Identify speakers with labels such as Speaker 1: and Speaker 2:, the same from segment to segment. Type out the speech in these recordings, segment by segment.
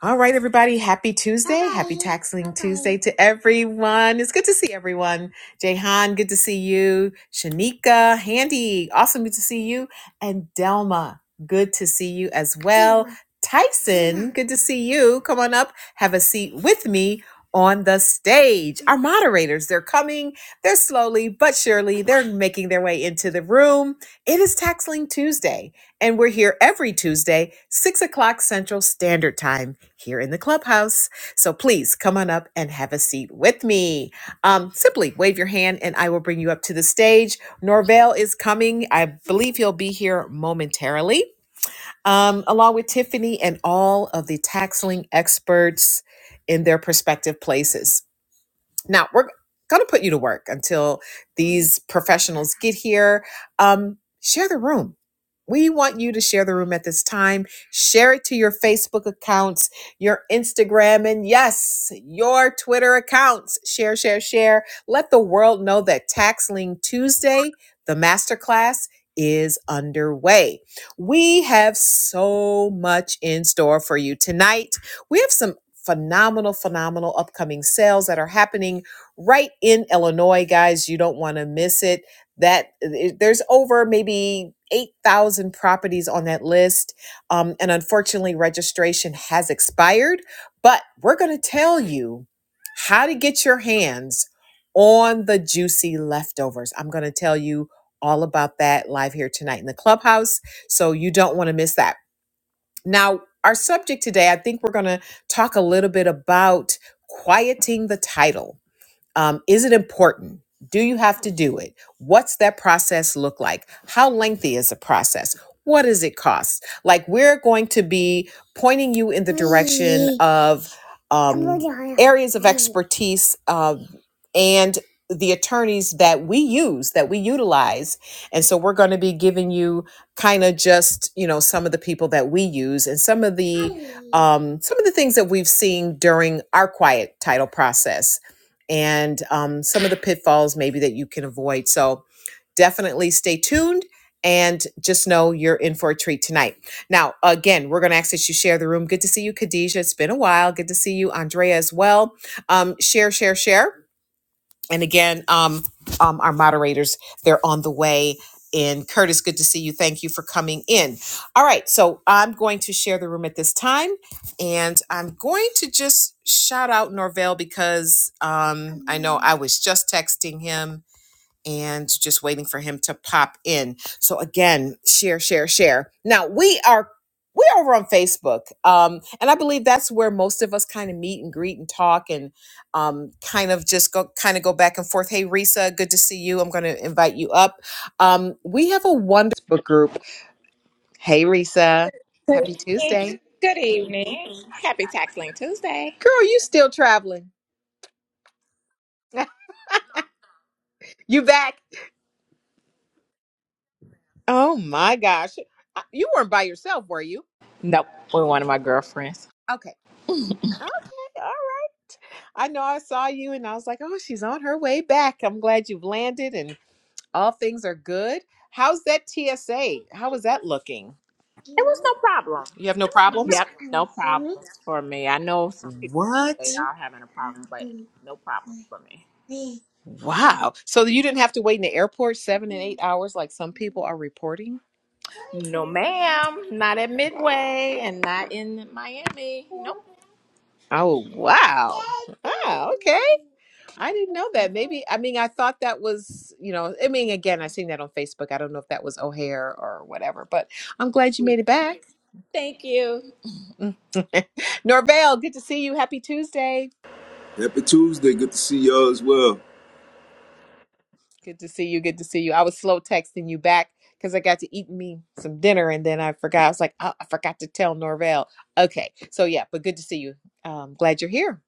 Speaker 1: All right, everybody. Happy Tuesday. Happy Taxling Tuesday to everyone. It's good to see everyone. Jahan, good to see you. Shanika, Handy, awesome. Good to see you. And Delma, good to see you as well. Tyson, good to see you. Come on up. Have a seat with me on the stage. Our moderators, they're coming. They're slowly but surely. They're making their way into the room. It is Taxling Tuesday. And we're here every Tuesday, 6 o'clock Central Standard Time here in the clubhouse. So please come on up and have a seat with me. Um, simply wave your hand and I will bring you up to the stage. Norvell is coming. I believe he'll be here momentarily, um, along with Tiffany and all of the taxling experts in their prospective places. Now we're going to put you to work until these professionals get here. Um, share the room. We want you to share the room at this time. Share it to your Facebook accounts, your Instagram, and yes, your Twitter accounts. Share, share, share. Let the world know that Tax Lien Tuesday, the masterclass, is underway. We have so much in store for you tonight. We have some phenomenal, phenomenal upcoming sales that are happening right in Illinois, guys. You don't want to miss it. That eh, there's over maybe 8,000 properties on that list. Um, and unfortunately, registration has expired, but we're going to tell you how to get your hands on the juicy leftovers. I'm going to tell you all about that live here tonight in the clubhouse. So you don't want to miss that. Now, our subject today, I think we're going to talk a little bit about quieting the title um, is it important? Do you have to do it? What's that process look like? How lengthy is the process? What does it cost? Like, we're going to be pointing you in the direction of um, areas of expertise um, and the attorneys that we use, that we utilize. And so, we're going to be giving you kind of just, you know, some of the people that we use and some of the um, some of the things that we've seen during our quiet title process and um, some of the pitfalls maybe that you can avoid. So definitely stay tuned and just know you're in for a treat tonight. Now, again, we're going to ask that you share the room. Good to see you, Khadijah. It's been a while. Good to see you, Andrea, as well. Um, share, share, share and again, um, um, our moderators, they're on the way. And Curtis, good to see you. Thank you for coming in. All right, so I'm going to share the room at this time, and I'm going to just shout out Norvell because um, I know I was just texting him and just waiting for him to pop in. So again, share, share, share. Now we are we're over on Facebook, um, and I believe that's where most of us kind of meet and greet and talk and um, kind of just go kind of go back and forth. Hey, Risa, good to see you. I'm going to invite you up. Um, we have a wonderful book group. Hey, Risa,
Speaker 2: Good
Speaker 1: happy
Speaker 2: evening.
Speaker 1: Tuesday,
Speaker 2: Good evening. Happy Tax Link Tuesday.
Speaker 1: girl. You still traveling? you back? Oh my gosh, Uh, you weren't by yourself, were you?
Speaker 2: Nope, with one of my girlfriends.
Speaker 1: Okay. Okay. All right. I know I saw you and I was like, oh, she's on her way back. I'm glad you've landed and all things are good. How's that TSA? How is that looking?
Speaker 2: It was no problem.
Speaker 1: You have no problems?
Speaker 2: Yep, no problems for me. I know some people say
Speaker 1: What?
Speaker 2: they are having a problem, but no problems for me.
Speaker 1: Wow. So you didn't have to wait in the airport seven and eight hours like some people are reporting?
Speaker 2: No, ma'am. Not at Midway and not in Miami. Nope.
Speaker 1: Oh, wow. Oh, okay. I didn't know that. Maybe, I mean, I thought that was, you know, I mean, again, I seen that on Facebook. I don't know if that was O'Hare or whatever, but I'm glad you
Speaker 2: Yeah.
Speaker 1: made it back.
Speaker 2: Thank you.
Speaker 1: Mm. Norvell, good to see you. Happy Tuesday.
Speaker 3: Happy Tuesday. Good to see y'all as well.
Speaker 1: Good to see you. Good to see you. I was slow texting you back because I got to eat me some dinner and then I forgot. I was like, oh, I forgot to tell Norvell. Okay. So, yeah, but good to see you. Um, glad you're here.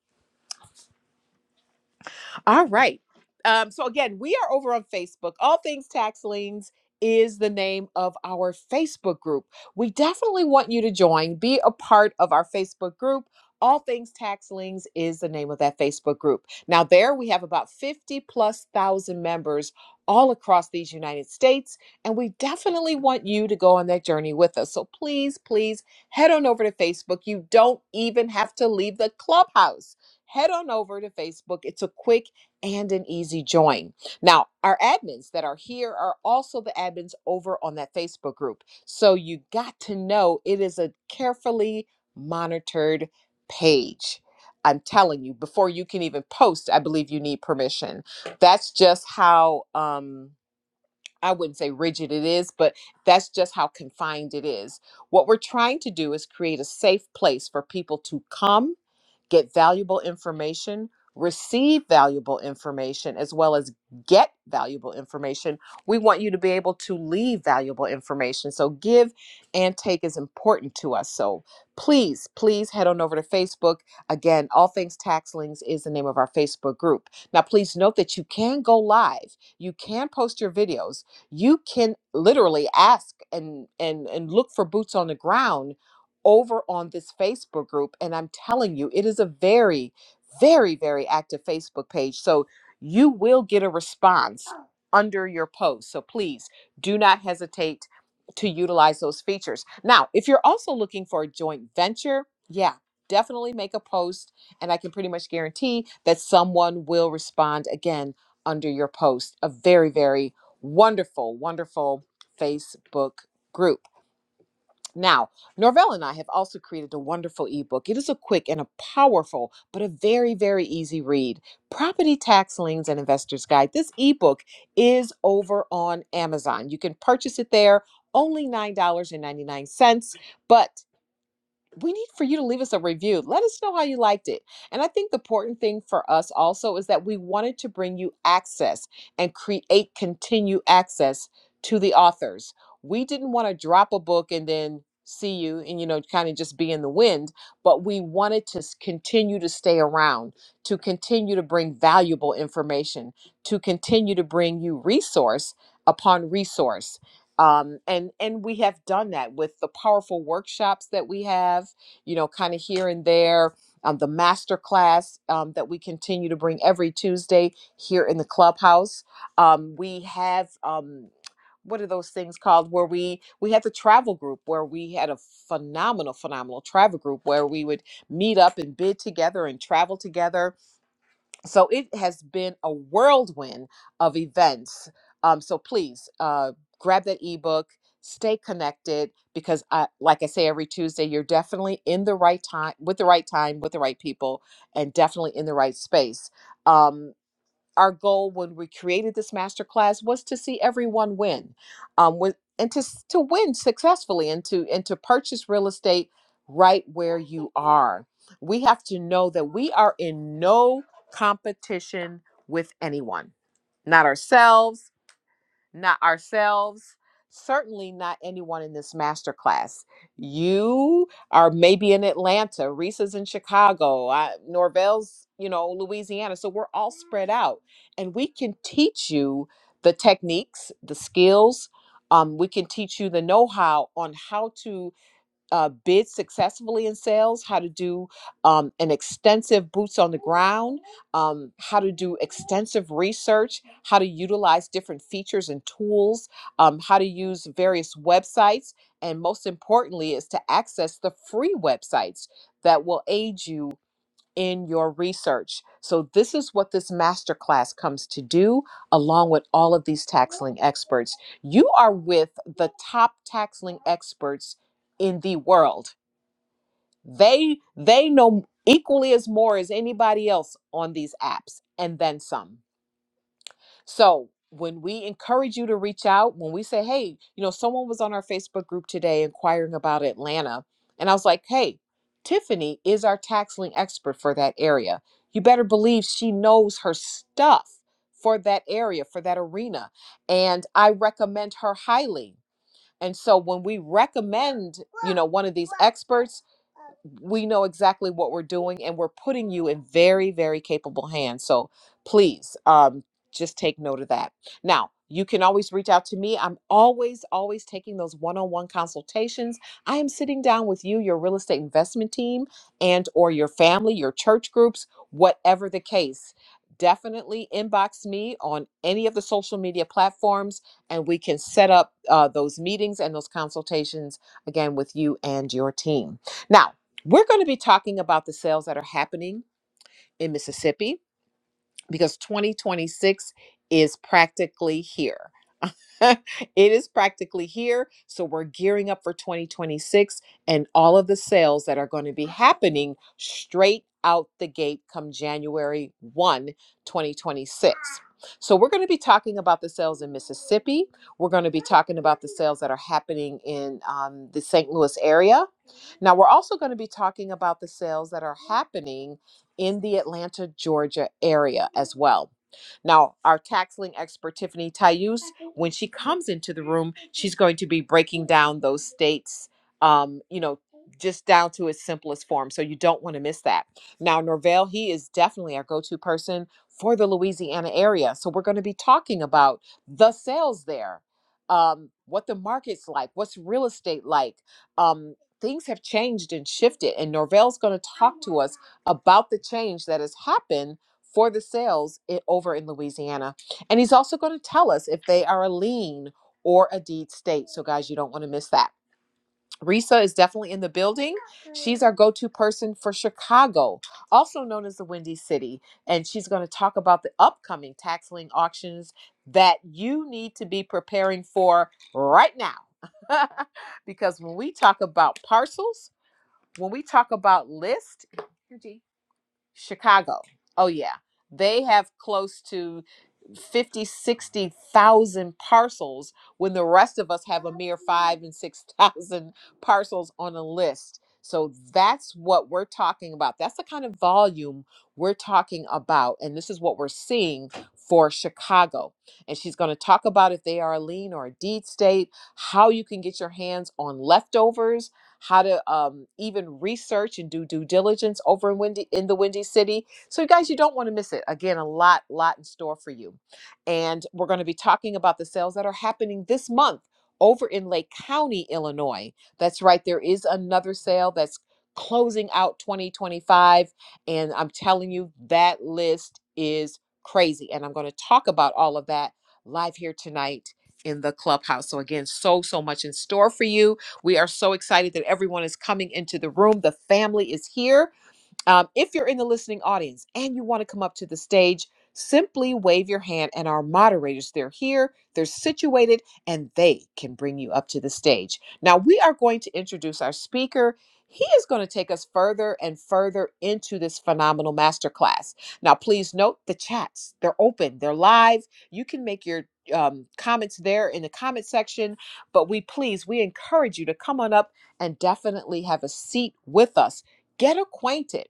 Speaker 1: All right. Um, so again, we are over on Facebook. All Things Tax Liens is the name of our Facebook group. We definitely want you to join, be a part of our Facebook group. All Things Tax Liens is the name of that Facebook group. Now, there we have about 50 plus thousand members all across these United States, and we definitely want you to go on that journey with us. So please, please head on over to Facebook. You don't even have to leave the clubhouse. Head on over to Facebook. It's a quick and an easy join. Now, our admins that are here are also the admins over on that Facebook group. So you got to know it is a carefully monitored page. I'm telling you, before you can even post, I believe you need permission. That's just how um I wouldn't say rigid it is, but that's just how confined it is. What we're trying to do is create a safe place for people to come get valuable information, receive valuable information, as well as get valuable information. We want you to be able to leave valuable information. So, give and take is important to us. So, please, please head on over to Facebook. Again, All Things Tax Links is the name of our Facebook group. Now, please note that you can go live, you can post your videos, you can literally ask and and and look for boots on the ground over on this Facebook group. And I'm telling you, it is a very, very, very active Facebook page. So you will get a response under your post. So please do not hesitate to utilize those features. Now, if you're also looking for a joint venture, yeah, definitely make a post. And I can pretty much guarantee that someone will respond again under your post. A very, very wonderful, wonderful Facebook group. Now, Norvell and I have also created a wonderful ebook. It is a quick and a powerful, but a very, very easy read. Property Tax Liens and Investors Guide. This ebook is over on Amazon. You can purchase it there, only $9.99. But we need for you to leave us a review. Let us know how you liked it. And I think the important thing for us also is that we wanted to bring you access and create continue access to the authors. We didn't want to drop a book and then see you and you know kind of just be in the wind, but we wanted to s- continue to stay around, to continue to bring valuable information, to continue to bring you resource upon resource um, and and we have done that with the powerful workshops that we have you know kind of here and there um, the master class um, that we continue to bring every tuesday here in the clubhouse um, we have um, what are those things called where we we had the travel group where we had a phenomenal phenomenal travel group where we would meet up and bid together and travel together so it has been a whirlwind of events um, so please uh, grab that ebook stay connected because I, like i say every tuesday you're definitely in the right time with the right time with the right people and definitely in the right space Um, our goal when we created this masterclass was to see everyone win, um, with, and to to win successfully, and to and to purchase real estate right where you are. We have to know that we are in no competition with anyone, not ourselves not ourselves, certainly not anyone in this master class. You are maybe in Atlanta, Reese's in Chicago, I, Norvell's, you know, Louisiana. So we're all spread out, and we can teach you the techniques, the skills. Um, we can teach you the know-how on how to uh, bid successfully in sales, how to do um, an extensive boots on the ground, um, how to do extensive research, how to utilize different features and tools, um, how to use various websites, and most importantly, is to access the free websites that will aid you in your research. So, this is what this masterclass comes to do, along with all of these taxling experts. You are with the top taxling experts in the world. They they know equally as more as anybody else on these apps, and then some. So when we encourage you to reach out, when we say, hey, you know, someone was on our Facebook group today inquiring about Atlanta, and I was like, hey, Tiffany is our tax lien expert for that area. You better believe she knows her stuff for that area, for that arena. And I recommend her highly. And so when we recommend, you know, one of these experts, we know exactly what we're doing and we're putting you in very very capable hands so please um just take note of that now you can always reach out to me i'm always always taking those one-on-one consultations i am sitting down with you your real estate investment team and or your family your church groups whatever the case definitely inbox me on any of the social media platforms and we can set up uh, those meetings and those consultations again with you and your team now we're going to be talking about the sales that are happening in Mississippi because 2026 is practically here. it is practically here. So we're gearing up for 2026 and all of the sales that are going to be happening straight out the gate come January 1, 2026. So we're going to be talking about the sales in Mississippi. We're going to be talking about the sales that are happening in um, the St. Louis area. Now we're also going to be talking about the sales that are happening in the Atlanta, Georgia area as well. Now, our tax lien expert, Tiffany Tayus, when she comes into the room, she's going to be breaking down those states, um, you know, just down to its simplest form. So you don't want to miss that. Now, Norvell, he is definitely our go to person for the Louisiana area. So we're going to be talking about the sales there, um, what the market's like, what's real estate like. Um, things have changed and shifted, and Norvell's going to talk to us about the change that has happened for the sales i- over in Louisiana. And he's also going to tell us if they are a lien or a deed state. So, guys, you don't want to miss that. Risa is definitely in the building. She's our go to person for Chicago, also known as the Windy City. And she's going to talk about the upcoming tax lien auctions that you need to be preparing for right now. because when we talk about parcels, when we talk about list, Chicago. Oh yeah. They have close to 50, 60,000 parcels when the rest of us have a mere 5 and 6,000 parcels on a list. So that's what we're talking about. That's the kind of volume we're talking about and this is what we're seeing for Chicago. And she's going to talk about if they are a lien or a deed state, how you can get your hands on leftovers, how to um, even research and do due diligence over in Windy in the Windy City. So you guys, you don't want to miss it. Again, a lot, lot in store for you. And we're going to be talking about the sales that are happening this month over in Lake County, Illinois. That's right. There is another sale that's closing out 2025. And I'm telling you, that list is crazy. And I'm going to talk about all of that live here tonight in the clubhouse. So, again, so, so much in store for you we are so excited that everyone is coming into the room. The family is here. Um, if you're in the listening audience and you want to come up to the stage, simply wave your hand, and our moderators, they're here, they're situated, and they can bring you up to the stage. Now, we are going to introduce our speaker. He is going to take us further and further into this phenomenal masterclass. Now, please note the chats, they're open, they're live. You can make your um, comments there in the comment section, but we please, we encourage you to come on up and definitely have a seat with us. Get acquainted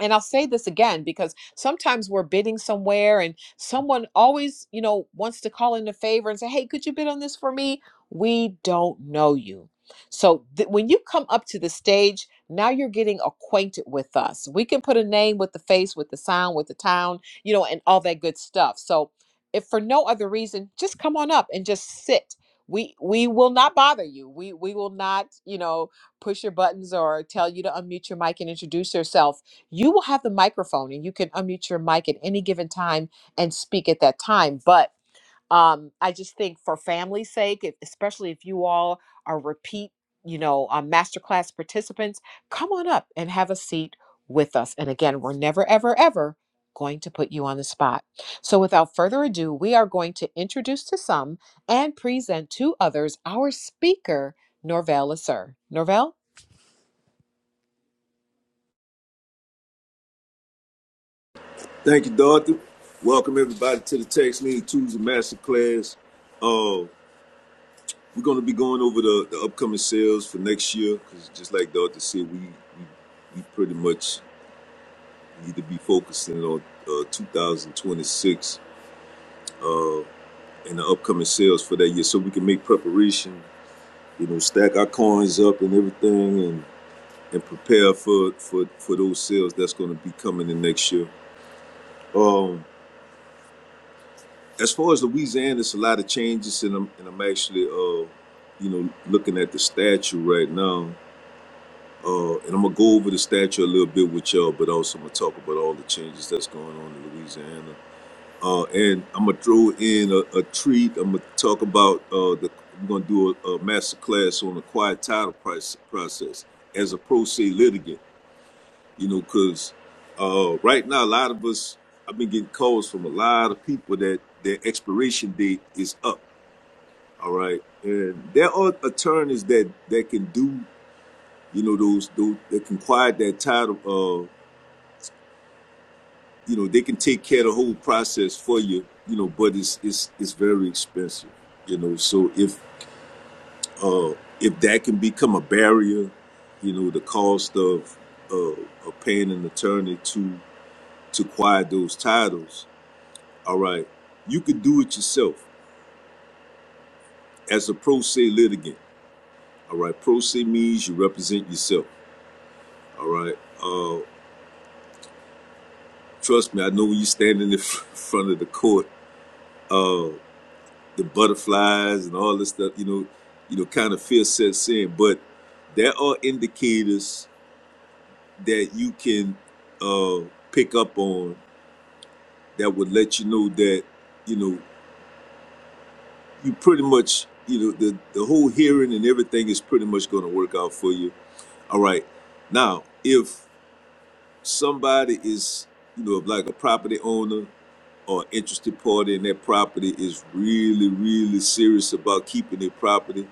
Speaker 1: and I'll say this again because sometimes we're bidding somewhere and someone always, you know, wants to call in a favor and say, "Hey, could you bid on this for me?" We don't know you. So th- when you come up to the stage, now you're getting acquainted with us. We can put a name with the face, with the sound, with the town, you know, and all that good stuff. So if for no other reason, just come on up and just sit. We we will not bother you. We we will not, you know, push your buttons or tell you to unmute your mic and introduce yourself you will have the microphone and you can unmute your mic at any given time and speak at that time. But um, I just think for family's sake, if, especially if you all are repeat, you know, um, masterclass participants, come on up and have a seat with us. And again, we're never, ever, ever going to put you on the spot. So without further ado, we are going to introduce to some and present to others our speaker, Norvell Lasser. Norvell?
Speaker 3: Thank you, Dorothy. Welcome everybody to the Tax Lean Tuesday Masterclass. Uh, we're going to be going over the, the upcoming sales for next year because, just like Dorothy said, we, we we pretty much need to be focusing on uh, 2026 uh, and the upcoming sales for that year, so we can make preparation. You know, stack our coins up and everything, and and prepare for for for those sales that's going to be coming in next year. Um. as far as Louisiana, it's a lot of changes, and I'm and I'm actually, uh, you know, looking at the statue right now. Uh, and I'm gonna go over the statue a little bit with y'all, but also I'm gonna talk about all the changes that's going on in Louisiana. Uh, and I'm gonna throw in a, a treat. I'm gonna talk about uh, the. I'm gonna do a, a master class on the quiet title price, process as a pro se litigant. You know, because uh, right now a lot of us, I've been getting calls from a lot of people that their expiration date is up all right. And there are attorneys that that can do, you know, those those that can quiet that title. Uh, you know, they can take care of the whole process for you. You know, but it's it's it's very expensive. You know, so if uh if that can become a barrier, you know, the cost of uh of paying an attorney to to quiet those titles. All right, you could do it yourself as a pro se litigant. All right, pro se means you represent yourself. All right. Uh, Trust me, I know when you stand in the fr- front of the court, uh, the butterflies and all this stuff, you know, you know, kind of fear sets in. But there are indicators that you can uh, pick up on that would let you know that, you know, you pretty much, you know, the, the whole hearing and everything is pretty much going to work out for you. All right. Now, if somebody is, you know, like a property owner or interested party in their property is really, really serious about keeping their property,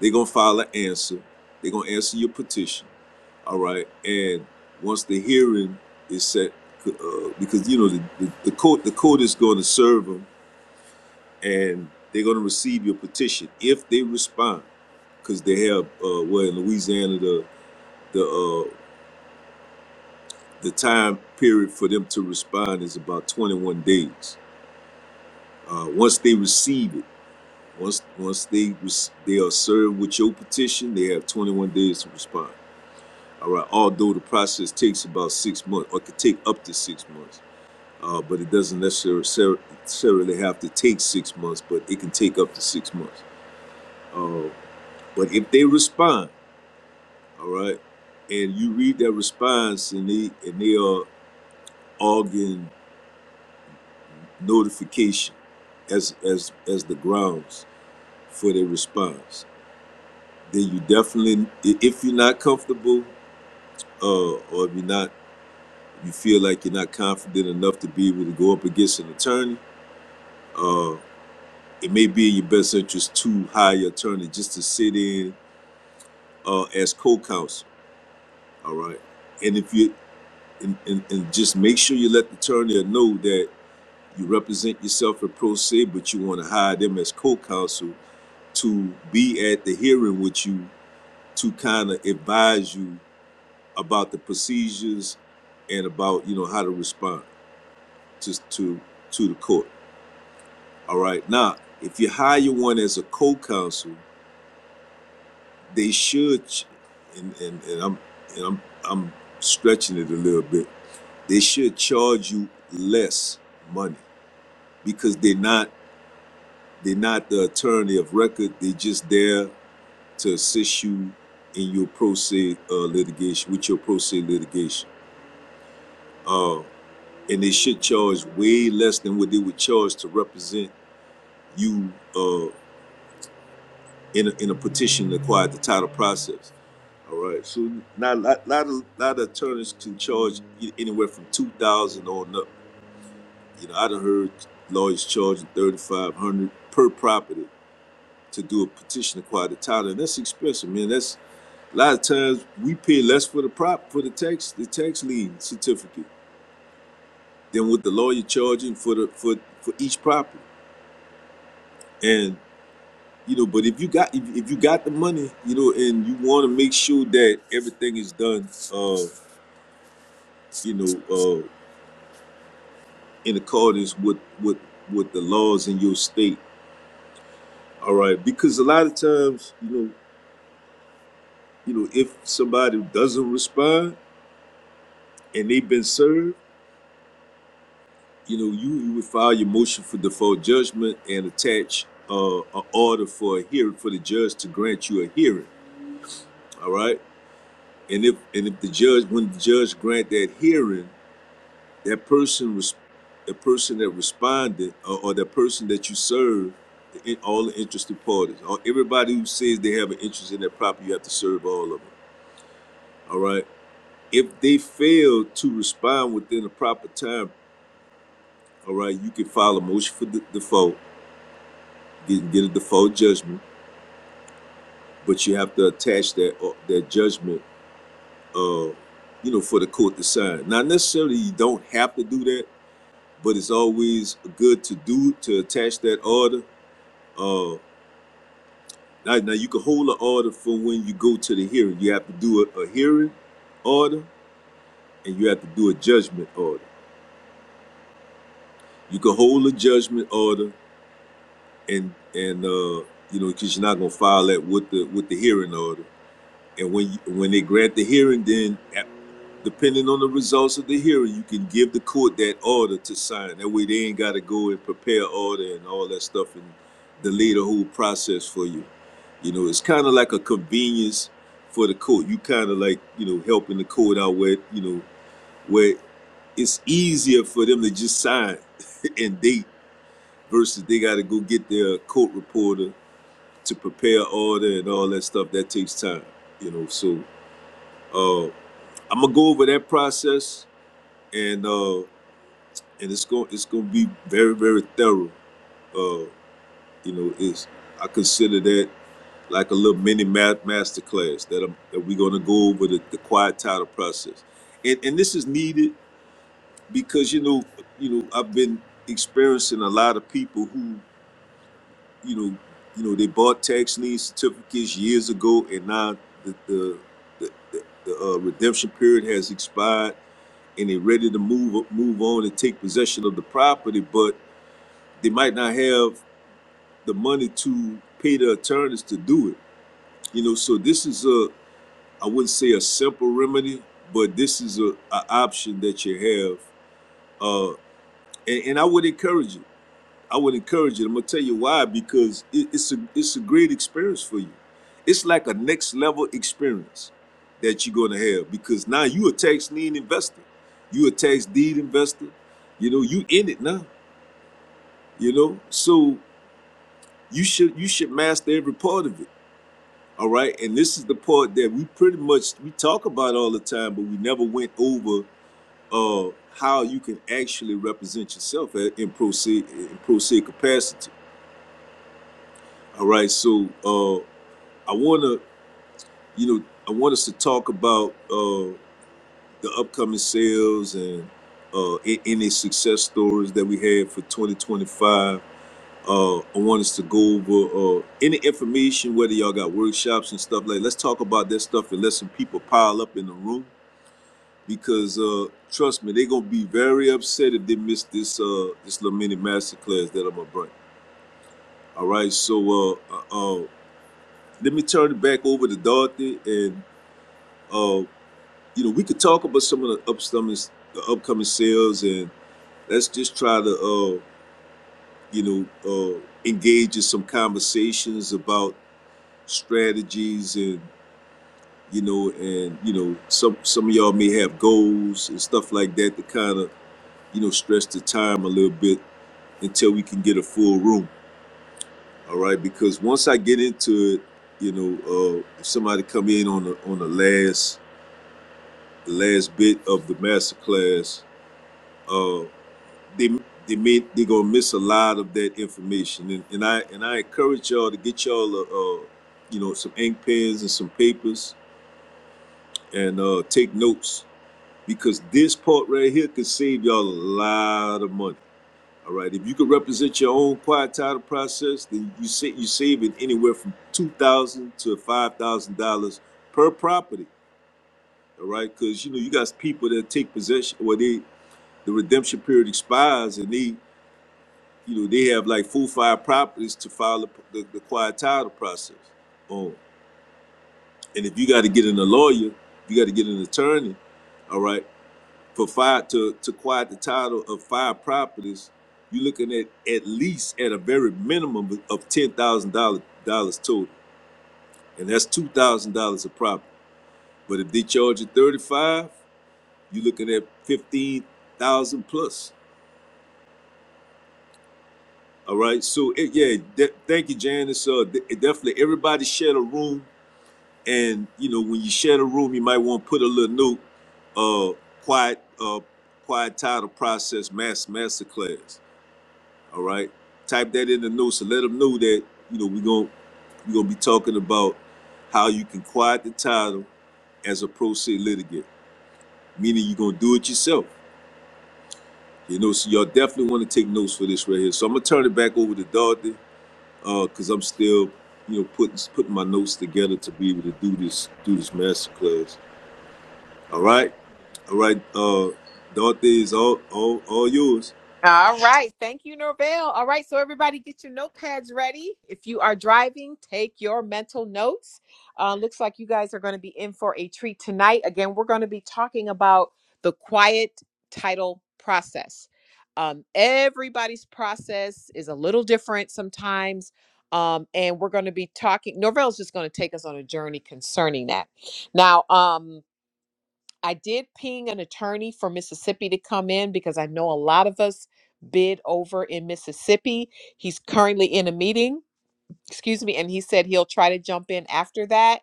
Speaker 3: they're gonna file an answer. They're gonna answer your petition. All right. And once the hearing is set, uh, because you know the, the, the court the court is going to serve them, and they're going to receive your petition if they respond, because they have uh, well in Louisiana the the uh, the time period for them to respond is about 21 days. Uh, once they receive it Once once they they are served with your petition, they have 21 days to respond. All right. Although the process takes about six months, or could take up to six months, uh, but it doesn't necessarily have to take six months, but it can take up to six months. Uh, but if they respond, all right, and you read their response, and they and they are arguing notification as as as the grounds for their response, then you definitely, if you're not comfortable uh, or if you're not, you feel like you're not confident enough to be able to go up against an attorney, uh, it may be in your best interest to hire an attorney just to sit in uh, as co-counsel. All right, and if you and, and, and just make sure you let the attorney know that you represent yourself in pro se, but you want to hire them as co-counsel to be at the hearing with you to kind of advise you about the procedures and about you know how to respond. to to to the court. All right. Now, if you hire one as a co-counsel, they should, and and, and I'm and I'm I'm stretching it a little bit. They should charge you less money because they're not they're not the attorney of record. They're just there to assist you in your pro se uh, litigation with your pro se litigation. Uh, and they should charge way less than what they would charge to represent you. Uh, in a, in a petition to quiet the title process. All right. So now a lot, lot of lot of attorneys can charge e- anywhere from two thousand on up. You know, I done heard lawyers charging thirty five hundred per property to do a petition to quiet the title, and that's expensive, man. That's a lot of times we pay less for the prop for the tax the tax lien certificate than what the lawyer charging for the for for each property. and. you know but if you got if, if you got the money you know and you want to make sure that everything is done uh you know uh in accordance with with with the laws in your state all right because a lot of times you know you know if somebody doesn't respond and they've been served you know you you would file your motion for default judgment and attach uh an order for a hearing for the judge to grant you a hearing all right and if and if the judge when the judge grant that hearing that person was the person that responded or, or the person that you serve the, all the interested parties or everybody who says they have an interest in that property you have to serve all of them all right if they fail to respond within the proper time all right you can file a motion for the default get, get a default judgment but you have to attach that uh, that judgment uh you know for the court to sign not necessarily you don't have to do that but it's always good to do to attach that order Uh, Now, now you can hold an order for when you go to the hearing. You have to do a, a hearing order and you have to do a judgment order. You can hold a judgment order and and uh you know because you're not gonna file that with the with the hearing order. And when you, when they grant the hearing, then a- depending on the results of the hearing, you can give the court that order to sign. That way they ain't got to go and prepare order and all that stuff and delay the whole process for you. You know, it's kind of like a convenience for the court. You kind of like, you know, helping the court out where, you know, where it's easier for them to just sign and date versus they got to go get their court reporter to prepare order and all that stuff. That takes time, you know. So uh, I'm gonna go over that process and uh, and it's going to it's gonna be very very thorough. Uh, you know, it's I consider that. like a little mini master class that, I'm, that we're going to go over the, the quiet title process and, and this is needed because you know you know i've been experiencing a lot of people who you know you know they bought tax lien certificates years ago and now the the, the, the uh, redemption period has expired and they're ready to move move on and take possession of the property but they might not have the money to pay the attorneys to do it you know so this is a I wouldn't say a simple remedy, but this is a, a option that you have, uh, and, and I would encourage it. I would encourage it. I'm gonna tell you why because it, it's a it's a great experience for you. It's like a next level experience that you're gonna have because now you a tax lien investor, you a tax deed investor. You know you in it now. You know so you should you should master every part of it. All right, and this is the part that we pretty much we talk about all the time, but we never went over uh, how you can actually represent yourself in pro se in pro se capacity. All right, so uh, I want to, you know, I want us to talk about uh, the upcoming sales and uh, any success stories that we had for 2025. Uh, I want us to go over uh, any information, whether y'all got workshops and stuff like. Let's talk about that stuff and let some people pile up in the room because uh, trust me, they're gonna be very upset if they miss this uh, this little mini masterclass that I'm gonna bring. All right, so uh, uh, uh, let me turn it back over to Dorothy, and uh, you know we could talk about some of the upcoming the upcoming sales, and let's just try to uh, you know uh, engage in some conversations about strategies and you know and you know some some of y'all may have goals and stuff like that to kind of you know stretch the time a little bit until we can get a full room. All right, because once I get into it, you know, uh, if somebody come in on the on the last the last bit of the master class, uh, they they may they gonna miss a lot of that information. And, and I and I encourage y'all to get y'all a, uh, you know, some ink pens and some papers and uh, take notes because this part right here could save y'all a lot of money All right. If you could represent your own quiet title process, then you sa- you saving anywhere from two thousand to five thousand dollars per property. All right, because you know you got people that take possession, or they the redemption period expires, and they you know they have like full five properties to file the, the, the quiet title process on. And if you got to get in a lawyer, you got to get an attorney. All right. for five to to quiet the title of five properties, you're looking at at least at a very minimum of ten thousand dollars dollars total, and that's two thousand dollars a property. But if they charge you thirty five, you're looking at fifteen thousand plus. All right, so it, yeah, de- thank you, Janice. Uh, de- definitely, everybody share a room, and you know when you share a room, you might want to put a little note, uh, quiet, uh, quiet title process mass masterclass. All right. Type that in the notes and let them know that, you know, we're going to we're gonna be talking about how you can quiet the title as a pro se litigant, meaning you're gonna do it yourself. You know, so y'all definitely want to take notes for this right here. So I'm gonna turn it back over to Dorothy, uh, cause I'm still, you know, putting putting my notes together to be able to do this do this master class. All right, all right. Uh, Dorothy is all all all yours.
Speaker 1: All right. Thank you, Norvell. All right. So, everybody, get your notepads ready. If you are driving, take your mental notes. Uh, looks like you guys are going to be in for a treat tonight. Again, we're going to be talking about the quiet title process. Um, everybody's process is a little different sometimes. Um, and we're going to be talking, Norvell's just going to take us on a journey concerning that. Now, um, I did ping an attorney for Mississippi to come in because I know a lot of us bid over in Mississippi. He's currently in a meeting excuse me, and he said he'll try to jump in after that.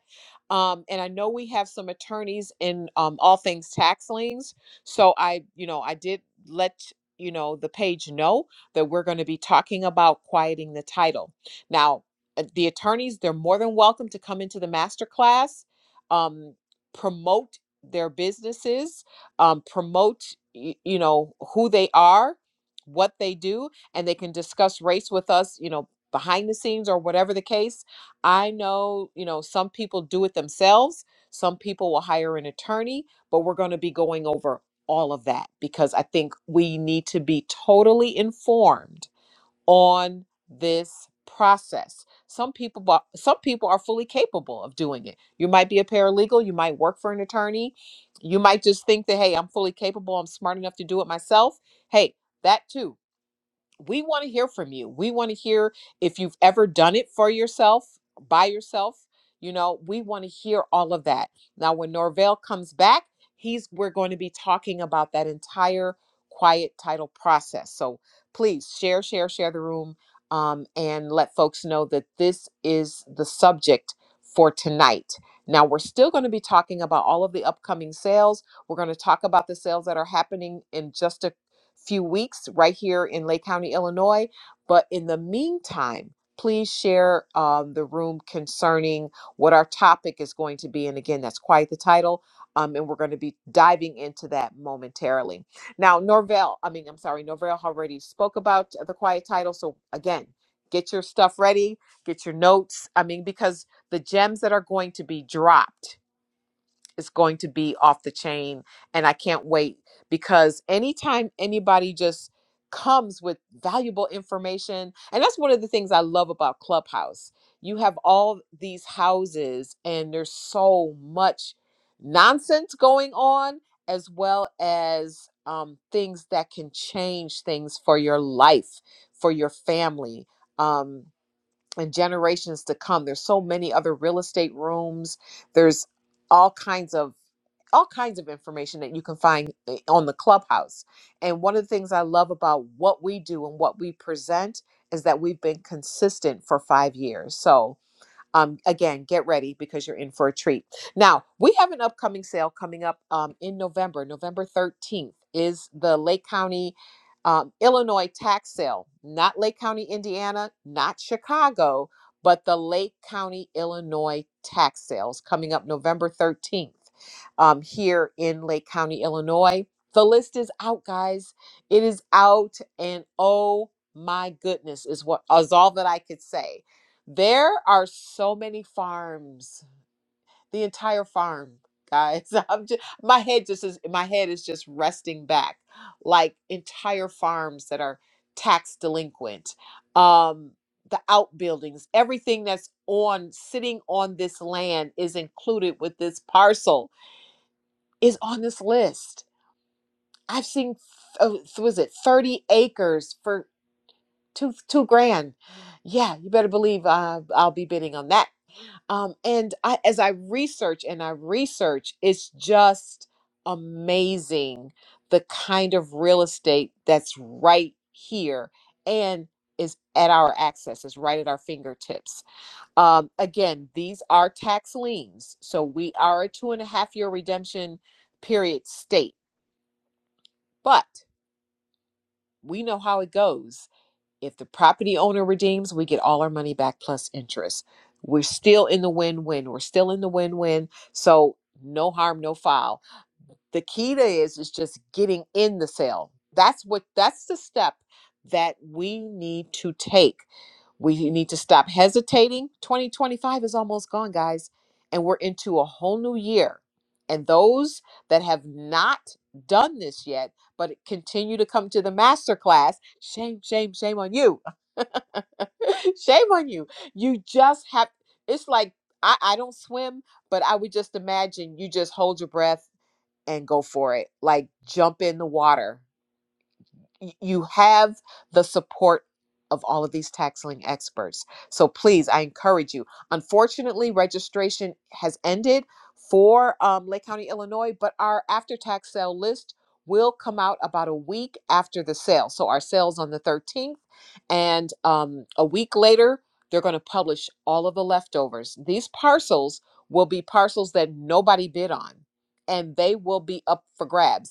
Speaker 1: Um, and I know we have some attorneys in um, all things tax liens, so I, you know, I did let you know the page know that we're going to be talking about quieting the title. Now, uh, the attorneys they're more than welcome to come into the master class, um, promote their businesses, um, promote y- you know who they are, what they do, and they can discuss race with us. You know, behind the scenes or whatever the case. I know, you know, some people do it themselves, some people will hire an attorney, but we're going to be going over all of that because I think we need to be totally informed on this process. Some people bu- some people are fully capable of doing it. You might be a paralegal, you might work for an attorney, you might just think that hey, I'm fully capable, I'm smart enough to do it myself. Hey, that too we want to hear from you. We want to hear if you've ever done it for yourself, by yourself. You know, we want to hear all of that. Now, when Norvell comes back, he's we're going to be talking about that entire quiet title process. So please share, share, share the room, um, and let folks know that this is the subject for tonight. Now, we're still going to be talking about all of the upcoming sales. We're going to talk about the sales that are happening in just a few weeks right here in Lake County, Illinois. But in the meantime, please share um, the room concerning what our topic is going to be. And again, that's quite the title. Um, and we're going to be diving into that momentarily. Now, Norvell, I mean, I'm sorry, Norvell already spoke about the quiet title. So again, get your stuff ready, get your notes. I mean, because the gems that are going to be dropped is going to be off the chain and i can't wait because anytime anybody just comes with valuable information and that's one of the things i love about clubhouse you have all these houses and there's so much nonsense going on as well as um, things that can change things for your life for your family um, and generations to come there's so many other real estate rooms there's all kinds of all kinds of information that you can find uh, on the clubhouse. And one of the things I love about what we do and what we present is that we've been consistent for five years. So, um, again, get ready because you're in for a treat. Now, we have an upcoming sale coming up um, in November. November 13th is the Lake County, um, Illinois tax sale. Not Lake County, Indiana, not Chicago, but the Lake County, Illinois tax sales coming up November 13th um, here in Lake County, Illinois. The list is out, guys. It is out, and oh my goodness, is what is all that I could say there are so many farms. The entire farm, guys. I'm just my head just is my head is just resting back. Like entire farms that are tax delinquent. Um the outbuildings, everything that's on sitting on this land is included with this parcel is on this list. I've seen oh, was it 30 acres for two two grand. Yeah, you better believe uh, I'll be bidding on that um, and I, as I research and I research, it's just amazing the kind of real estate that's right here and is at our access, is right at our fingertips. Um, again, these are tax liens. So we are a two and a half year redemption period state, but we know how it goes If the property owner redeems, we get all our money back plus interest. We're still in the win win. We're still in the win win. So, no harm, no foul the key to is is just getting in the sale that's what that's the step that we need to take we need to stop hesitating 2025 is almost gone guys and we're into a whole new year and those that have not done this yet but continue to come to the master class shame shame shame on you shame on you you just have it's like I, I don't swim but i would just imagine you just hold your breath and go for it. Like jump in the water y- you have the support of all of these taxling experts. So please, I encourage you. Unfortunately, registration has ended for um, Lake County, Illinois, but our after tax sale list will come out about a week after the sale. So our sale's on the 13th, and um, a week later, they're going to publish all of the leftovers. These parcels will be parcels that nobody bid on, and they will be up for grabs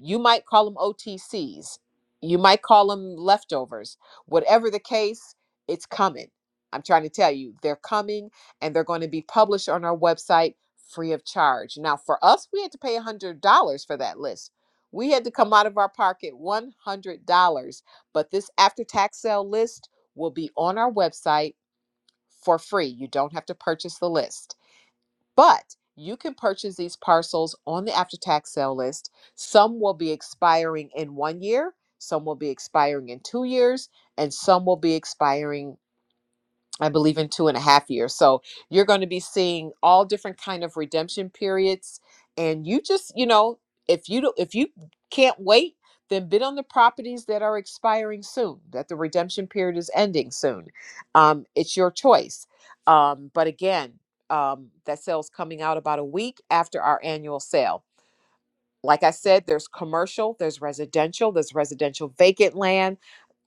Speaker 1: you might call them OTCs. You might call them leftovers. Whatever the case, it's coming. I'm trying to tell you, they're coming and they're going to be published on our website free of charge. Now, for us, we had to pay $100 for that list. We had to come out of our pocket $100. But this after tax sale list will be on our website for free. You don't have to purchase the list. But you can purchase these parcels on the after tax sale list. Some will be expiring in one year, some will be expiring in two years, and some will be expiring I believe in two and a half years. So you're going to be seeing all different kind of redemption periods, and you just you know if you do, if you can't wait, then bid on the properties that are expiring soon, that the redemption period is ending soon. Um, it's your choice. Um, but again, um, that sale's coming out about a week after our annual sale. Like I said, there's commercial, there's residential, there's residential vacant land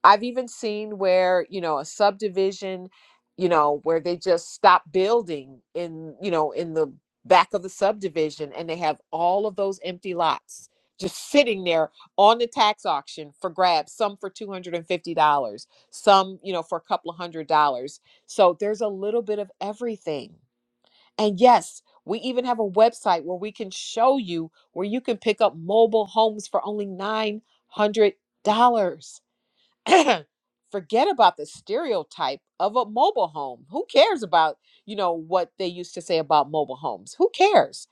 Speaker 1: I've even seen where, you know, a subdivision, you know, where they just stop building in, you know, in the back of the subdivision and they have all of those empty lots just sitting there on the tax auction for grabs, some for $250, some, you know, for a couple of hundred dollars. So there's a little bit of everything. And yes, we even have a website where we can show you where you can pick up mobile homes for only $900 forget about the stereotype of a mobile home. Who cares about, you know, what they used to say about mobile homes? Who cares?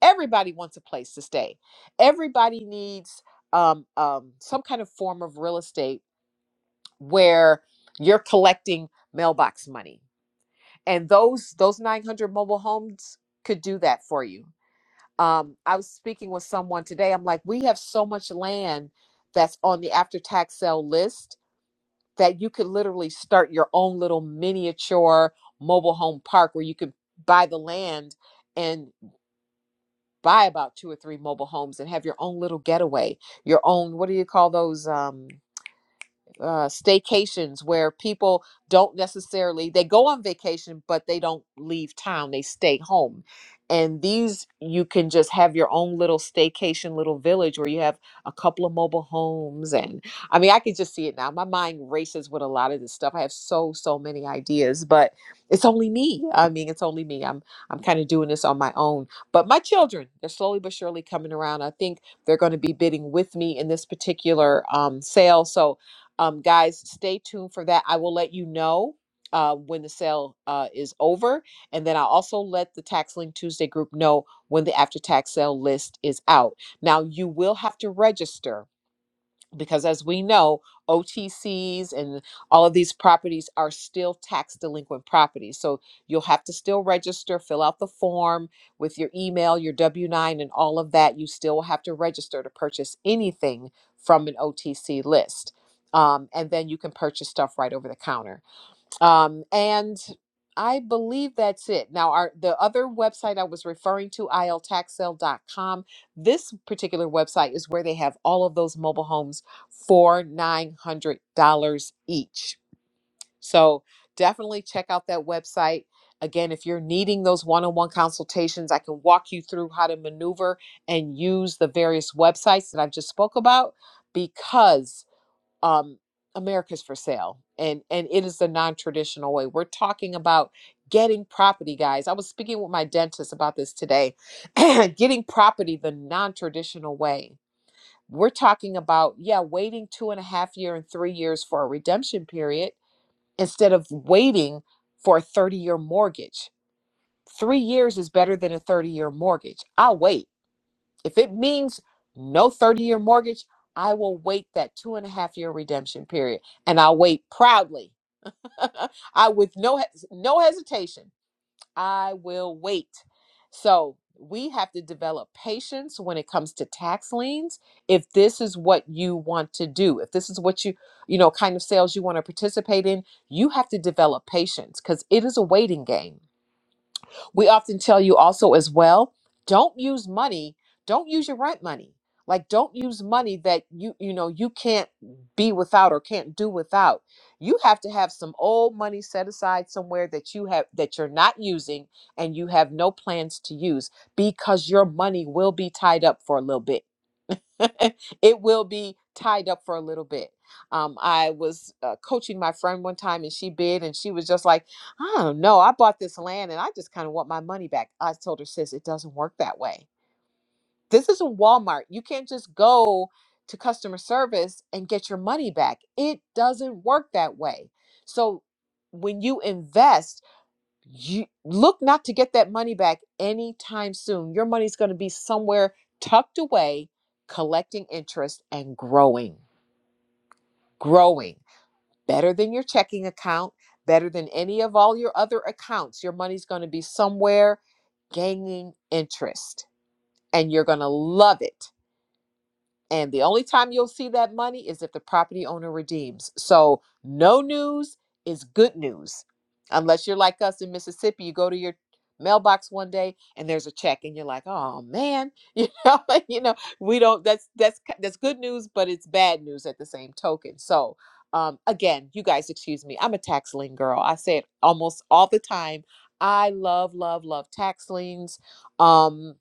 Speaker 1: Everybody wants a place to stay. Everybody needs um, um, some kind of form of real estate where you're collecting mailbox money. And those those 900 mobile homes could do that for you. Um, I was speaking with someone today. I'm like, we have so much land that's on the after tax sale list that you could literally start your own little miniature mobile home park where you could buy the land and buy about two or three mobile homes and have your own little getaway, your own what do you call those? Um, uh, staycations where people don't necessarily they go on vacation but they don't leave town they stay home and these you can just have your own little staycation little village where you have a couple of mobile homes and i mean i can just see it now my mind races with a lot of this stuff i have so so many ideas but it's only me i mean it's only me i'm i'm kind of doing this on my own but my children they're slowly but surely coming around i think they're going to be bidding with me in this particular um, sale so um, guys, stay tuned for that. I will let you know uh, when the sale uh, is over. And then I'll also let the Tax Link Tuesday group know when the after tax sale list is out. Now, you will have to register because as we know, OTCs and all of these properties are still tax delinquent properties. So you'll have to still register, fill out the form with your email, your W 9, and all of that. You still will have to register to purchase anything from an OTC list. Um, and then you can purchase stuff right over the counter. Um, and I believe that's it. Now, our the other website I was referring to, iltaxsale.com, this particular website is where they have all of those mobile homes for $900 each. So definitely check out that website. Again, if you're needing those one on one consultations, I can walk you through how to maneuver and use the various websites that I've just spoke about because um, America's for sale, and and it is the non-traditional way. We're talking about getting property, guys. I was speaking with my dentist about this today. getting property the non-traditional way. We're talking about yeah, waiting two and a half year and three years for a redemption period instead of waiting for a thirty-year mortgage. Three years is better than a thirty-year mortgage. I'll wait. If it means no 30 year mortgage, I will wait that two and a half year redemption period and I'll wait proudly. I with no hes- no hesitation. I will wait. So, we have to develop patience when it comes to tax liens if this is what you want to do. If this is what you, you know, kind of sales you want to participate in, you have to develop patience cuz it is a waiting game we often tell you also as well, don't use money, don't use your rent money. Like don't use money that you you know you can't be without or can't do without. You have to have some old money set aside somewhere that you have that you're not using and you have no plans to use because your money will be tied up for a little bit it will be tied up for a little bit. Um, I was uh, coaching my friend one time and she bid and she was just like, I don't know, I bought this land and I just kind of want my money back. I told her, sis, it doesn't work that way. This isn't Walmart. You can't just go to customer service and get your money back. It doesn't work that way. So when you invest, you look not to get that money back anytime soon. Your money's going to be somewhere tucked away, collecting interest and growing, growing better than your checking account, better than any of all your other accounts. Your money's going to be somewhere gaining interest and you're going to love it and the only time you'll see that money is if the property owner redeems. So no news is good news. Unless you're like us in Mississippi, you go to your mailbox one day and there's a check and you're like, "Oh man." You know, like, you know, we don't that's that's that's good news, but it's bad news at the same token. So, um again, you guys excuse me. I'm a tax lien girl. I say it almost all the time. I love love love tax liens. Um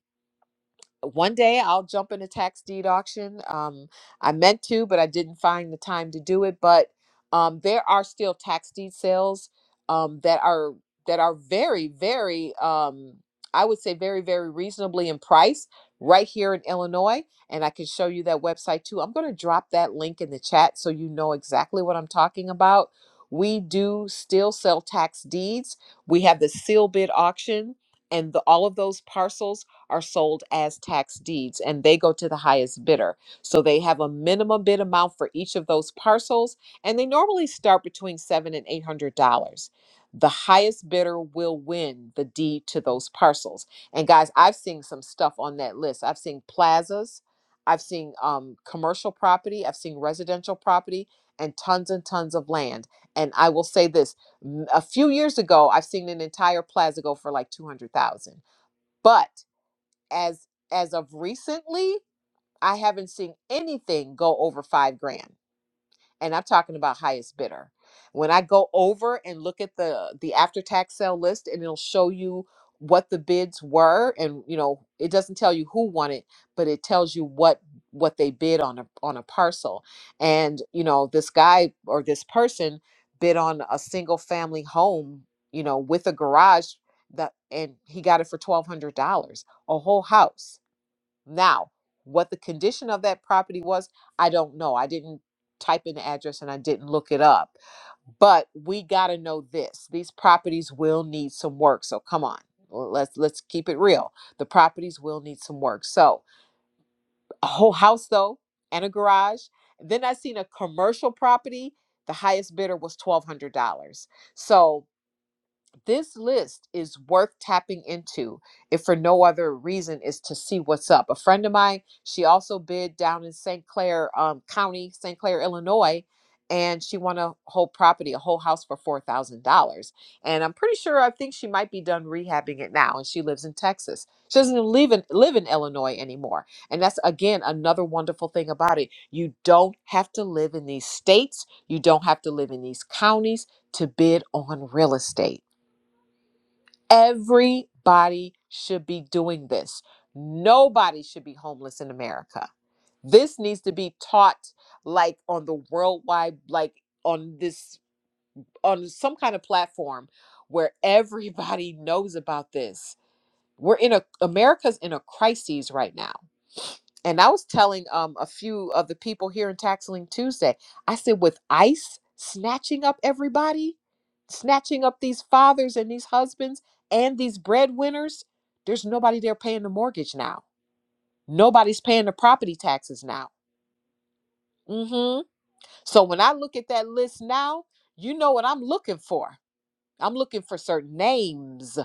Speaker 1: one day I'll jump in a tax deed auction. Um, I meant to, but I didn't find the time to do it. But um, there are still tax deed sales um, that are that are very, very, um, I would say, very, very reasonably in price right here in Illinois. And I can show you that website too. I'm going to drop that link in the chat so you know exactly what I'm talking about. We do still sell tax deeds. We have the seal bid auction, and the, all of those parcels are sold as tax deeds and they go to the highest bidder. So they have a minimum bid amount for each of those parcels and they normally start between seven and eight hundred dollars. The highest bidder will win the deed to those parcels. And guys, I've seen some stuff on that list. I've seen plazas, I've seen um, commercial property, I've seen residential property, and tons and tons of land. And I will say this: m- a few years ago, I've seen an entire plaza go for like two hundred thousand. But as as of recently, I haven't seen anything go over five grand, and I'm talking about highest bidder. When I go over and look at the the after tax sale list, and it'll show you what the bids were, and you know it doesn't tell you who won it, but it tells you what what they bid on a on a parcel, and you know this guy or this person bid on a single family home, you know, with a garage that, and he got it for twelve hundred dollars, a whole house now, what the condition of that property was, I don't know. I didn't type in the address and I didn't look it up. But we got to know this. These properties will need some work. So come on. l- Let's let's keep it real. The properties will need some work. So, a whole house though and a garage. Then I seen a commercial property. The highest bidder was $1200. So, this list is worth tapping into if for no other reason is to see what's up. A friend of mine, she also bid down in St. Clair um, County, St. Clair, Illinois, and she won a whole property, a whole house for $4,000. And I'm pretty sure I think she might be done rehabbing it now, and she lives in Texas. She doesn't even live in, live in Illinois anymore. And that's, again, another wonderful thing about it. You don't have to live in these states, you don't have to live in these counties to bid on real estate. Everybody should be doing this. Nobody should be homeless in America. This needs to be taught like on the worldwide, like on this, on some kind of platform where everybody knows about this. We're in a, America's in a crisis right now and I was telling um a few of the people here in Taxling Tuesday, I said with ICE snatching up everybody, snatching up these fathers and these husbands and these breadwinners, there's nobody there paying the mortgage now. Nobody's paying the property taxes now. hmm So when I look at that list now, you know what I'm looking for. I'm looking for certain names.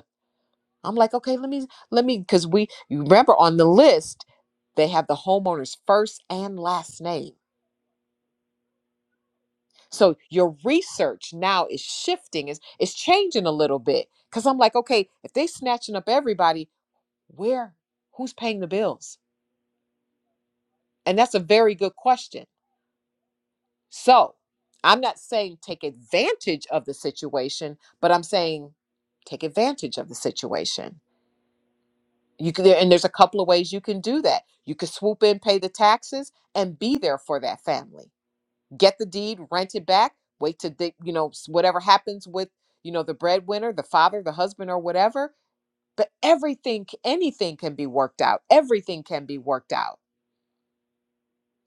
Speaker 1: I'm like, okay, let me let me because we you remember on the list they have the homeowner's first and last name. So your research now is shifting, is it's changing a little bit. Cause I'm like, okay, if they snatching up everybody, where who's paying the bills? And that's a very good question. So I'm not saying take advantage of the situation, but I'm saying take advantage of the situation. You can and there's a couple of ways you can do that. You could swoop in, pay the taxes, and be there for that family get the deed, rent it back, wait to the, you know whatever happens with you know the breadwinner, the father, the husband, or whatever. But everything, anything can be worked out. Everything can be worked out.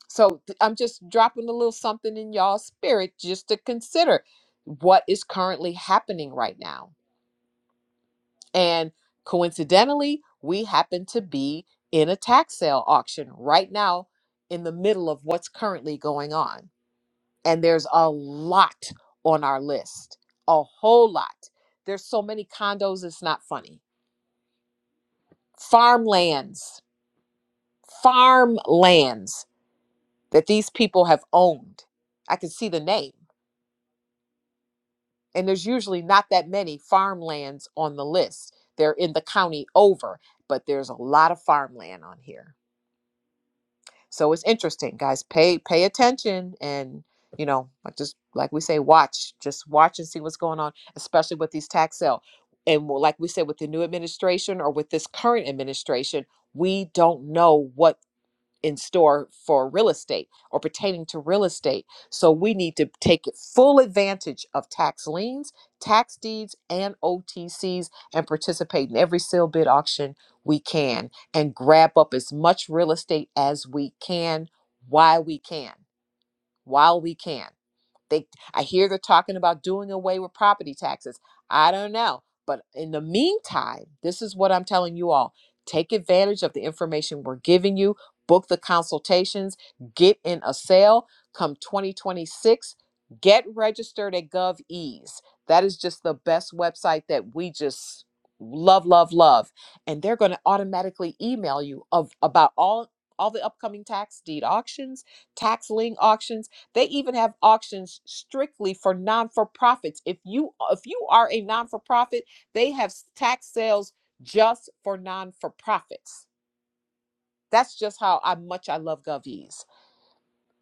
Speaker 1: So th- I'm just dropping a little something in y'all's spirit just to consider what is currently happening right now. And coincidentally, we happen to be in a tax sale auction right now in the middle of what's currently going on. and there's a lot on our list a whole lot there's so many condos it's not funny farmlands farmlands that these people have owned i can see the name and there's usually not that many farmlands on the list they're in the county over but there's a lot of farmland on here So it's interesting, guys. Pay pay attention and you know, like just like we say, watch. Just watch and see what's going on, especially with these tax sale. And well, like we said, with the new administration or with this current administration, we don't know what in store for real estate or pertaining to real estate. So we need to take full advantage of tax liens, tax deeds, and OTCs and participate in every sale bid auction we can and grab up as much real estate as we can while we can. While we can. They I hear they're talking about doing away with property taxes. I don't know. But in the meantime, this is what I'm telling you all. Take advantage of the information we're giving you. Book the consultations, get in a sale come 2026. Get registered at GovEase. That is just the best website that we just love, love, love. And they're going to automatically email you of about all all the upcoming tax deed auctions, tax lien auctions they even have auctions strictly for non-for-profits. If you if you are a non-for-profit, they have tax sales just for non-for-profits. That's just how I, much I love GovEase.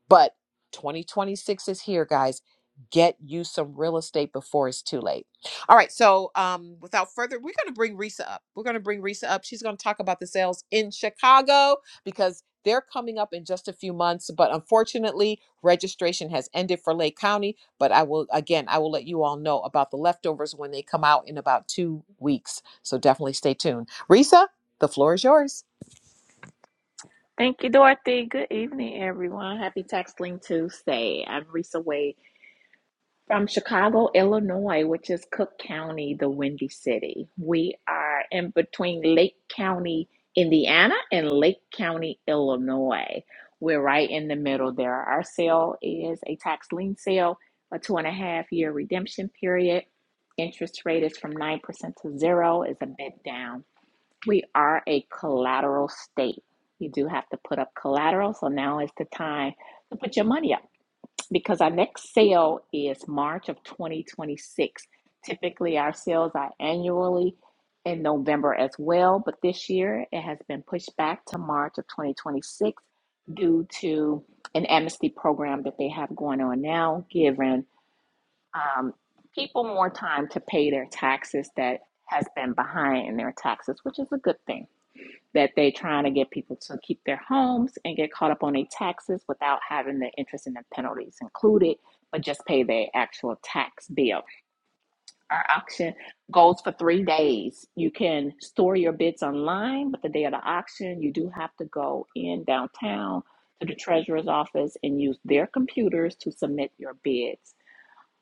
Speaker 1: But 2026 is here, guys. Get you some real estate before it's too late. All right. So, um, without further, we're going to bring Risa up. We're going to bring Risa up. She's going to talk about the sales in Chicago because they're coming up in just a few months. But unfortunately, registration has ended for Lake County. But I will, again, I will let you all know about the leftovers when they come out in about two weeks. So definitely stay tuned. Risa, the floor is yours.
Speaker 2: Thank you, Dorothy. Good evening, everyone. Happy Tax Link Tuesday. I'm Risa Wade. From Chicago, Illinois, which is Cook County, the Windy City. We are in between Lake County, Indiana, and Lake County, Illinois. We're right in the middle there. Our sale is a tax lien sale, a two and a half year redemption period. Interest rate is from 9% to zero, is a bit down. We are a collateral state. You do have to put up collateral, so now is the time to put your money up because our next sale is March of 2026. Typically, our sales are annually in November as well, but this year it has been pushed back to March of 2026 due to an amnesty program that they have going on now, giving um, people more time to pay their taxes that has been behind in their taxes, which is a good thing that they're trying to get people to keep their homes and get caught up on their taxes without having the interest and the penalties included, but just pay their actual tax bill. Our auction goes for three days. You can store your bids online, but the day of the auction, you do have to go in downtown to the treasurer's office and use their computers to submit your bids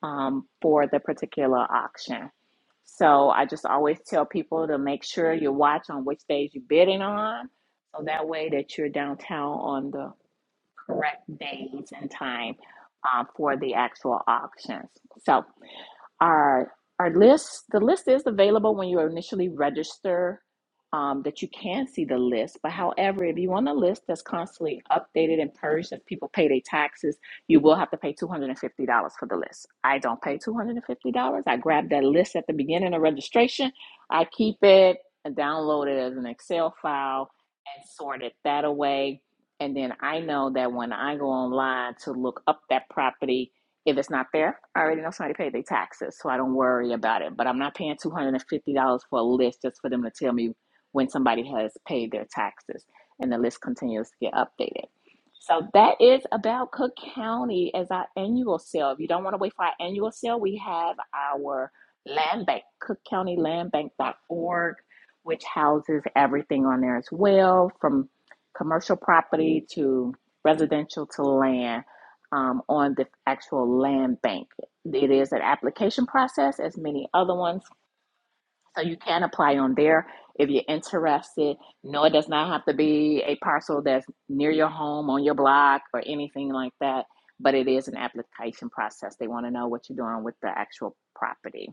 Speaker 2: um, for the particular auction. So I just always tell people to make sure you watch on which days you're bidding on, so that way that you're downtown on the correct days and time um, for the actual auctions. So our our list, the list is available when you initially register. Um, that you can see the list, but however, if you want a list that's constantly updated and purged, if people pay their taxes, you will have to pay two hundred and fifty dollars for the list. I don't pay two hundred and fifty dollars. I grab that list at the beginning of registration. I keep it and download it as an Excel file and sort it that away. And then I know that when I go online to look up that property, if it's not there, I already know somebody paid their taxes, so I don't worry about it. But I'm not paying $250 for a list just for them to tell me when somebody has paid their taxes. And the list continues to get updated. So that is about Cook County as our annual sale. If you don't want to wait for our annual sale, we have our land bank, cookcountylandbank.org, which houses everything on there as well, from commercial property to residential to land um, on the actual land bank. It is an application process, as many other ones. So you can apply on there if you're interested. No, it does not have to be a parcel that's near your home, on your block, or anything like that. But it is an application process. They want to know what you're doing with the actual property.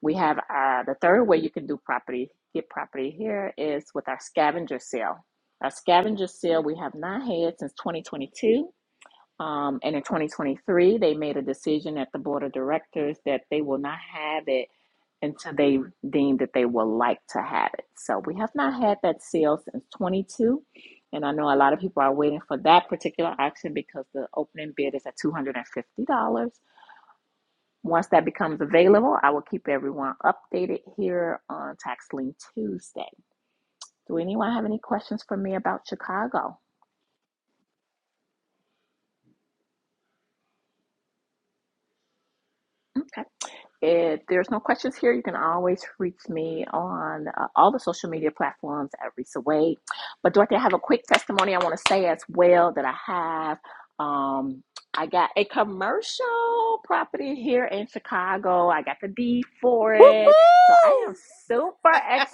Speaker 2: We have uh, the third way you can do property, get property here is with our scavenger sale. Our scavenger sale we have not had since 2022 um, and in 2023, they made a decision at the board of directors that they will not have it until they deem that they would like to have it. So we have not had that sale since 22. And I know a lot of people are waiting for that particular auction because the opening bid is at $250. Once that becomes available, I will keep everyone updated here on Tax Lien Tuesday. Do anyone have any questions for me about Chicago? Okay. If there's no questions here, you can always reach me on uh, all the social media platforms at Risa Wade. But Dorothy, I have a quick testimony I want to say as well that I have. Um, I got a commercial property here in Chicago. I got the deed for it, so I am
Speaker 1: Woo-hoo!
Speaker 2: super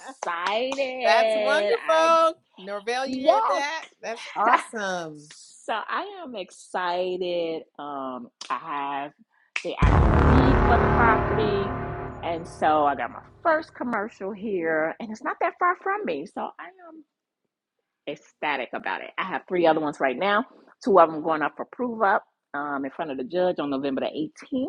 Speaker 1: That's
Speaker 2: I
Speaker 1: wonderful. Norvell, you heard
Speaker 2: yes,
Speaker 1: that? That's awesome.
Speaker 2: So I am excited. Um, I have the actual deed for the property. And so I got my first commercial here, and it's not that far from me. So I am ecstatic about it. I have three other ones right now. Two of them going up for prove up um, in front of the judge on November the 18th.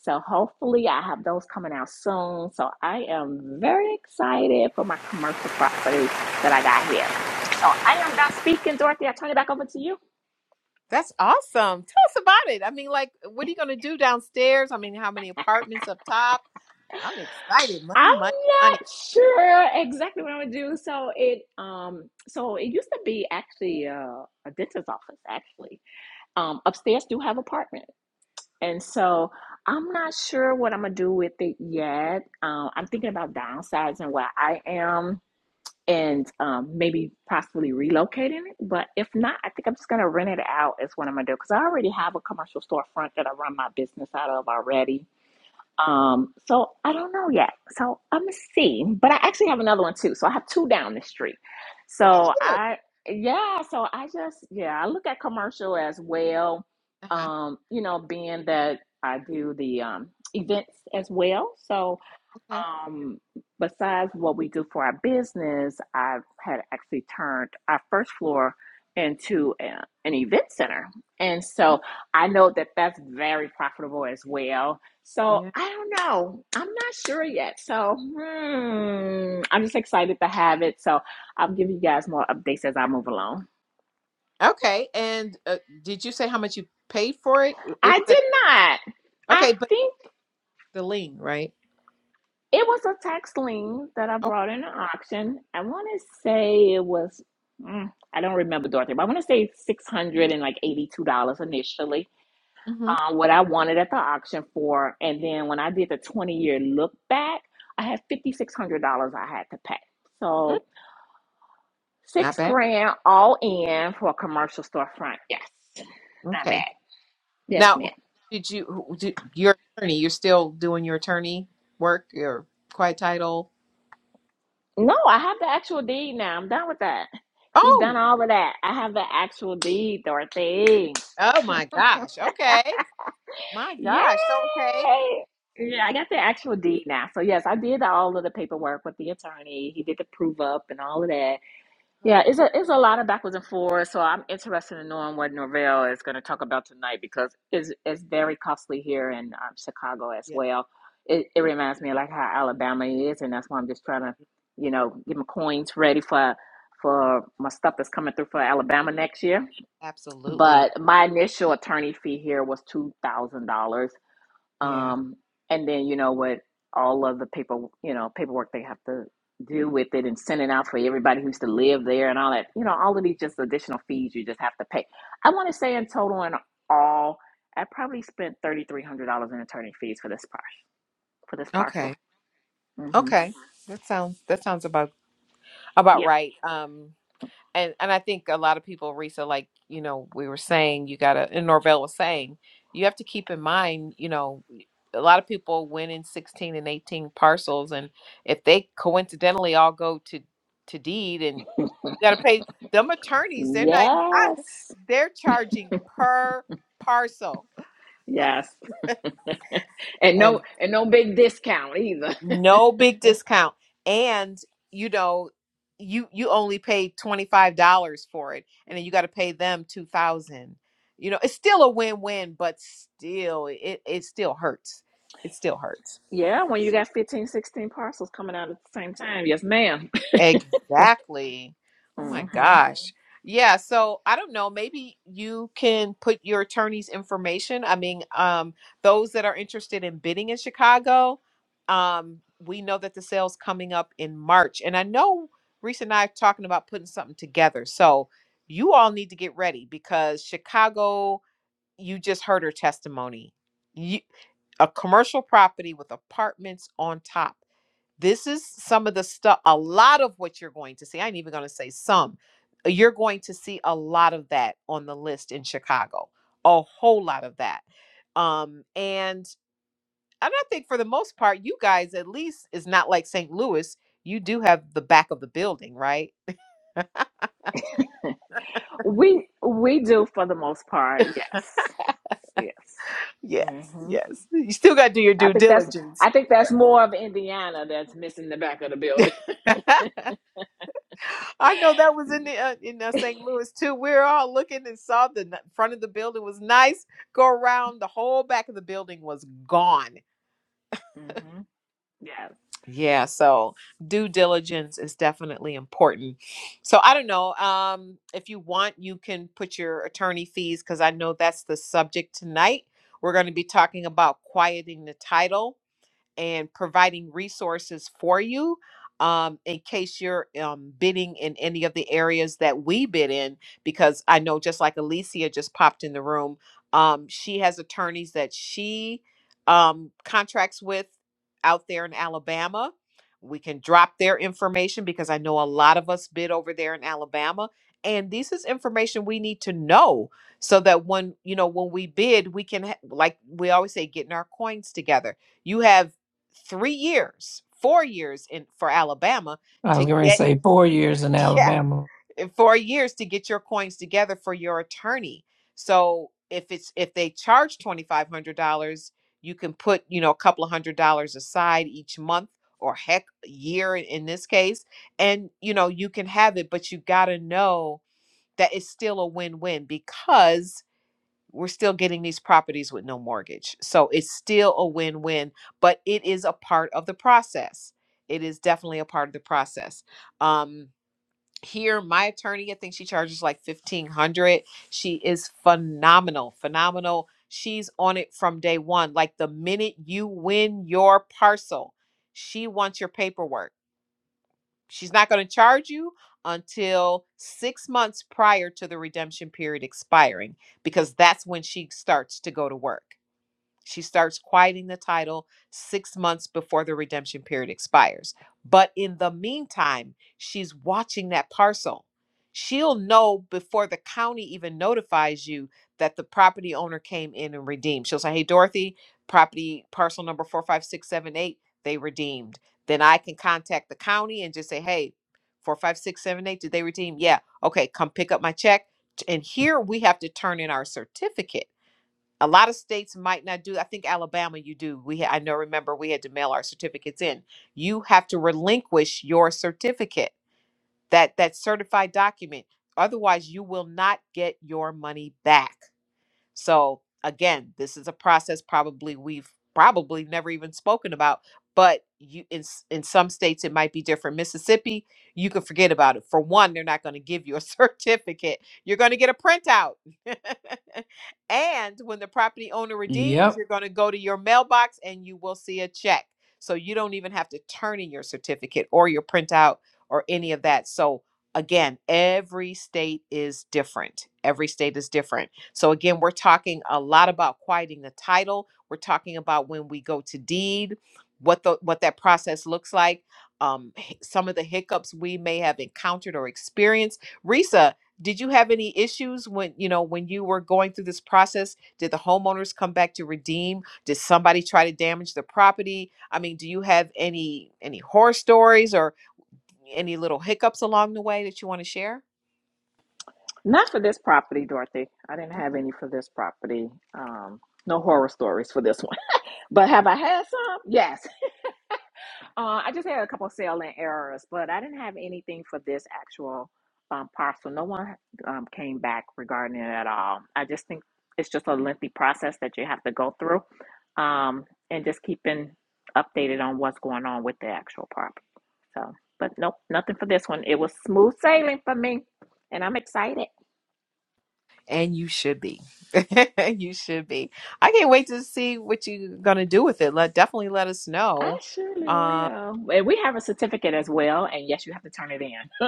Speaker 2: So hopefully I have those coming out soon. So I am very excited for my commercial property that I got here. So I am done speaking, Dorothy. I turn it back over to you.
Speaker 1: That's awesome. Tell us about it. I mean, like, what are you going to do downstairs? I mean, how many apartments up top? I'm excited.
Speaker 2: I'm
Speaker 1: Money, money, money.
Speaker 2: not sure exactly what I'm gonna do. So it um so it used to be actually uh, a dentist's office actually. Um upstairs do have apartments. And so I'm not sure what I'm gonna do with it yet. Um, I'm thinking about downsizing where I am and um, maybe possibly relocating it. But if not, I think I'm just gonna rent it out is what I'm gonna do because I already have a commercial storefront that I run my business out of already. Um, so I don't know yet. So I'm gonna see. But I actually have another one too. So I have two down the street. So
Speaker 1: Cute.
Speaker 2: I yeah, so I just yeah, I look at commercial as well.
Speaker 1: Uh-huh.
Speaker 2: Um, you know, being that I do the um events as well. So
Speaker 1: Okay.
Speaker 2: um, besides what we do for our business, I've had actually turned our first floor into a, an event center. And so
Speaker 1: Mm,
Speaker 2: I know that that's very profitable as well. So
Speaker 1: Yeah.
Speaker 2: I don't know. I'm not sure yet. So hmm, I'm just excited to have it. So I'll give you guys more updates as I move along.
Speaker 1: Okay. And uh, did you say how much you paid for it? It
Speaker 2: I
Speaker 1: was at,
Speaker 2: did not. I
Speaker 1: okay, but
Speaker 2: think.
Speaker 1: the lien, right?
Speaker 2: It was a tax lien that I
Speaker 1: Oh,
Speaker 2: brought in an auction. I want to say it was, mm, I don't remember Dorothy, but I want to say six hundred and like eighty-two dollars initially.
Speaker 1: hmm
Speaker 2: Um, what I wanted at the auction for, and then when I did the twenty-year look back, I had fifty-six hundred dollars I had to pay. So
Speaker 1: not
Speaker 2: six
Speaker 1: bad.
Speaker 2: grand all in for a commercial storefront. Yes, not
Speaker 1: Okay.
Speaker 2: bad. Yes,
Speaker 1: Now,
Speaker 2: ma'am.
Speaker 1: did you, who- did, your attorney, you're still doing your attorney work, your quiet title?
Speaker 2: No, I have the actual deed now. I'm done with that. He's done
Speaker 1: Oh,
Speaker 2: all of that. I have the actual deed, Dorothy.
Speaker 1: Oh my gosh. Okay. My
Speaker 2: Yay!
Speaker 1: gosh. So okay.
Speaker 2: Yeah, I got the actual deed now. So yes, I did all of the paperwork with the attorney. He did the prove up and all of that. Yeah,
Speaker 1: Right.
Speaker 2: it's a it's a lot of backwards and forwards. So I'm interested in knowing what Norvell is going to talk about tonight because it's it's very costly here in um, Chicago as
Speaker 1: Yeah.
Speaker 2: well. It it reminds me of like how Alabama is, and that's why I'm just trying to, you know, get my coins ready for for my stuff that's coming through for Alabama next year.
Speaker 1: Absolutely.
Speaker 2: But my initial attorney fee here was two thousand dollars
Speaker 1: Yeah.
Speaker 2: um, and then you know what all of the paper you know paperwork they have to do with it and send it out for everybody who's to live there and all that you know all of these just additional fees you just have to pay i want to say in total and all i probably spent $3300 in attorney fees for this par- for this
Speaker 1: Okay.
Speaker 2: parcel hmm
Speaker 1: Okay. That sounds that sounds about about
Speaker 2: Yep.
Speaker 1: right. Um and and I think a lot of people, Risa, like you know, we were saying, you gotta, and Norvell was saying, you have to keep in mind, you know, a lot of people win in sixteen and eighteen parcels, and if they coincidentally all go to to deed, and you gotta pay them attorneys, they're not, I,
Speaker 2: yes
Speaker 1: they're charging per parcel,
Speaker 2: yes and
Speaker 1: and
Speaker 2: no and no big discount either
Speaker 1: no big discount and you know you you only pay $25 for it and then you got to pay them 2000 you know it's still a win-win but still it it still hurts it still hurts
Speaker 2: yeah when you got 15 16 parcels coming out at the same time yes madam
Speaker 1: Exactly. Oh my
Speaker 2: hmm
Speaker 1: gosh. Yeah, so I don't know, maybe you can put your attorney's information. I mean, um those that are interested in bidding in Chicago, um we know that the sale's coming up in March and I know Reese and I are talking about putting something together. So you all need to get ready because Chicago, you just heard her testimony. You, a commercial property with apartments on top. This is some of the stuff, a lot of what you're going to see. I ain't even going to say some. uh, You're going to see a lot of that on the list in Chicago, a whole lot of that. Um, and and I think for the most part, you guys at least is not like St. Louis. You do have the back of the building, right?
Speaker 2: We we do for the most part. Yes. Yes.
Speaker 1: Yes,
Speaker 2: hmm
Speaker 1: yes. You still got to do your
Speaker 2: I
Speaker 1: due
Speaker 2: think that's
Speaker 1: diligence.
Speaker 2: I think that's
Speaker 1: Right.
Speaker 2: more of Indiana that's missing the back of the building.
Speaker 1: I know that was in the, uh, in uh, St. Louis too. We were all looking and saw the n- front of the building was nice. Go around the whole back of the building was gone.
Speaker 2: hmm Yes.
Speaker 1: Yeah, so due diligence is definitely important. So I don't know. Um, if you want, you can put your attorney fees because I know that's the subject tonight. We're going to be talking about quieting the title and providing resources for you um, in case you're um, bidding in any of the areas that we bid in. Because I know just like Alicia just popped in the room, um, she has attorneys that she um, contracts with out there in Alabama. We can drop their information because I know a lot of us bid over there in Alabama. And this is information we need to know so that when, you know, when we bid, we can, ha- like we always say, getting our coins together. You have three years, four years in for Alabama
Speaker 4: I
Speaker 1: to
Speaker 4: was going to
Speaker 1: get
Speaker 4: say four years in
Speaker 1: yeah,
Speaker 4: Alabama.
Speaker 1: in four years to get your coins together for your attorney. So if it's if they charge twenty five hundred dollars, you can put you know a couple of hundred dollars aside each month or heck year in in this case, and you know you can have it, but you got to know that it's still a win win because we're still getting these properties with no mortgage. So it's still a win win, but it is a part of the process. It is definitely a part of the process. Um, here, my attorney, I think she charges like fifteen hundred. dollars. She is phenomenal, phenomenal. She's on it from day one. Like the minute you win your parcel, she wants your paperwork She's not going to charge you until six months prior to the redemption period expiring because that's when she starts to go to work. She starts quieting the title six months before the redemption period expires. But in the meantime, she's watching that parcel. She'll know before the county even notifies you that the property owner came in and redeemed. She'll say, Hey, Dorothy, property parcel number 45678, they redeemed. Then I can contact the county and just say, Hey, 45678, did they redeem? Yeah. Okay, come pick up my check. T- And here we have to turn in our certificate a lot of states might not do i think alabama you do we ha- i know remember we had to mail our certificates in you have to relinquish your certificate that that certified document otherwise you will not get your money back so again, this is a process probably we've probably never even spoken about, but you in s- in some states it might be different. Mississippi, you can forget about it. For one, they're not going to give you a certificate. You're going to get a printout. and when the property owner redeems,
Speaker 4: Yep.
Speaker 1: you're going to go to your mailbox and you will see a check. So you don't even have to turn in your certificate or your printout or any of that. So again, every state is different. Every state is different so, again, we're talking a lot about quieting the title. We're talking about when we go to deed, what the what that process looks like, um, h- some of the hiccups we may have encountered or experienced. Risa, did you have any issues when you know when you were going through this process? Did the homeowners come back to redeem? Did somebody try to damage the property? I mean, do you have any any horror stories or any little hiccups along the way that you want to share?
Speaker 2: Not for this property, Dorothy. I didn't have any for this property. Um, no horror stories for this one. But have I had some? Yes. Uh, I just had a couple sailing errors, but I didn't have anything for this actual um, parcel. No one um, came back regarding it at all. I just think it's just a lengthy process that you have to go through, um, and just keeping updated on what's going on with the actual property. So, but nope, nothing for this one. It was smooth sailing for me, and I'm excited.
Speaker 1: And you should be. you should be. I can't wait to see what you're gonna do with it. Let definitely let us
Speaker 2: I
Speaker 1: know.
Speaker 2: surely
Speaker 1: Um.
Speaker 2: will. And we have a certificate as well, and yes, you have to turn it in.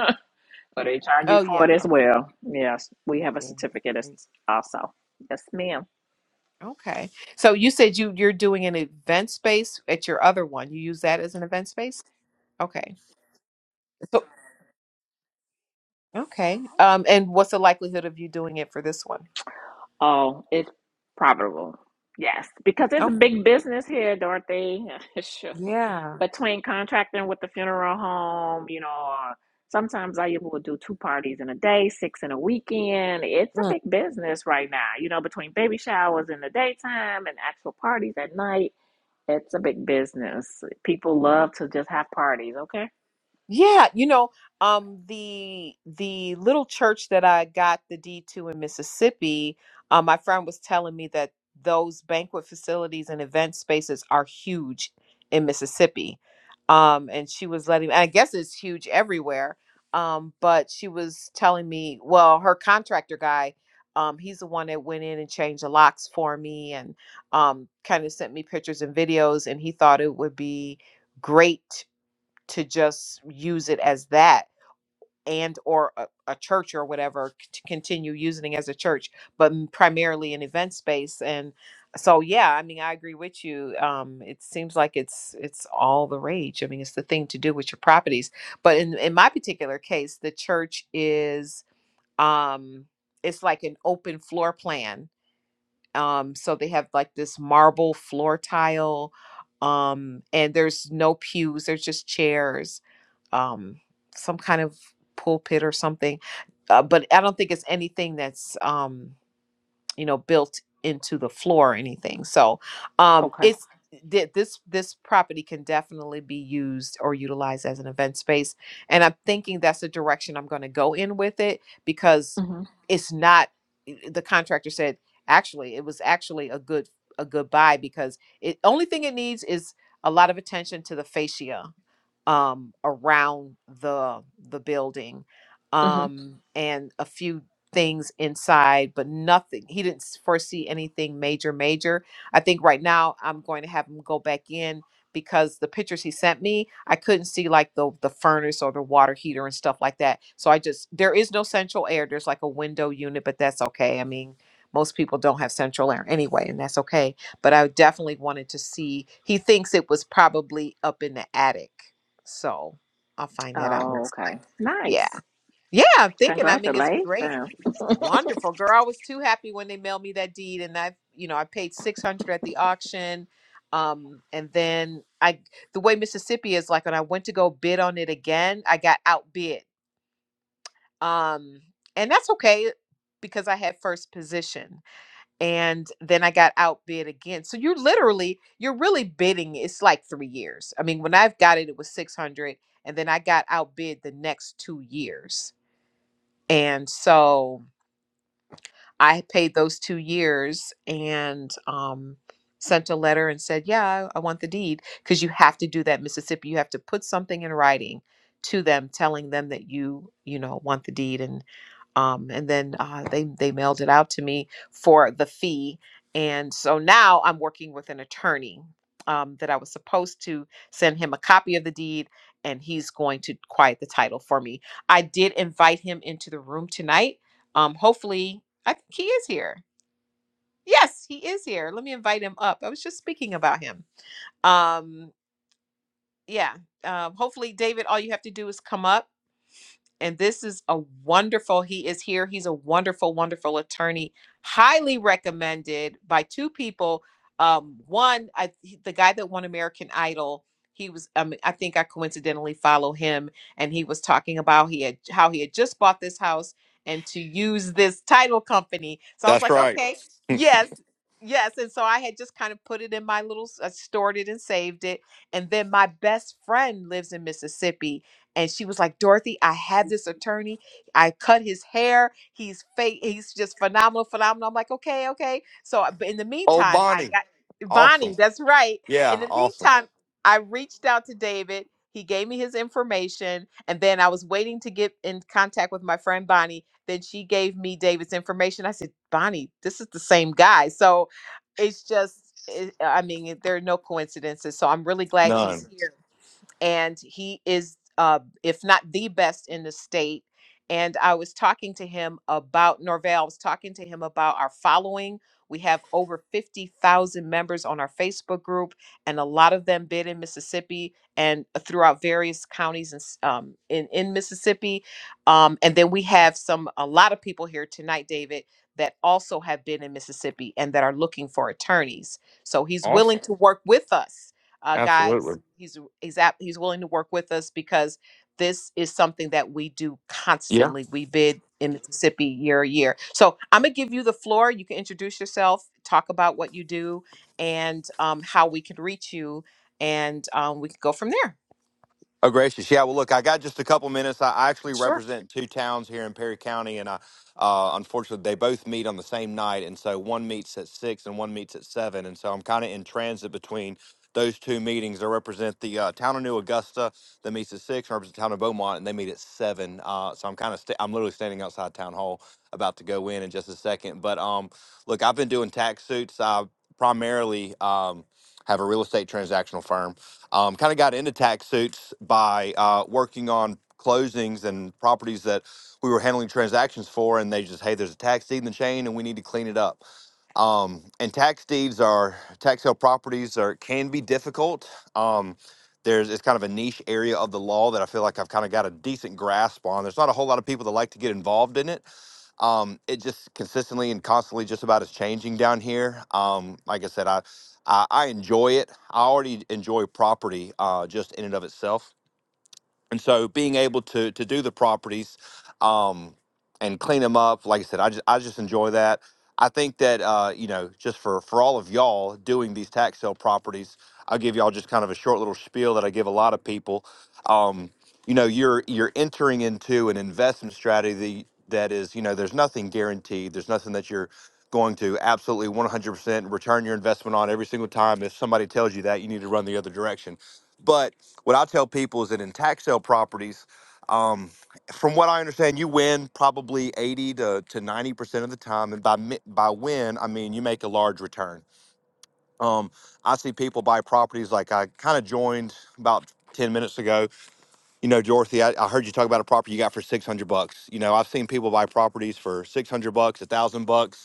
Speaker 2: But they charge you
Speaker 1: Oh
Speaker 2: for
Speaker 1: yeah.
Speaker 2: it as
Speaker 1: Oh,
Speaker 2: well. Yes, we have a
Speaker 1: yeah.
Speaker 2: certificate as
Speaker 1: Great.
Speaker 2: also. Yes, ma'am.
Speaker 1: Okay. So you said you you're doing an event space at your other one. You use that as an event space. Okay. So okay. Um. And what's the likelihood of you doing it for this one?
Speaker 2: Oh, it's profitable. Yes, because it's a
Speaker 1: Okay.
Speaker 2: big business here, Dorothy. sure.
Speaker 1: Yeah.
Speaker 2: Between contracting with the funeral home, you know, or sometimes I even will do two parties in a day, six in a weekend. It's a big business right now, you know, between baby showers in the daytime and actual parties at night. It's a big business. People love to just have parties, okay?
Speaker 1: Yeah, you know, um, the the little church that I got the D two in Mississippi, um, my friend was telling me that those banquet facilities and event spaces are huge in Mississippi, um, and she was letting. I guess it's huge everywhere, um, but she was telling me, well, her contractor guy, um, he's the one that went in and changed the locks for me and um, kind of sent me pictures and videos, and he thought it would be great to just use it as that and or a, a church or whatever c- to continue using it as a church but m- primarily an event space and so yeah i mean i agree with you um it seems like it's it's all the rage i mean it's the thing to do with your properties but in in my particular case the church is um it's like an open floor plan um so they have like this marble floor tile um and there's no pews there's just chairs um, some kind of pulpit or something. Uh, but I don't think it's anything that's um, you know built into the floor or anything so um
Speaker 2: Okay.
Speaker 1: it's thi- this this property can definitely be used or utilized as an event space and i'm thinking that's the direction i'm going to go in with it because
Speaker 2: Mm-hmm.
Speaker 1: it's not the contractor said actually it was actually a good a good buy because it only thing it needs is a lot of attention to the fascia um around the the building um and a few things inside, but nothing. He didn't s- foresee anything major, major. I think right now I'm going to have him go back in because the pictures he sent me, I couldn't see like the the furnace or the water heater and stuff like that. So I just there is no central air. There's like a window unit, but that's okay. I mean, most people don't have central air anyway, and that's okay. But I definitely wanted to see. He thinks it was probably up in the attic, so I'll find that out
Speaker 2: Oh,
Speaker 1: next
Speaker 2: okay.
Speaker 1: time. Yeah.
Speaker 2: Nice.
Speaker 1: Yeah, I'm thinking. I mean, it's great.
Speaker 2: Congratulations.
Speaker 1: Wonderful. Girl, I was too happy when they mailed me that deed and I, you know, I paid 600 at the auction. Um and then I the way Mississippi is like when I went to go bid on it again, I got outbid. Um and that's okay because I had first position and then I got outbid again. So you're literally you're really bidding it's like 3 years. I mean, when I've got it it was 600 and then I got outbid the next 2 years. And so I paid those two years and um, sent a letter and said, Yeah, I, I want the deed. Because you have to do that, in Mississippi. You have to put something in writing to them telling them that you, you know, want the deed. And um, and then uh, they, they mailed it out to me for the fee. And so now I'm working with an attorney um, that I was supposed to send him a copy of the deed, and he's going to quiet the title for me. I did invite him into the room tonight. Um, hopefully, I think he is here. Yes, he is here. Let me invite him up. I was just speaking about him. Um, yeah. Um, hopefully, David, all you have to do is come up. And this is a wonderful, he is here. He's a wonderful, wonderful attorney. Highly recommended by two people. Um, one, I, the guy that won American Idol, he was, um, I think I coincidentally follow him, and he was talking about he had how he had just bought this house and to use this title company. So I was
Speaker 5: That's
Speaker 1: like,
Speaker 5: right.
Speaker 1: okay, yes, yes. And so I had just kind of put it in my little, s- I stored it and saved it. And then my best friend lives in Mississippi and she was like, "Dorothy, I have this attorney. I cut his hair. He's fake. He's just phenomenal, phenomenal." I'm like, "Okay, okay." So, I- but in the
Speaker 5: Oh,
Speaker 1: meantime, I
Speaker 5: Bonnie.
Speaker 1: got
Speaker 5: Awesome.
Speaker 1: Bonnie. That's right. In
Speaker 5: Yeah,
Speaker 1: the
Speaker 5: awesome.
Speaker 1: meantime, I reached out to David. He gave me his information, and then I was waiting to get in contact with my friend Bonnie. Then she gave me David's information. I said, "Bonnie, this is the same guy." So, it's just. It, I mean, there are no coincidences. So I'm really glad he's
Speaker 5: None.
Speaker 1: here and he is uh, if not the best in the state and i was talking to him about norvell i was talking to him about our following we have over 50000 members on our facebook group and a lot of them bid in mississippi and throughout various counties in, s- um, in, in mississippi um, and then we have some a lot of people here tonight david that also have been in mississippi and that are looking for attorneys so he's willing
Speaker 5: Awesome.
Speaker 1: to work with us uh,
Speaker 5: Absolutely.
Speaker 1: guys. He's he's at, he's willing to work with us because this is something that we do
Speaker 5: Yeah.
Speaker 1: constantly. We bid in Mississippi year a year. So I'm gonna give you the floor. You can introduce yourself, talk about what you do, and um, how we can reach you, and um, we can go from there.
Speaker 5: Oh, gracious. Yeah. Well, look, I got just a couple minutes. I I actually
Speaker 1: Sure.
Speaker 5: represent two towns here in Perry County, and I, uh, unfortunately, they both meet on the same night. And so one meets at six and one meets at seven. And so I'm kind of in transit between those two meetings. I represent the uh, town of New Augusta that meets at six, and I represent the town of Beaumont, and they meet at seven. Uh, so I'm kind of, sta i am literally standing outside town hall about to go in in just a second. But um, look, I've been doing tax suits. I primarily um, have a real estate transactional firm um, kind of got into tax suits by uh, working on closings and properties that we were handling transactions for, and they just, hey, there's a tax deed in the chain, and we need to clean it up. Um, and tax deeds are tax sale properties are can be difficult. Um, there's it's kind of a niche area of the law that I feel like I've kind of got a decent grasp on. There's not a whole lot of people that like to get involved in it um, it just consistently and constantly just about is changing down here. Um, like I said, I, I I enjoy it. I already enjoy property uh, just in and of itself and so being able to to do the properties um and clean them up like i said i just i just enjoy that i think that uh you know just for for all of y'all doing these tax sale properties i'll give y'all just kind of a short little spiel that i give a lot of people um you know you're you're entering into an investment strategy that is you know there's nothing guaranteed there's nothing that you're going to absolutely 100% return your investment on every single time if somebody tells you that you need to run the other direction but what I tell people is that in tax sale properties, um, from what I understand, you win probably 80 to, to 90% of the time. And by, mi- by win, I mean you make a large return. Um, I see people buy properties like I kind of joined about 10 minutes ago. You know, Dorothy, I, I heard you talk about a property you got for 600 bucks. You know, I've seen people buy properties for 600 bucks, a thousand bucks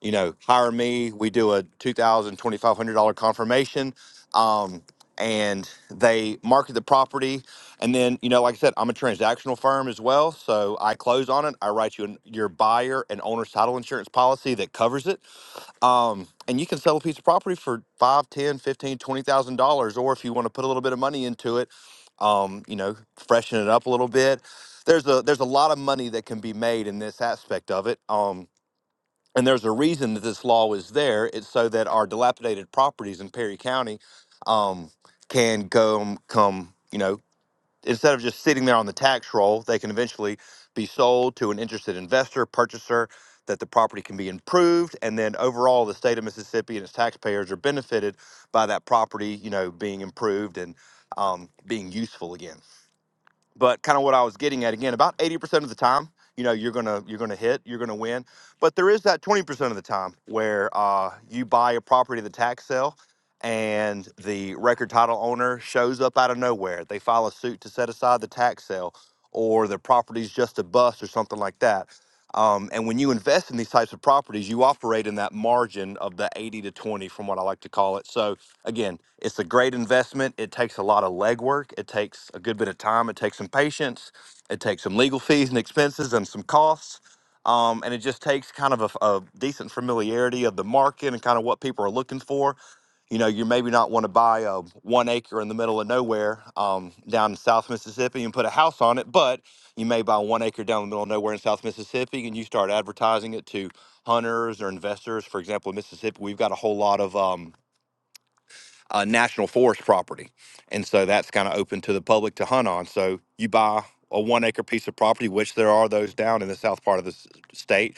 Speaker 5: you know, hire me. We do a two thousand twenty five hundred dollar confirmation, um, and they market the property. And then, you know, like I said, I'm a transactional firm as well, so I close on it. I write you an, your buyer and owner's title insurance policy that covers it. Um, and you can sell a piece of property for five, ten, fifteen, twenty thousand dollars, or if you want to put a little bit of money into it, um, you know, freshen it up a little bit. There's a there's a lot of money that can be made in this aspect of it. Um, and there's a reason that this law is there. It's so that our dilapidated properties in Perry County um, can go um, come, you know, instead of just sitting there on the tax roll, they can eventually be sold to an interested investor, purchaser, that the property can be improved. And then overall, the state of Mississippi and its taxpayers are benefited by that property, you know, being improved and um, being useful again but kind of what I was getting at again, about 80% of the time, you know, you're gonna you're gonna hit, you're gonna win. But there is that 20% of the time where uh, you buy a property at the tax sale and the record title owner shows up out of nowhere. They file a suit to set aside the tax sale or the property's just a bust or something like that. Um, and when you invest in these types of properties, you operate in that margin of the 80 to 20 from what I like to call it. So Again, it's a great investment. It takes a lot of legwork. It takes a good bit of time. It takes some patience. It takes some legal fees and expenses and some costs. Um, and it just takes kind of a a decent familiarity of the market and kind of what people are looking for. You know, you maybe not want to buy a one acre in the middle of nowhere um, down in South Mississippi and put a house on it, but you may buy one acre down in the middle of nowhere in South Mississippi and you start advertising it to hunters or investors. For example, in Mississippi, we've got a whole lot of. Um, uh, national forest property. And so that's kind of open to the public to hunt on. So you buy a one acre piece of property, which there are those down in the south part of the state.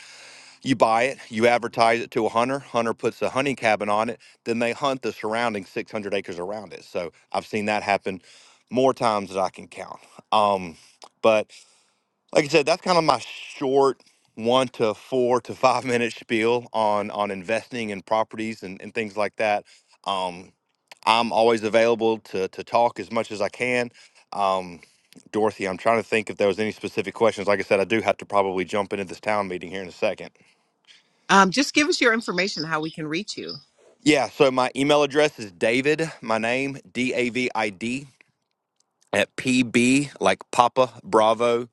Speaker 5: You buy it, you advertise it to a hunter, hunter puts a hunting cabin on it, then they hunt the surrounding 600 acres around it. So I've seen that happen more times than I can count. Um, but like I said, that's kind of my short one to four to five minute spiel on on investing in properties and, and things like that. Um, I'm always available to to talk as much as I can. Um, Dorothy, I'm trying to think if there was any specific questions. Like I said, I do have to probably jump into this town meeting here in a second.
Speaker 1: Um, just give us your information, how we can reach you.
Speaker 5: Yeah, so my email address is David, my name, D A V I D, at PB, like Papa Bravo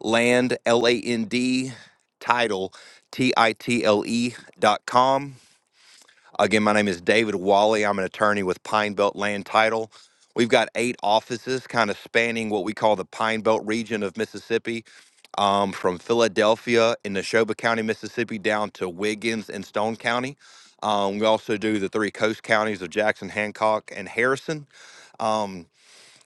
Speaker 5: land l-a-n-d title t-i-t-l-e T I T L E dot com again my name is david wally i'm an attorney with pine belt land title we've got eight offices kind of spanning what we call the pine belt region of mississippi um, from philadelphia in neshoba county mississippi down to wiggins and stone county um, we also do the three coast counties of jackson hancock and harrison Um,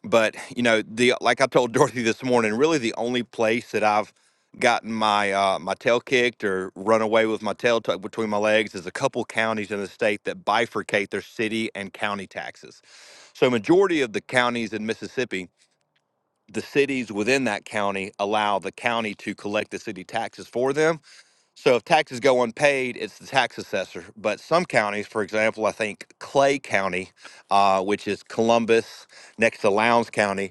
Speaker 5: but you know the like i told dorothy this morning really the only place that i've gotten my uh, my tail kicked or run away with my tail tucked between my legs is a couple counties in the state that bifurcate their city and county taxes so majority of the counties in mississippi the cities within that county allow the county to collect the city taxes for them so if taxes go unpaid it's the tax assessor but some counties for example i think clay county uh, which is columbus next to lowndes county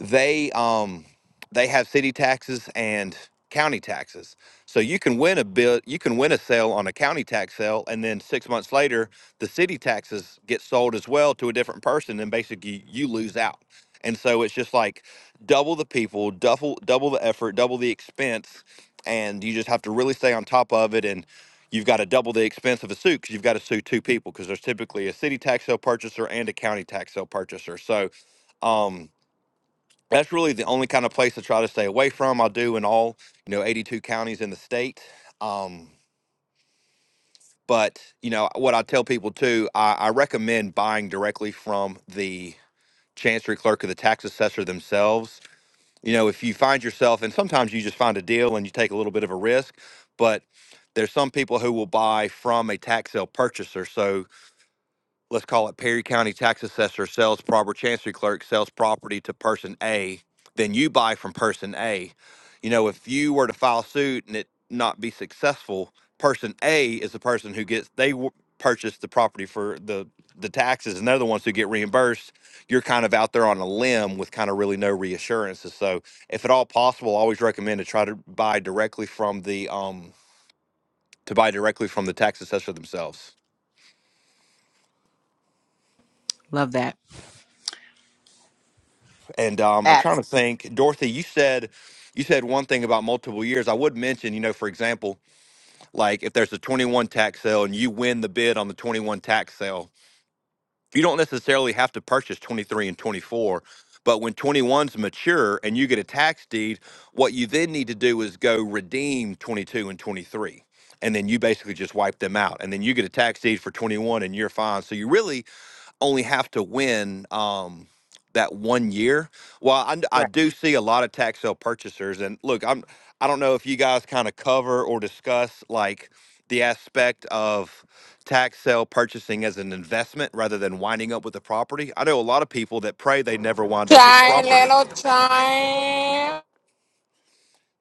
Speaker 5: they um they have city taxes and county taxes. So you can win a bill, you can win a sale on a county tax sale, and then six months later, the city taxes get sold as well to a different person, and basically you lose out. And so it's just like double the people, double double the effort, double the expense, and you just have to really stay on top of it. And you've got to double the expense of a suit because you've got to sue two people because there's typically a city tax sale purchaser and a county tax sale purchaser. So um, that's really the only kind of place to try to stay away from. I do in all, you know, 82 counties in the state. Um, but, you know, what I tell people too, I, I recommend buying directly from the chancery clerk or the tax assessor themselves. You know, if you find yourself, and sometimes you just find a deal and you take a little bit of a risk, but there's some people who will buy from a tax sale purchaser. So let's call it Perry County tax assessor sells proper chancery clerk sells property to person A, then you buy from person A. You know, if you were to file suit and it not be successful, person A is the person who gets they w- purchased the property for the the taxes and they're the ones who get reimbursed. You're kind of out there on a limb with kind of really no reassurances. So, if at all possible, I always recommend to try to buy directly from the um to buy directly from the tax assessor themselves.
Speaker 1: Love that.
Speaker 5: And um, I'm trying
Speaker 1: Apps,
Speaker 5: to think, Dorothy. You said you said one thing about multiple years. I would mention, you know, for example, like if there's a 21 tax sale and you win the bid on the 21 tax sale, you don't necessarily have to purchase 23 and 24. But when 21's mature and you get a tax deed, what you then need to do is go redeem 22 and 23. And then you basically just wipe them out. And then you get a tax deed for 21 and you're fine. So you really only have to win um, that one year. Well, I, I
Speaker 1: right?
Speaker 5: do see a lot of tax sale purchasers, and look, I'm I don't know if you guys kind of cover or discuss like the aspect of tax sale purchasing as an investment rather than winding up with the property. I know a lot of people that pray they never wind up with the
Speaker 6: Giant
Speaker 5: property.
Speaker 6: little giant.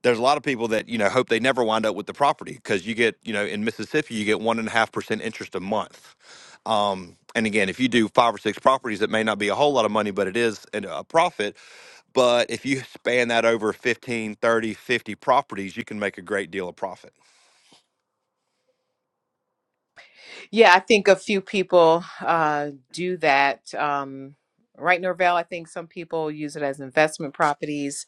Speaker 5: there's a lot of people that you know hope they never wind up with the property because you get you know in Mississippi you get one and a half percent interest a month. Um, and again, if you do five or six properties, it may not be a whole lot of money, but it is an- a profit. But if you span that over 15, 30, 50 properties, you can make a great deal of profit.
Speaker 1: Yeah, I think a few people uh, do that. Um, right, Norvell. I think some people use it as investment properties.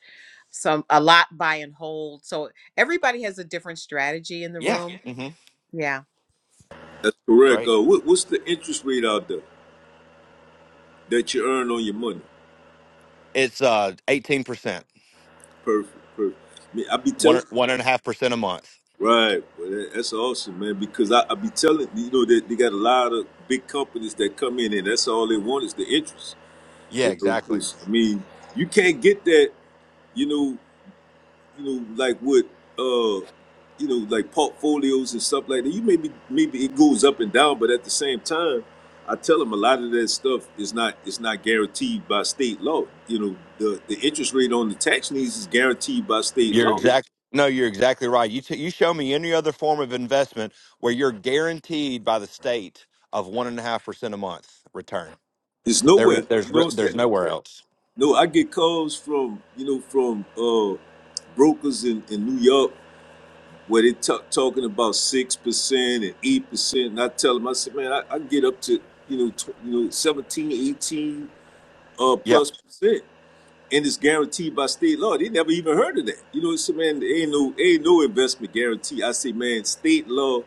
Speaker 1: Some a lot buy and hold. So everybody has a different strategy in the
Speaker 5: Yeah.
Speaker 1: room.
Speaker 5: hmm
Speaker 1: Yeah.
Speaker 3: That's correct.
Speaker 5: Great.
Speaker 3: Uh, what what's the interest rate out there that you earn on your money?
Speaker 5: It's uh, 18%,
Speaker 3: Perfect, perfect. Man, I be telling
Speaker 5: one, one and a half percent a month.
Speaker 3: right, well, that- that's awesome, man. Because I, I be telling you know they they, got a lot of big companies that come in, and that's all they want is the interest.
Speaker 5: Yeah,
Speaker 3: You know,
Speaker 5: exactly.
Speaker 3: 'cause, I mean, you can't get that. You know, you know, like what, uh, you know, like portfolios and stuff like that. You maybe maybe it goes up and down, but at the same time, I tell them a lot of that stuff is not is not guaranteed by state law. You know, the the interest rate on the tax needs is guaranteed by state
Speaker 5: You're
Speaker 3: law.
Speaker 5: exact. No, you're exactly right. You t- you show me any other form of investment where you're guaranteed by the state of one and a half percent a month return.
Speaker 3: It's
Speaker 5: There, is-
Speaker 3: nowhere.
Speaker 5: there's
Speaker 3: You know
Speaker 5: re-
Speaker 3: what I'm
Speaker 5: there's
Speaker 3: saying?
Speaker 5: nowhere else.
Speaker 3: No, I get calls from, you know, from uh brokers in, in New York where they talk, talking about six percent and eight percent, and I tell them, I said, man, I, I get up to you know, tw- you know, 17, 18, uh,
Speaker 5: Yeah.
Speaker 3: plus percent and it's guaranteed by state law. They never even heard of that. You know, so man, there ain't no ain't no investment guarantee. I say, man, state law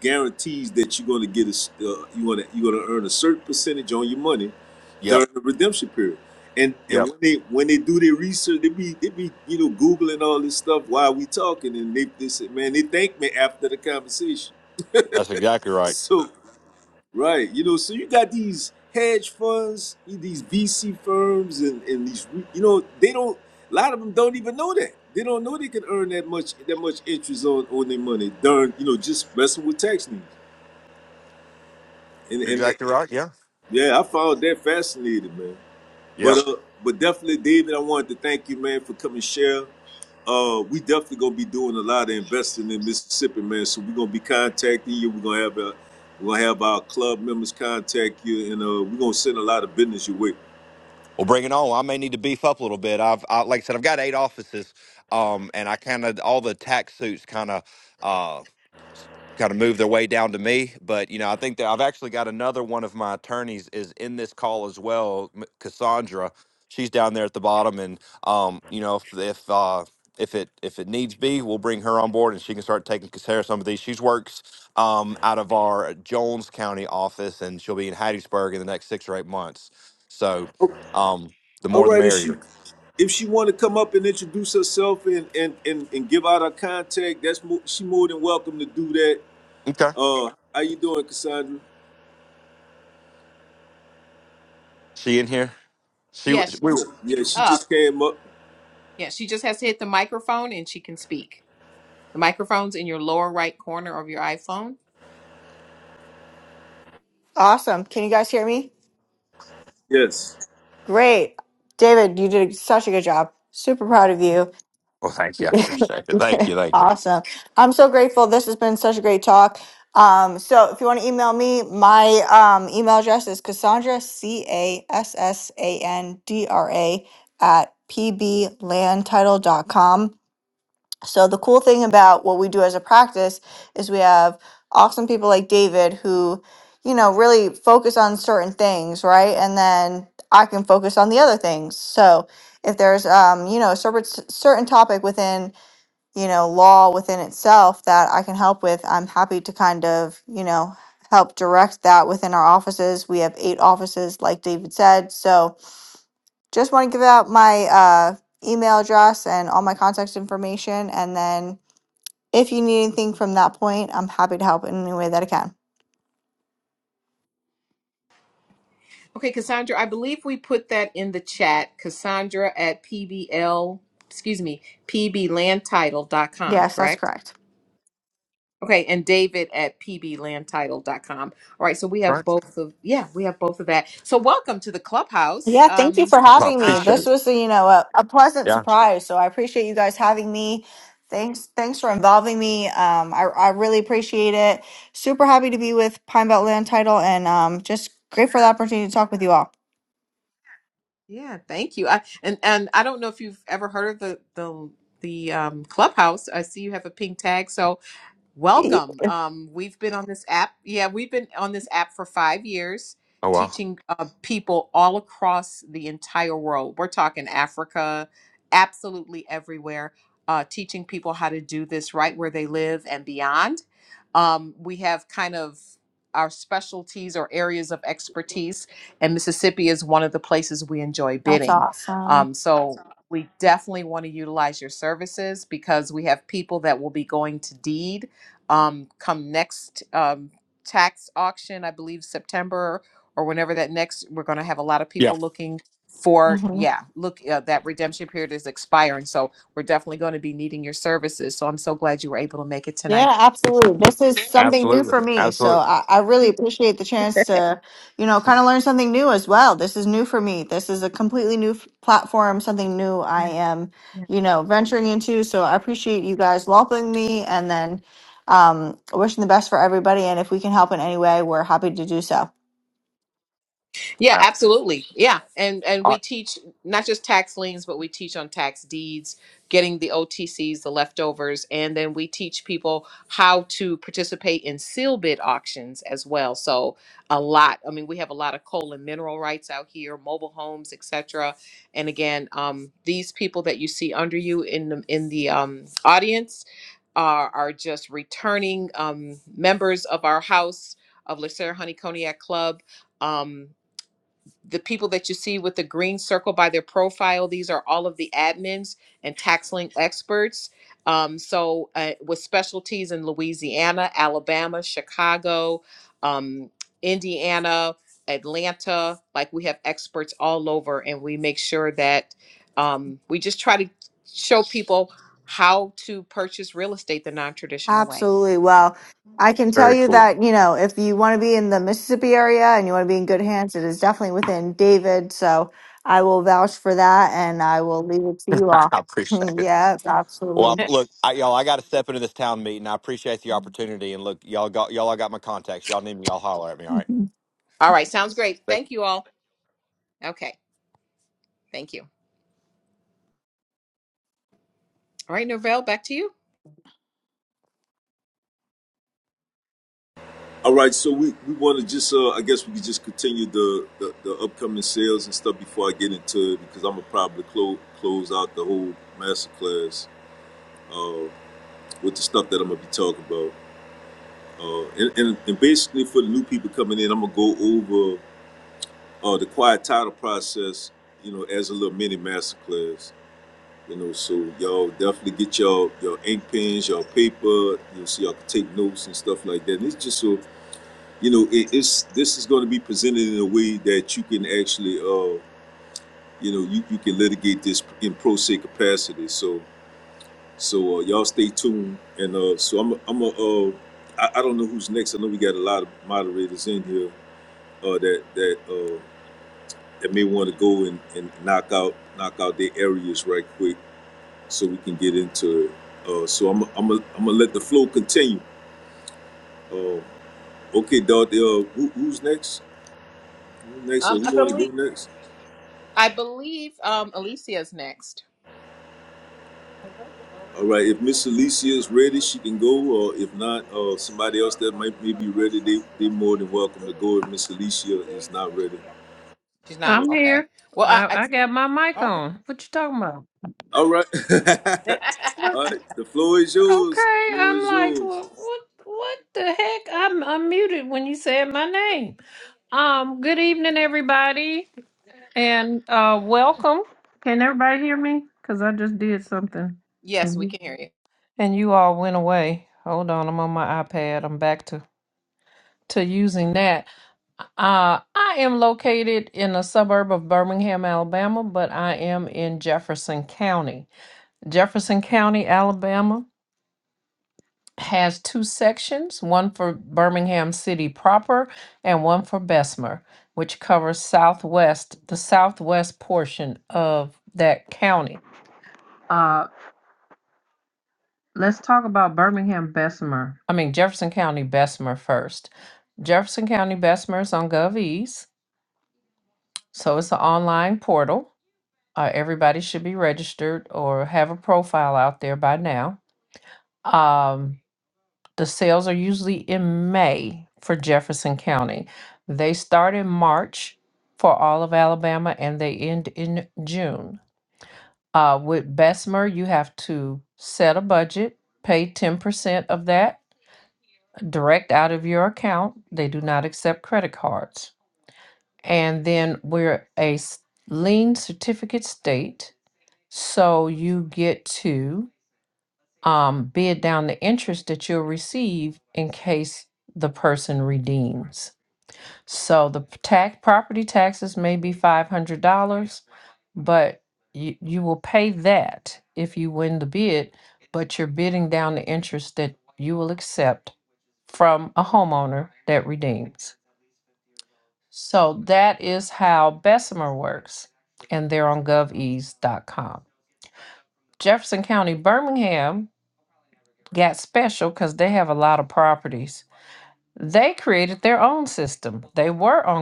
Speaker 3: guarantees that you're gonna get a, uh, you wanna you're gonna earn a certain percentage on your money
Speaker 5: Yep.
Speaker 3: during the redemption period. And and
Speaker 5: Yep.
Speaker 3: when they when they do their research, they be they be you know googling all this stuff while we talking, and they, they say, man, they thank me after the conversation.
Speaker 5: That's exactly right.
Speaker 3: So. Right. You know, so you got these hedge funds, these VC firms, and, and these, you know, they don't, a lot of them don't even know that. They don't know they can earn that much that much interest on, on their money. Darn, you know, just messing with tax needs. And,
Speaker 5: You're
Speaker 3: and that,
Speaker 5: exactly right. Yeah.
Speaker 3: yeah, I found that fascinating, man. But
Speaker 5: Yeah.
Speaker 3: uh, but definitely, David, I wanted to thank you, man, for coming share. Uh, we definitely gonna be doing a lot of investing in Mississippi, man. So we're gonna be contacting you. We're gonna have a, we're gonna have our club members contact you, and uh, we're gonna send a lot of business your way.
Speaker 5: Well, bring it on. I may need to beef up a little bit. I've I, like I said, I've got eight offices, um, and I kind of all the tax suits kind of. kind of move their way down to me. But you know, I think that I've actually got another one of my attorneys is in this call as well, M- Cassandra. She's down there at the bottom, and um, you know, if if uh, if it if it needs be, we'll bring her on board, and she can start taking care of some of these. She works um, out of our Jones County office, and she'll be in Hattiesburg in the next six or eight months. So, um, the
Speaker 3: All
Speaker 5: more the
Speaker 3: right, if she
Speaker 5: merrier.
Speaker 3: if she want to come up and introduce herself and and and, and give out her contact, that's mo- she more than welcome to do that.
Speaker 5: Okay,
Speaker 3: Uh, how you doing, Cassandra?
Speaker 5: she in here? She
Speaker 1: Yeah,
Speaker 5: w- we.
Speaker 1: she's
Speaker 3: Yeah, yeah,
Speaker 1: she's
Speaker 3: she
Speaker 1: up.
Speaker 3: just came up.
Speaker 1: Yeah, she just has to hit the microphone and she can speak. The microphone's in your lower right corner of your iPhone.
Speaker 7: Awesome. Can you guys hear me?
Speaker 3: Yes.
Speaker 7: Great. David, you did such a good job. Super proud of you.
Speaker 5: Well, thank you. I appreciate it. Thank you. Thank you.
Speaker 7: awesome. I'm so grateful. This has been such a great talk. Um, so if you want to email me, my um, email address is Cassandra, C A S S A N D R A, at p b land title dot com. So the cool thing about what we do as a practice is we have awesome people like David who, you know, really focus on certain things, right? And then I can focus on the other things. So if there's, um, you know, a certain certain topic within, you know, law within itself that I can help with, I'm happy to kind of, you know, help direct that within our offices. We have eight offices, like David said. So just want to give out my uh, email address and all my contact information, and then if you need anything from that point, I'm happy to help in any way that I can.
Speaker 1: Okay, Cassandra, I believe we put that in the chat. Cassandra at PBL, excuse me, P B land title dot com.
Speaker 7: Yes, that's
Speaker 1: correct?
Speaker 7: correct.
Speaker 1: Okay, and David at p b land title dot com. All right, so we have
Speaker 5: Right.
Speaker 1: both of yeah, we have both of that. So welcome to the clubhouse.
Speaker 7: Yeah, thank you
Speaker 1: Um
Speaker 7: for
Speaker 5: Well, I
Speaker 7: having me.
Speaker 1: uh, I
Speaker 5: appreciate
Speaker 1: don't
Speaker 7: This
Speaker 5: it.
Speaker 7: was, you know, a, a pleasant
Speaker 5: Yeah.
Speaker 7: surprise. So I appreciate you guys having me. Thanks, thanks for involving me. Um, I, I really appreciate it. Super happy to be with Pine Belt Land Title, and um, just great for the opportunity to talk with
Speaker 1: yeah.
Speaker 7: you all.
Speaker 1: Yeah, thank you. I and and I don't know if you've ever heard of the the the um clubhouse. I see you have a pink tag. so.
Speaker 7: Yeah.
Speaker 1: Welcome. Um, we've been on this app. Yeah, we've been on this app for five years,
Speaker 5: Oh wow.
Speaker 1: teaching uh, people all across the entire world. We're talking Africa, absolutely everywhere, uh, teaching people how to do this right where they live and beyond. Um, we have kind of our specialties or areas of expertise, and Mississippi is one of the places we enjoy
Speaker 7: That's
Speaker 1: bidding.
Speaker 7: awesome.
Speaker 1: Um, so we definitely want to utilize your services because we have people that will be going to deed um, come next um, tax auction, I believe September or whenever that next, we're going to have a lot of
Speaker 5: Yeah,
Speaker 1: people looking for,
Speaker 7: Mhm.
Speaker 1: yeah, look, uh, that redemption period is expiring. So we're definitely going to be needing your services. So I'm so glad you were able to make it
Speaker 7: Yeah,
Speaker 1: tonight.
Speaker 7: absolutely. This is something new for
Speaker 5: absolutely,
Speaker 7: me. So
Speaker 5: absolutely.
Speaker 7: I, I really appreciate the chance to, you know, kind of learn something new as well. This is new for me. This is a completely new f- platform, something new I am, you know, venturing into. So I appreciate you guys welcoming me and then um, wishing the best for everybody. And if we can help in any way, we're happy to do so.
Speaker 1: Yeah,
Speaker 5: Uh,
Speaker 1: absolutely. Yeah, and and
Speaker 5: all
Speaker 1: we
Speaker 5: right,
Speaker 1: teach not just tax liens, but we teach on tax deeds, getting the OTCs, the leftovers, and then we teach people how to participate in seal bid auctions as well. So a lot. I mean, we have a lot of coal and mineral rights out here, mobile homes, etc. And again, um, these people that you see under you in the in the um, audience are are just returning um, members of our house of Lacer Honey Cognac Club. Um, the people that you see with the green circle by their profile these are all of the admins and tax lien experts um, so uh, with specialties in louisiana alabama chicago um, indiana atlanta like we have experts all over and we make sure that um, we just try to show people how to purchase real estate the non-traditional way
Speaker 7: Absolutely. Well, I can tell
Speaker 5: very
Speaker 7: you
Speaker 5: cool.
Speaker 7: that, you know, if you want to be in the Mississippi area and you want to be in good hands, it is definitely within David. So I will vouch for that and I will leave it to you
Speaker 5: I
Speaker 7: all.
Speaker 5: appreciate it.
Speaker 7: yes,
Speaker 5: Well,
Speaker 7: absolutely.
Speaker 5: I, look, I, y'all, I got to step into this town meeting. I appreciate the opportunity, and look, y'all got y'all, I got my contacts. Y'all need me, y'all holler at me. All right.
Speaker 1: all right sounds great thank you all okay thank you all right norvell back to you
Speaker 3: All right, so we, we want to just, uh, I guess we could just continue the, the, the upcoming sales and stuff before I get into it because I'm going to probably close, close out the whole masterclass uh, with the stuff that I'm going to be talking about. Uh, and, and, and basically, for the new people coming in, I'm going to go over uh, the quiet title process, you know, as a little mini masterclass. You know, so y'all definitely get y'all your ink pens, y'all paper. You know, so y'all can take notes and stuff like that. And it's just so you know it, it's this is going to be presented in a way that you can actually uh you know you, you can litigate this in pro se capacity so so uh, y'all stay tuned and uh so i'm i i'm a uh I, I don't know who's next i know we got a lot of moderators in here uh that that uh that may want to go and, and knock out knock out their areas right quick so we can get into it uh so i'm i'm I'm gonna let the flow continue uh okay dog uh who, who's next who's next
Speaker 1: Um,
Speaker 3: or
Speaker 1: I
Speaker 3: who want to
Speaker 1: believe.
Speaker 3: go next
Speaker 1: I believe um Alicia's next.
Speaker 3: All right, if Miss Alicia is ready, she can go, or if not, uh, somebody else that might may be ready, they they more than welcome to go if Miss Alicia is not ready.
Speaker 1: She's not.
Speaker 3: Uh,
Speaker 4: I'm
Speaker 1: Okay. Well, I, I okay.
Speaker 3: all right,
Speaker 4: like,
Speaker 3: all right, the floor is yours.
Speaker 4: okay.
Speaker 3: Floor
Speaker 4: I'm
Speaker 3: is
Speaker 4: like,
Speaker 3: yours.
Speaker 4: "Wha- what? What the heck? I'm i muted when you said my name. Um, good evening, everybody, and uh, welcome. Can everybody hear me? Cause I just did something,
Speaker 1: yes,
Speaker 4: and
Speaker 1: we
Speaker 4: you-
Speaker 1: can hear you.
Speaker 4: and you all went away. Hold on, I'm on my iPad. I'm back to to using that. Uh, I am located in a suburb of Birmingham, Alabama, but I am in Jefferson County. Jefferson County, Alabama has two sections, one for Birmingham City proper and one for Bessemer, which covers southwest, the southwest portion of that county. Uh, let's talk about Birmingham Bessemer. I mean Jefferson County Bessemer first. Jefferson County Bessemer is on GovEase, so it's an online portal. Uh, everybody should be registered or have a profile out there by now. Um, The sales are usually in May for Jefferson County. They start in March for all of Alabama and they end in June. Uh, with Bessemer, you have to set a budget, pay 10% of that direct out of your account. They do not accept credit cards. And then we're a s- lien certificate state. So you get to um, bid down the interest that you'll receive in case the person redeems. So the p- tax property taxes may be five hundred dollars, but you, you will pay that if you win the bid, but you're bidding down the interest that you will accept. So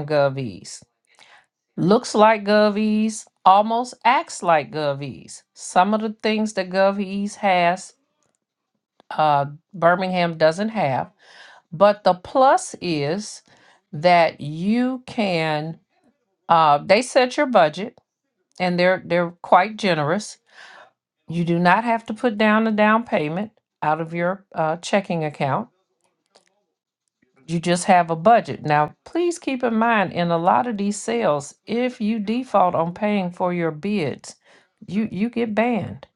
Speaker 4: GovEase looks like GovEase, almost acts like GovEase. Some of the things that GovEase has, uh, Birmingham doesn't have. But the plus is that you can uh, they set your budget and they're they're quite generous. You do not have to put down a down payment out of your uh, checking account. You just have a budget. Now, please keep in mind in a lot of these sales, if you default on paying for your bids, you you get banned.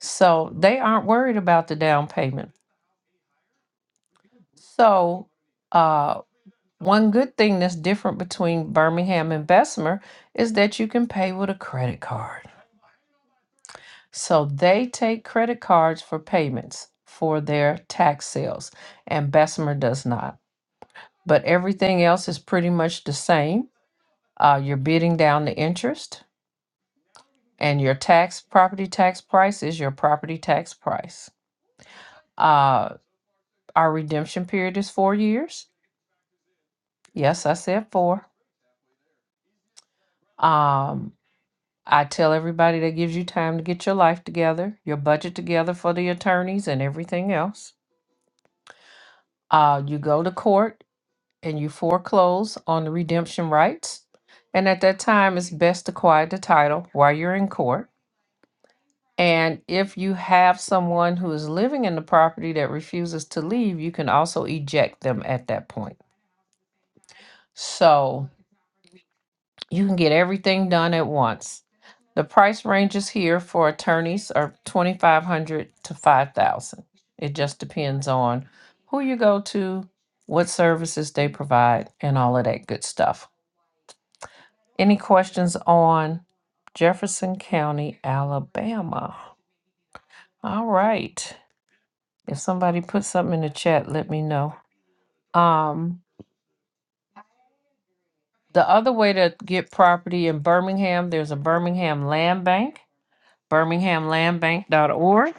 Speaker 4: So they aren't worried about the down payment. So uh. One good thing that's different between Birmingham and Bessemer is that you can pay with a credit card. So they take credit cards for payments for their tax sales, and Bessemer does not. But everything else is pretty much the same. Uh, you're bidding down the interest, and your tax property tax price is your property tax price. Uh, our redemption period is four years. Yes, I said four. Um. I tell everybody that gives you time to get your life together, your budget together for the attorneys and everything else. Uh, you go to court and you foreclose on the redemption rights. And at that time, it's best to quiet the title while you're in court. And if you have someone who is living in the property that refuses to leave, you can also eject them at that point. So You can get everything done at once. The price ranges here for attorneys are 2500 to 5000. It just depends on who you go to, what services they provide and all of that good stuff. Any questions on Jefferson County, Alabama? All right. If somebody puts something in the chat, let me know. Um the other way to get property in Birmingham, there's a Birmingham Land Bank. birminghamlandbank.org.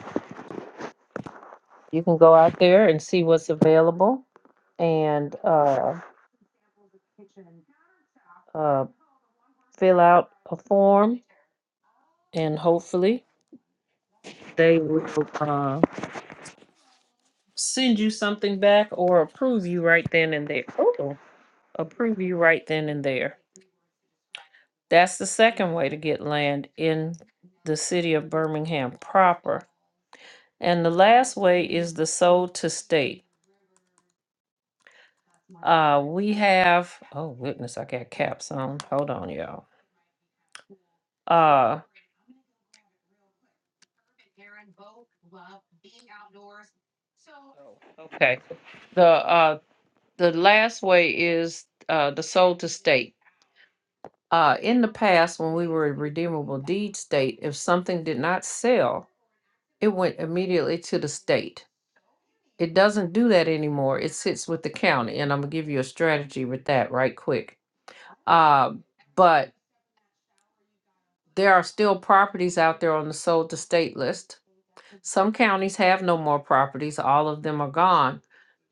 Speaker 4: You can go out there and see what's available and uh, uh, fill out a form, and hopefully they will uh, send you something back or approve you right then and there. Oh, approve you right then and there. That's the second way to get land in the city of Birmingham proper. And the last way is the sold to state. Uh, we have, oh goodness, I got caps on. Hold on, y'all. Uh, okay. The uh the last way is uh the sold to state. Uh in the past when we were a redeemable deed state, if something did not sell, it went immediately to the state. It doesn't do that anymore. It sits with the county and I'm going to give you a strategy with that right quick. Uh but there are still properties out there on the sold to state list Some counties have no more properties, all of them are gone.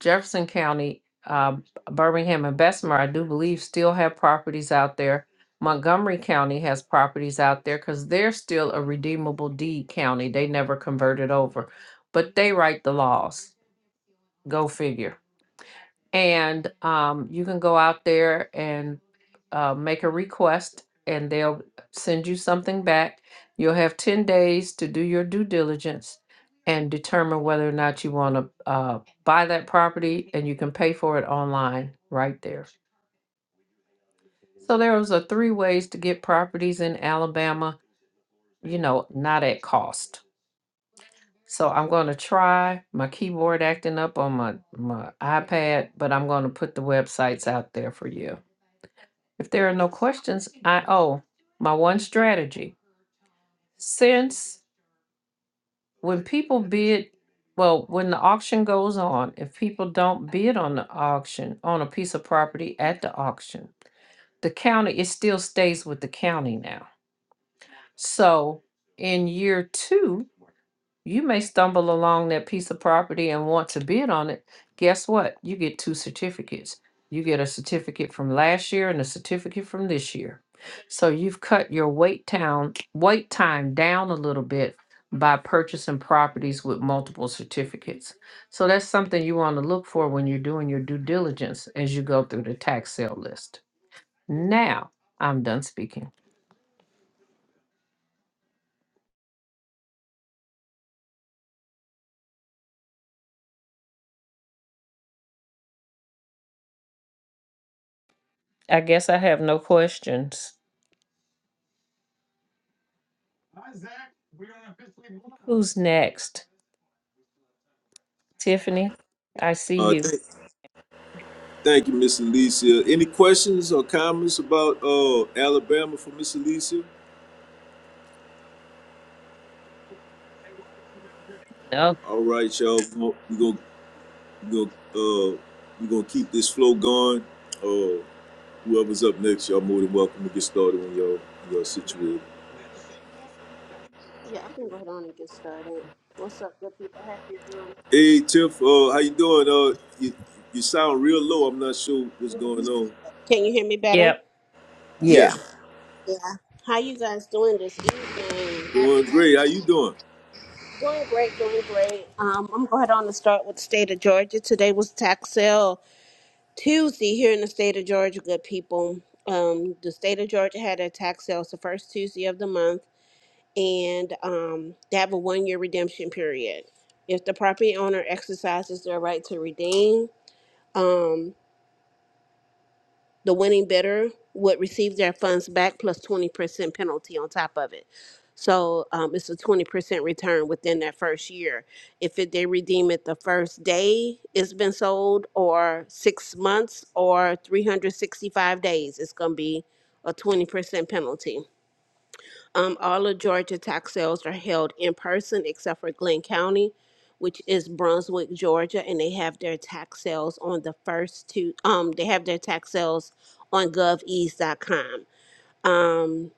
Speaker 4: Jefferson County, uh, Birmingham and Bessemer, I do believe, still have properties out there. Montgomery County has properties out there because they're still a redeemable deed county. They never converted over, but they write the laws. Go figure and um, you can go out there and uh, make a request and they'll send you something back you'll have 10 days to do your due diligence and determine whether or not you want to uh, buy that property and you can pay for it online right there so there was a three ways to get properties in alabama you know not at cost so i'm going to try my keyboard acting up on my, my ipad but i'm going to put the websites out there for you If there are no questions, I, oh, my one strategy. Since when people bid, well, when the auction goes on, if people don't bid on the auction, on a piece of property at the auction, the county, it still stays with the county now. So in year two, You may stumble along that piece of property and want to bid on it. Guess what? You get two certificates. You get a certificate from last year and a certificate from this year. So you've cut your wait town wait time down a little bit by purchasing properties with multiple certificates. So that's something you want to look for when you're doing your due diligence as you go through the tax sale list. Now, I'm done speaking. I guess I have no questions. Who's next? Tiffany, I see
Speaker 3: Uh,
Speaker 4: you.
Speaker 3: thank, thank you, Miss Alicia. Any questions or comments about uh Alabama for Miss Alicia?
Speaker 4: No.
Speaker 3: All right, y'all, we are gonna we gonna gonna uh we gonna keep this flow going. Uh, whoever's up next, y'all more than welcome to get started when y'all y'all situated.
Speaker 8: Yeah, I can go ahead on and get started. What's up, good people? Happy um,
Speaker 3: Hey Tiff, uh, how you doing? Uh, you you sound real low. I'm not sure what's going on.
Speaker 8: Can you hear me
Speaker 4: Yeah.
Speaker 8: better?
Speaker 3: Yeah,
Speaker 1: Yeah.
Speaker 8: Yeah. How you guys doing this evening?
Speaker 3: doing
Speaker 8: Happy
Speaker 3: great. How you doing?
Speaker 8: doing great, doing great. Um, I'm going ahead on to start with the state of Georgia. Today was tax sale Tuesday here in the state of Georgia, good people. Um, the state of Georgia had a tax sale. It's the first Tuesday of the month, and um, they have a one year redemption period. If the property owner exercises their right to redeem, um. The winning bidder would receive their funds back plus 20% penalty on top of it. So um, it's a 20% return within that first year. If it, they redeem it the first day it's been sold, or six months, or 365 days, it's going to be a 20% penalty. Um, all of Georgia tax sales are held in person except for Glenn County, which is Brunswick, Georgia, and they have their tax sales on the first two, um, they have their tax sales on govease.com. Um,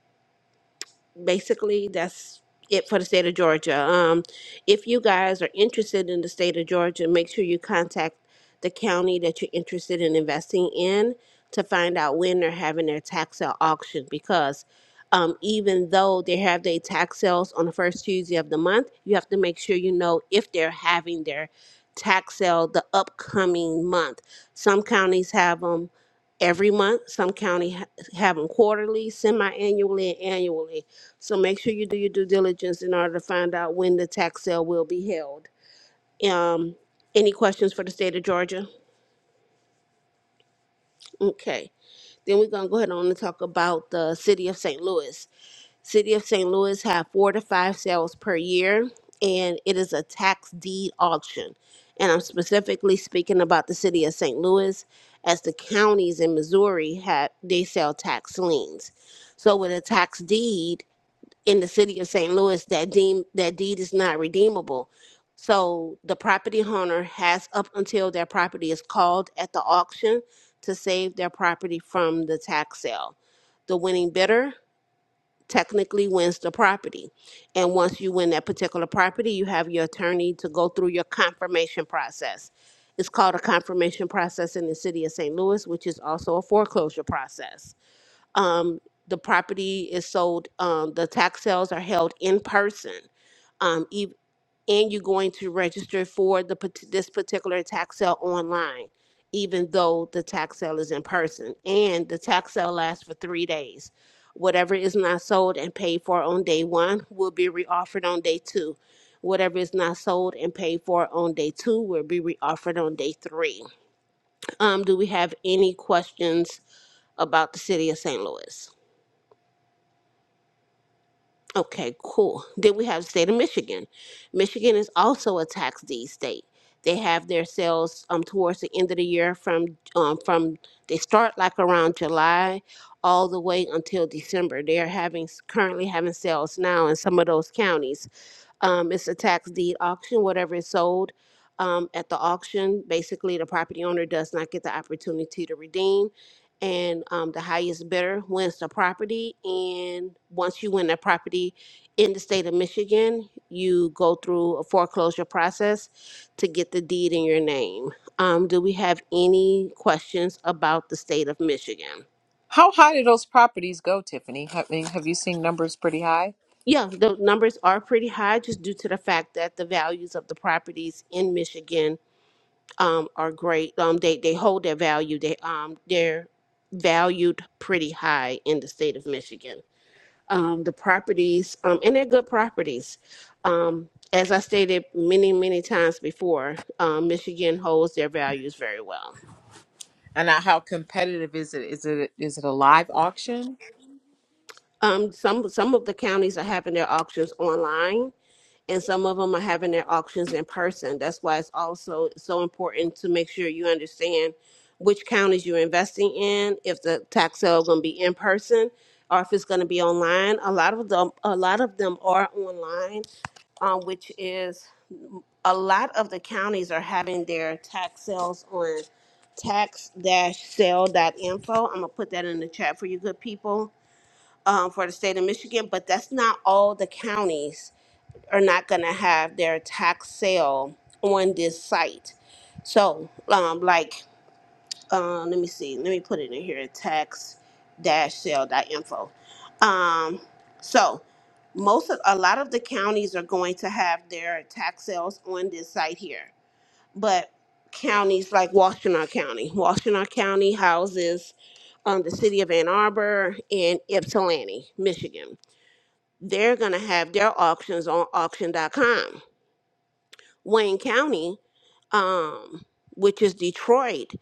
Speaker 8: basically that's it for the state of Georgia. Um, if you guys are interested in the state of Georgia, make sure you contact the county that you're interested in investing in to find out when they're having their tax sale auction because um, even though they have their tax sales on the first Tuesday of the month, you have to make sure you know if they're having their tax sale the upcoming month. Some counties have them every month. Some county ha- have them quarterly, semi-annually, and annually. So make sure you do your due diligence in order to find out when the tax sale will be held. Um, any questions for the state of Georgia? Okay. Then we're gonna go ahead on and talk about the city of St. Louis. City of St. Louis have four to five sales per year, and it is a tax deed auction. And I'm specifically speaking about the city of St. Louis, as the counties in Missouri have they sell tax liens. So with a tax deed, in the city of St. Louis that deem that deed is not redeemable. So the property owner has up until their property is called at the auction to save their property from the tax sale. The winning bidder technically wins the property. And once you win that particular property, you have your attorney to go through your confirmation process. It's called a confirmation process in the city of St. Louis, which is also a foreclosure process um, the property is sold, um, the tax sales are held in person. Um, ev- and you're going to register for the pat- this particular tax sale online, even though the tax sale is in person. And the tax sale lasts for three days. Whatever is not sold and paid for on day one will be reoffered on day two. Whatever is not sold and paid for on day two will be reoffered on day three. Um, do we have any questions about the city of St. Louis? Okay, cool. Then we have the state of Michigan. Michigan is also a tax deed state. They have their sales um towards the end of the year from um from they start like around July all the way until December. They are having currently having sales now in some of those counties. Um, it's a tax deed auction. Whatever is sold um, at the auction, basically the property owner does not get the opportunity to redeem and um, the highest bidder wins the property. And once you win the property in the state of Michigan, you go through a foreclosure process to get the deed in your name. Um, do we have any questions about the state of Michigan?
Speaker 1: How high do those properties go, Tiffany? I mean, have you seen numbers pretty high?
Speaker 8: Yeah, the numbers are pretty high just due to the fact that the values of the properties in Michigan um, are great. Um, they, they hold their value. They um, they're valued pretty high in the state of Michigan. um, the properties, um, and they're good properties. Um, as I stated many, many times before, um, Michigan holds their values very well.
Speaker 1: And now how competitive is it? Is it is it a live auction?
Speaker 8: Um, some some of the counties are having their auctions online, and some of them are having their auctions in person. That's why it's also so important to make sure you understand which counties you're investing in, if the tax sale is going to be in person or if it's going to be online. A lot of them, a lot of them are online, um, which is a lot of the counties are having their tax sales on tax-sale.info. I'm gonna put that in the chat for you good people um, for the state of Michigan, but that's not all the counties are not going to have their tax sale on this site. So, um, like, uh, let me see, let me put it in here tax dash sale sale.info. Um, so, most of a lot of the counties are going to have their tax sales on this site here, but counties like Washtenaw County, Washtenaw County houses um, the city of Ann Arbor and Ypsilanti, Michigan. They're going to have their auctions on auction dot com. Wayne County, um, which is Detroit,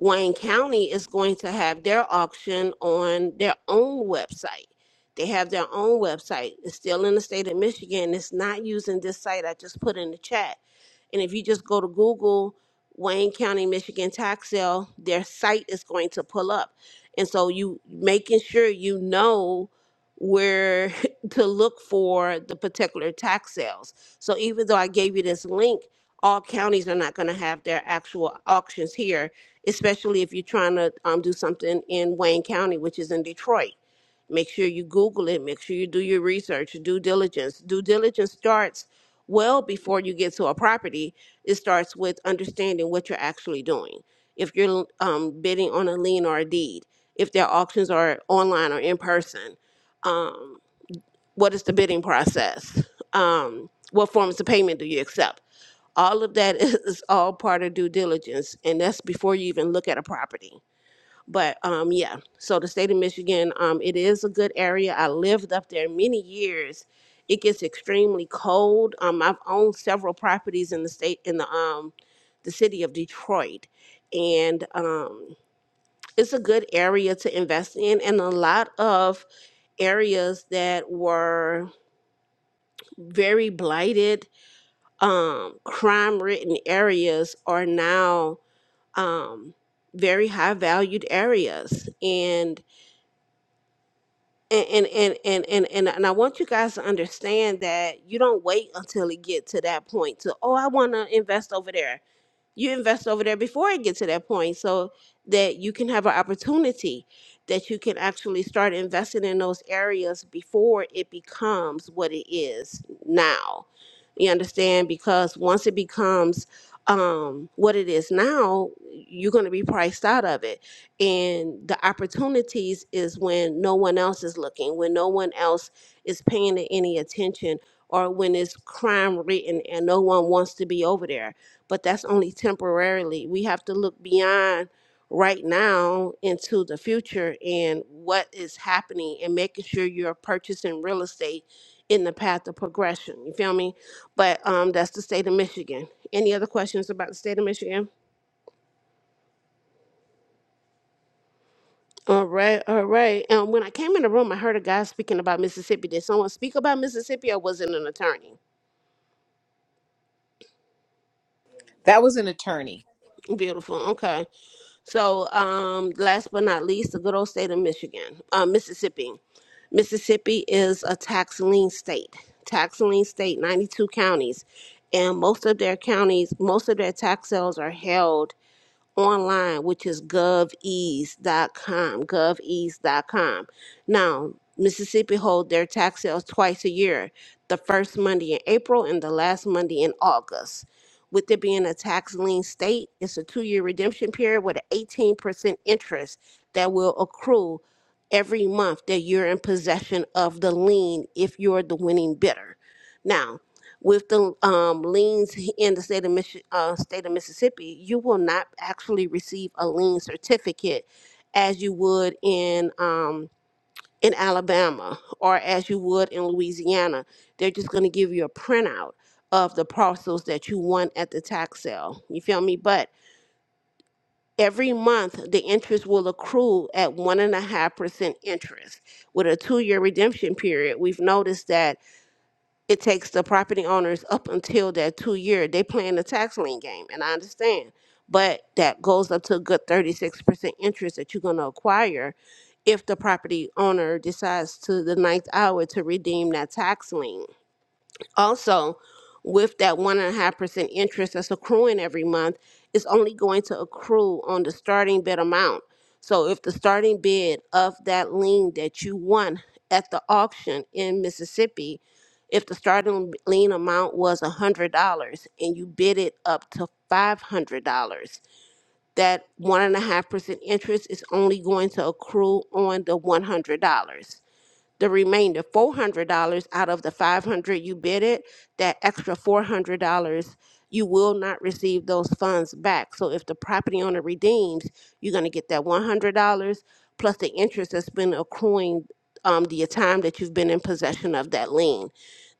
Speaker 8: Wayne County is going to have their auction on their own website. They have their own website. It's still in the state of Michigan. It's not using this site I just put in the chat. And if you just go to Google Wayne County, Michigan tax sale, their site is going to pull up. And so you making sure you know where to look for the particular tax sales so even though I gave you this link, all counties are not going to have their actual auctions here, especially if you're trying to um, do something in Wayne County, which is in Detroit. Make sure you Google it. Make sure you do your research, due diligence. Due diligence starts well before you get to a property. It starts with understanding what you're actually doing. If you're um, bidding on a lien or a deed, if their auctions are online or in person. Um, what is the bidding process? Um, what forms of payment do you accept? All of that is is all part of due diligence, and that's before you even look at a property. But um, yeah, so the state of Michigan, um, it is a good area. I lived up there many years. It gets extremely cold. Um, I've owned several properties in the state in the um, the city of Detroit, and um, it's a good area to invest in, and a lot of areas that were very blighted, um, crime ridden areas are now um, very high valued areas. And and and, and and and and I want you guys to understand that you don't wait until it get to that point to oh I want to invest over there you invest over there before it gets to that point so that you can have an opportunity that you can actually start investing in those areas before it becomes what it is now you understand because once it becomes um, what it is now you're going to be priced out of it and the opportunities is when no one else is looking when no one else is paying it any attention or when it's crime written and no one wants to be over there but that's only temporarily. We have to look beyond right now into the future and what is happening and making sure you're purchasing real estate in the path of progression. You feel me? But um, that's the state of Michigan. Any other questions about the state of Michigan? All right, all right. And when I came in the room, I heard a guy speaking about Mississippi. Did someone speak about Mississippi or was it an attorney?
Speaker 1: That was an attorney.
Speaker 8: Beautiful. Okay. So, um, last but not least, the good old state of Michigan, uh, Mississippi. Mississippi is a tax lien state. Tax lien state, 92 counties. And most of their counties, most of their tax sales are held online, which is govease.com, govease.com. Now, Mississippi hold their tax sales twice a year, the first Monday in April and the last Monday in August. With it being a tax lien state, it's a two-year redemption period with an 18% interest that will accrue every month that you're in possession of the lien if you're the winning bidder. Now, with the um, liens in the state of Mich- uh, state of Mississippi, you will not actually receive a lien certificate as you would in um, in Alabama or as you would in Louisiana. They're just going to give you a printout of the parcels that you won at the tax sale. You feel me? But every month the interest will accrue at one and a half percent interest with a two-year redemption period. We've noticed that it takes the property owners up until that two year. They playing the tax lien game, and I understand, but that goes up to a good thirty six percent interest that you're gonna acquire if the property owner decides to the ninth hour to redeem that tax lien. Also, with that one and a half percent interest that's accruing every month, it's only going to accrue on the starting bid amount. So, if the starting bid of that lien that you won at the auction in Mississippi, if the starting lien amount was $100 and you bid it up to $500, that one and a half percent interest is only going to accrue on the $100 the remainder $400 out of the 500 you bidded that extra $400 you will not receive those funds back so if the property owner redeems you're going to get that $100 plus the interest that's been accruing um, the time that you've been in possession of that lien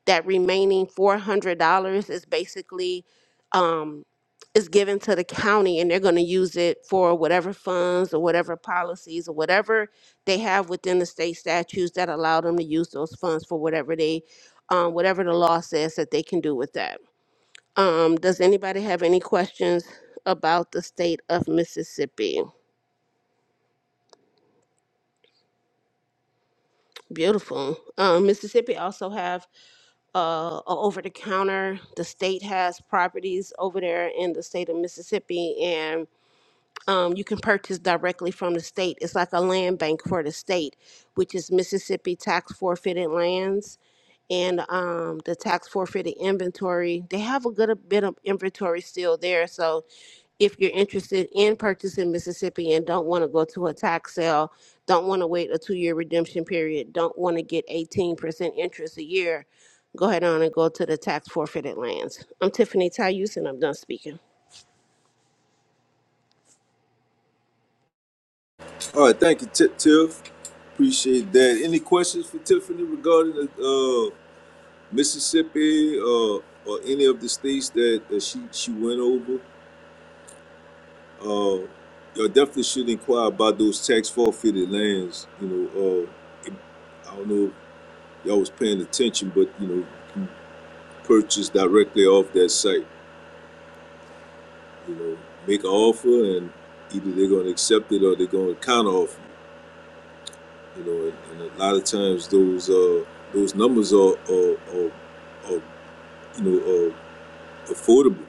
Speaker 8: that remaining four hundred dollars is basically um is given to the county and they're gonna use it for whatever funds or whatever policies or whatever they have within the state statutes that allow them to use those funds for whatever they um whatever the law says that they can do with that. Um does anybody have any questions about the state of Mississippi? Beautiful. Um Mississippi also have uh, over the counter. The state has properties over there in the state of Mississippi, and um, you can purchase directly from the state. It's like a land bank for the state, which is Mississippi Tax Forfeited Lands and um, the tax forfeited inventory. They have a good bit of inventory still there. So if you're interested in purchasing Mississippi and don't want to go to a tax sale, don't want to wait a two year redemption period, don't want to get 18% interest a year, go ahead on and go to the tax forfeited lands. I'm Tiffany Tayus and I'm done speaking.
Speaker 3: All right, thank you, Ti- Tiff. Appreciate that. Any questions for Tiffany regarding uh, Mississippi uh, or any of the states that, that she she went over? Uh, you definitely should inquire about those tax forfeited lands. You know, uh, it- I don't know if y'all was paying attention, but you know, you purchased directly off that site. you know, make an offer and either they're going to accept it or they're going to counter offer. You know, and, and a lot of times those uh, those numbers are, are, are, are you know are affordable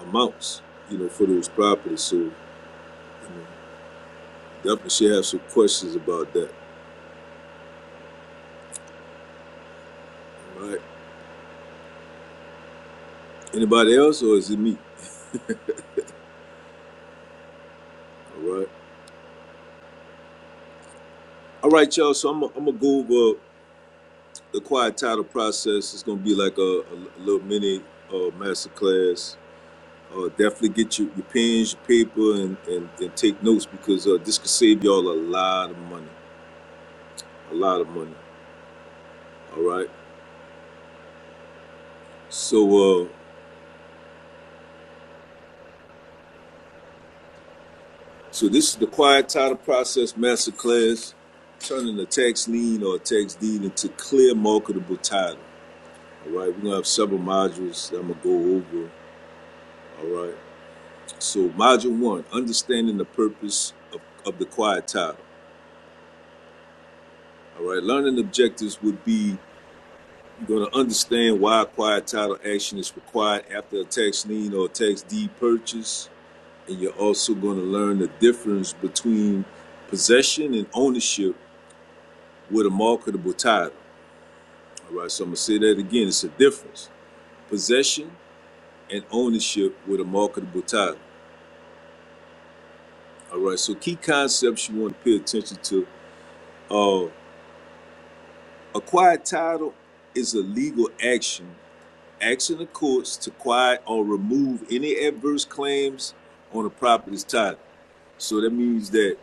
Speaker 3: amounts. You know, for those properties. So you know, definitely should have some questions about that. All right. Anybody else, or is it me? All right. All right, y'all. So I'm I'm gonna go over the quiet title process. It's gonna be like a, a a little mini uh, master class Uh, definitely get your, your pens, your paper, and, and, and take notes because uh, this could save y'all a lot of money. A lot of money. All right. So, uh, so this is the quiet title process masterclass, turning a tax lien or a tax deed into clear marketable title. All right. We're gonna have several modules that I'm gonna go over. All right. So, module one: understanding the purpose of, of the quiet title. All right. Learning objectives would be You're going to understand why quiet title action is required after a tax lien or a tax deed purchase. And you're also going to learn the difference between possession and ownership with a marketable title. All right, so I'm going to say that again. It's a difference possession and ownership with a marketable title. All right, so key concepts you want to pay attention to. Uh, a quiet title is a legal action Action the courts to quiet or remove any adverse claims on a property's title. So that means that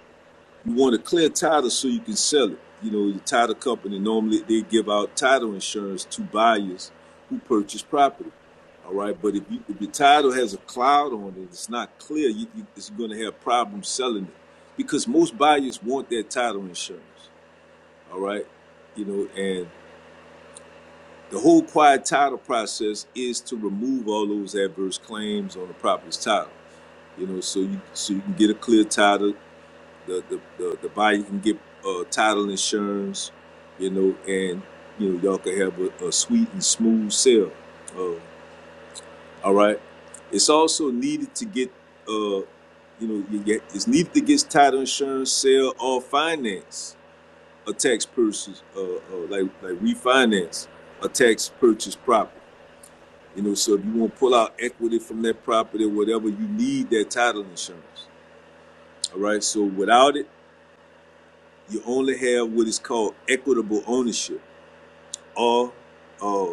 Speaker 3: you want a clear title so you can sell it. You know, your title company normally they give out title insurance to buyers who purchase property. All right, but if, you, if your title has a cloud on it, it's not clear. You, you, it's going to have problems selling it because most buyers want that title insurance. All right, you know, and the whole quiet title process is to remove all those adverse claims on the property's title. You know, so you so you can get a clear title. The the the, the buyer can get uh, title insurance. You know, and you know y'all can have a, a sweet and smooth sale. Uh, all right. It's also needed to get uh, you know you get it's needed to get title insurance, sale, or finance a tax purchase uh, uh like like refinance a tax purchase property. You know, so if you want to pull out equity from that property or whatever, you need that title insurance. All right. So without it, you only have what is called equitable ownership, or uh,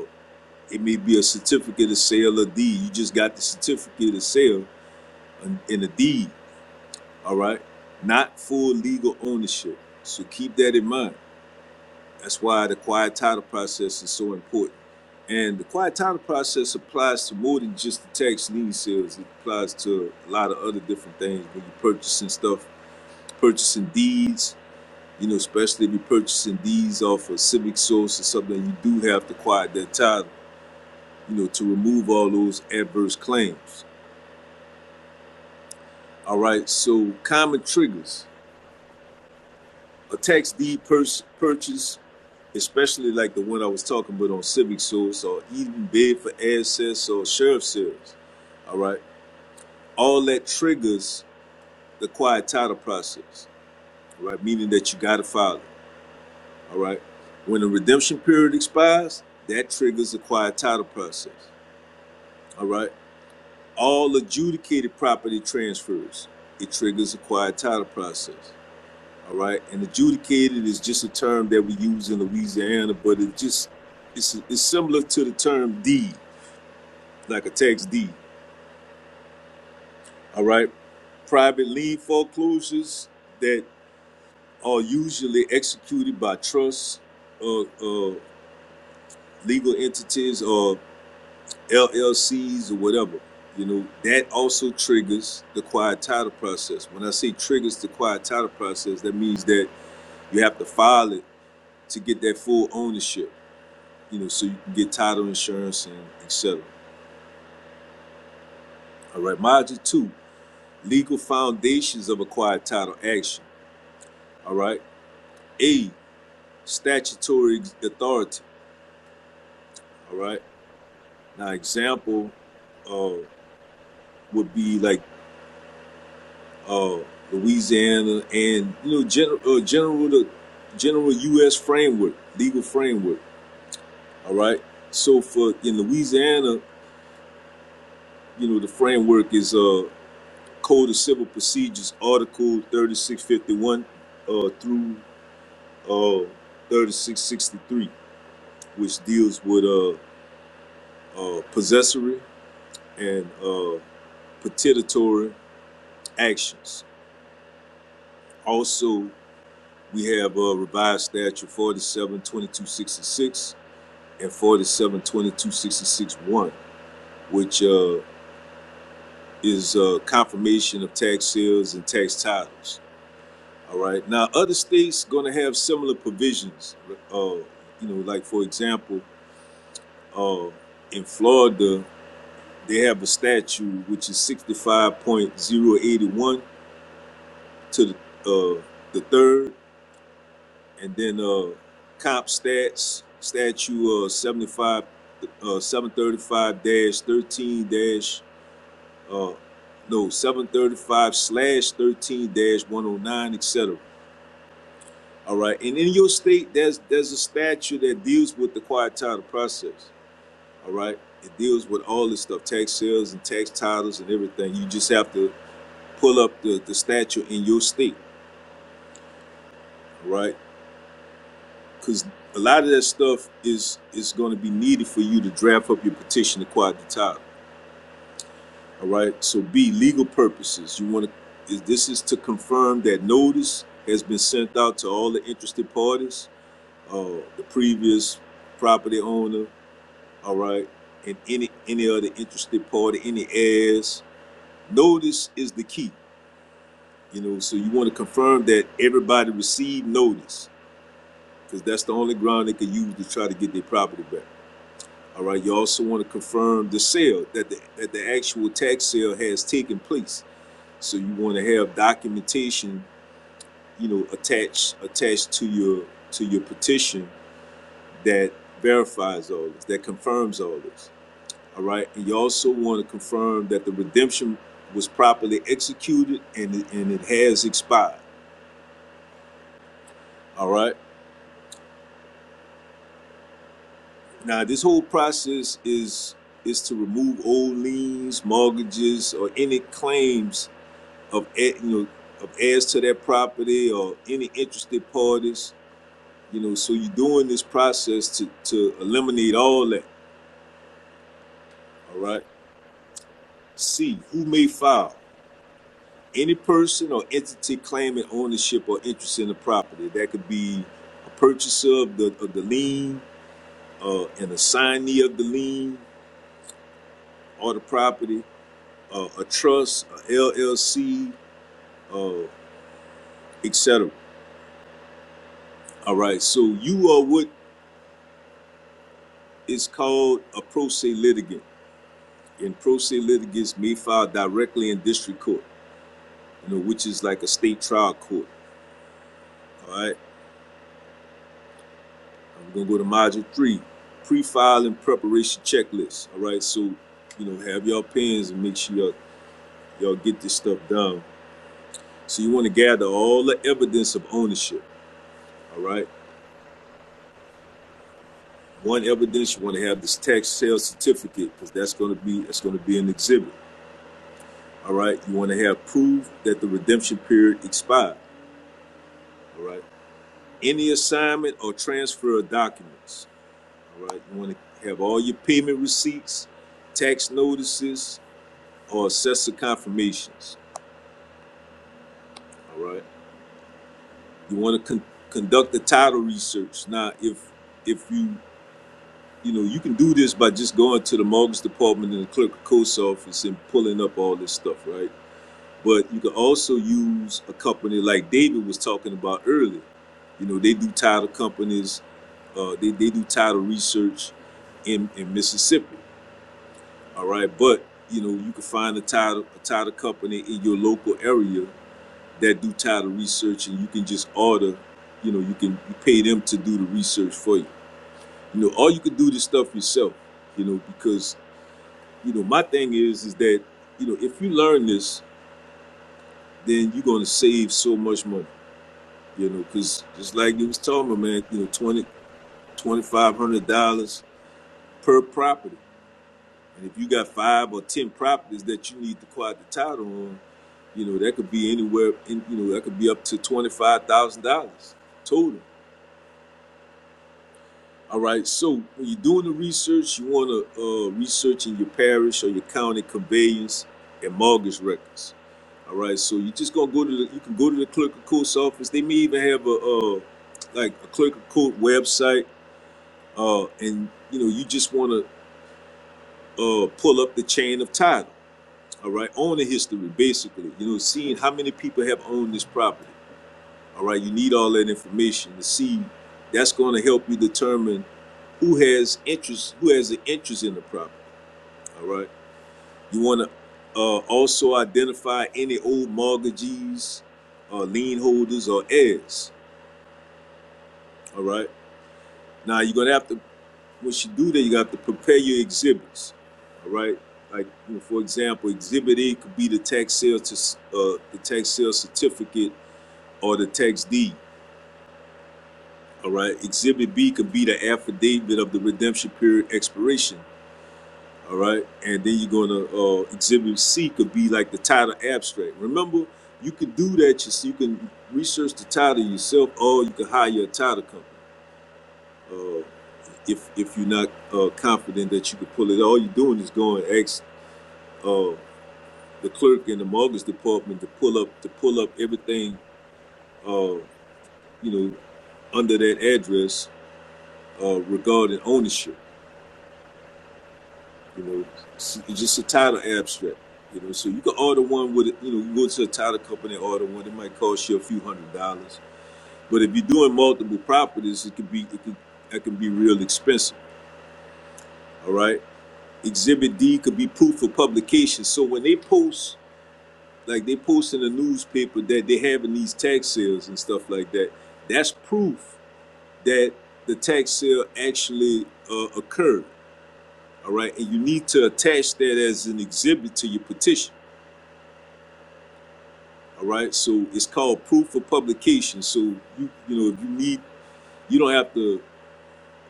Speaker 3: it may be a certificate of sale or deed. You just got the certificate of sale and, and a deed. All right. Not full legal ownership. So keep that in mind. That's why the quiet title process is so important. And the quiet title process applies to more than just the tax lien sales. It applies to a lot of other different things when you're purchasing stuff, purchasing deeds, you know, especially if you're purchasing deeds off a civic source or something, you do have to quiet that title, you know, to remove all those adverse claims. All right, so common triggers. A tax deed purchase especially like the one I was talking about on Civic Source or even bid for access or sheriff series. All right. All that triggers the quiet title process. All right. Meaning that you got to file it. All right. When the redemption period expires, that triggers the quiet title process. All right. All adjudicated property transfers, it triggers the quiet title process. All right. And adjudicated is just a term that we use in Louisiana, but it just, it's, it's similar to the term deed like a tax deed. All right. Private lien foreclosures that are usually executed by trusts or uh, uh, legal entities or LLCs or whatever. You know, that also triggers the quiet title process. When I say triggers the quiet title process, that means that you have to file it to get that full ownership, you know, so you can get title insurance and et cetera. All right. Module two, legal foundations of a quiet title action. All right. A, statutory authority. All right. Now, example uh, would be like uh, Louisiana and you know general uh, general the general U.S. framework, legal framework. All right. So for in Louisiana, you know the framework is uh, Code of Civil Procedures, Article 3651 uh, through uh, 3663, which deals with uh, uh, possessory and uh, petitory actions. Also, we have uh, revised statute forty-seven twenty-two sixty-six and forty-seven twenty-two sixty-six one, which uh, is uh, confirmation of tax sales and tax titles. All right. Now, other states going to have similar provisions. Uh, you know, like for example, uh, in Florida, they have a statute which is sixty-five point zero eighty-one to the uh, the third and then uh comp stats statute uh 75 uh 735 13 uh no 735 slash 13 dash 109 etc all right and in your state there's there's a statute that deals with the quiet title process all right it deals with all this stuff tax sales and tax titles and everything you just have to pull up the, the statute in your state all right because a lot of that stuff is is going to be needed for you to draft up your petition to quiet the title. All right. So B legal purposes. You want to is this is to confirm that notice has been sent out to all the interested parties, uh, the previous property owner. All right, and any any other interested party, any heirs. Notice is the key. You know, so you want to confirm that everybody received notice because that's the only ground they could use to try to get their property back. All right, you also want to confirm the sale, that the, that the actual tax sale has taken place. So you want to have documentation, you know, attached, attached to your, to your petition that verifies all this, that confirms all this. All right, and you also want to confirm that the redemption was properly executed and it, and it has expired. All right. Now, this whole process is, is to remove old liens, mortgages, or any claims of you know of heirs to that property or any interested parties. You know, so you're doing this process to to eliminate all that. All right. C. Who may file? Any person or entity claiming ownership or interest in the property. That could be a purchaser of the of the lien, uh, an assignee of the lien or the property, uh, a trust, a LLC, uh, etc. All right. So you are what is called a pro se litigant. in pro se litigants may file directly in district court, you know, which is like a state trial court. All right. I'm gonna go to module three, pre-filing preparation checklist. All right. So, you know, have y'all pens and make sure y'all, y'all get this stuff done. So you want to gather all the evidence of ownership. All right. One evidence you want to have this tax sale certificate because that's going to be that's going to be an exhibit. All right. You want to have proof that the redemption period expired. All right. any assignment or transfer of documents. All right, you want to have all your payment receipts, tax notices, or assessor confirmations. All right, you want to con- conduct the title research. Now, if if you you know you can do this by just going to the mortgage department and the clerk of court's office and pulling up all this stuff, right? But you can also use a company like David was talking about earlier. You know, they do title companies Uh, they, they do title research in, in Mississippi. All right. But, you know, you can find a title, a title company in your local area that do title research and you can just order, you know, you can you pay them to do the research for you. You know, or you can do this stuff yourself, you know, because, you know, my thing is, is that, you know, if you learn this, then you're going to save so much money, you know, because just like you was talking about, man, you know, twenty twenty five hundred dollars per property And if you got five or ten properties that you need to quad the title on, you know that could be anywhere. In, you know that could be up to twenty five thousand dollars total. All right. So when you're doing the research, you want to uh, research in your parish or your county conveyance and mortgage records. All right. So you just gonna go to the, you can go to the clerk of court's office. They may even have a uh, like a clerk of court website, uh, and you know you just want to uh, pull up the chain of title. all right, on the history, basically, you know, seeing how many people have owned this property, all right, you need all that information to see. That's going to help you determine who has interest, who has an interest in the property, all right. You want to uh, also identify any old mortgagees, uh, lien holders, or heirs, all right. Now you're going to have to, once you do that, you have to prepare your exhibits, all right. Like, you know, for example, Exhibit A could be the tax sale to uh, the tax sale certificate or the tax deed. All right. Exhibit B could be the affidavit of the redemption period expiration. All right. And then you're gonna uh, exhibit C could be like the title abstract. Remember, you can do that. You see, you can research the title yourself, or you can hire a title company. Uh, if if you're not uh, confident that you can pull it, all you're doing is going to ask uh, the clerk in the mortgage department to pull up to pull up everything, uh, you know, under that address uh, regarding ownership. You know, it's just a title abstract. You know, so you can order one with it. You know, you go to a title company and order one. It might cost you a few hundred dollars. But if you're doing multiple properties, it could be it could that can be real expensive. All right. Exhibit D could be proof for publication. So when they post, like they post in the newspaper that they are having these tax sales and stuff like that, that's proof that the tax sale actually uh, occurred. All right, and you need to attach that as an exhibit to your petition. All right. So it's called proof of publication. So you you know if you need you don't have to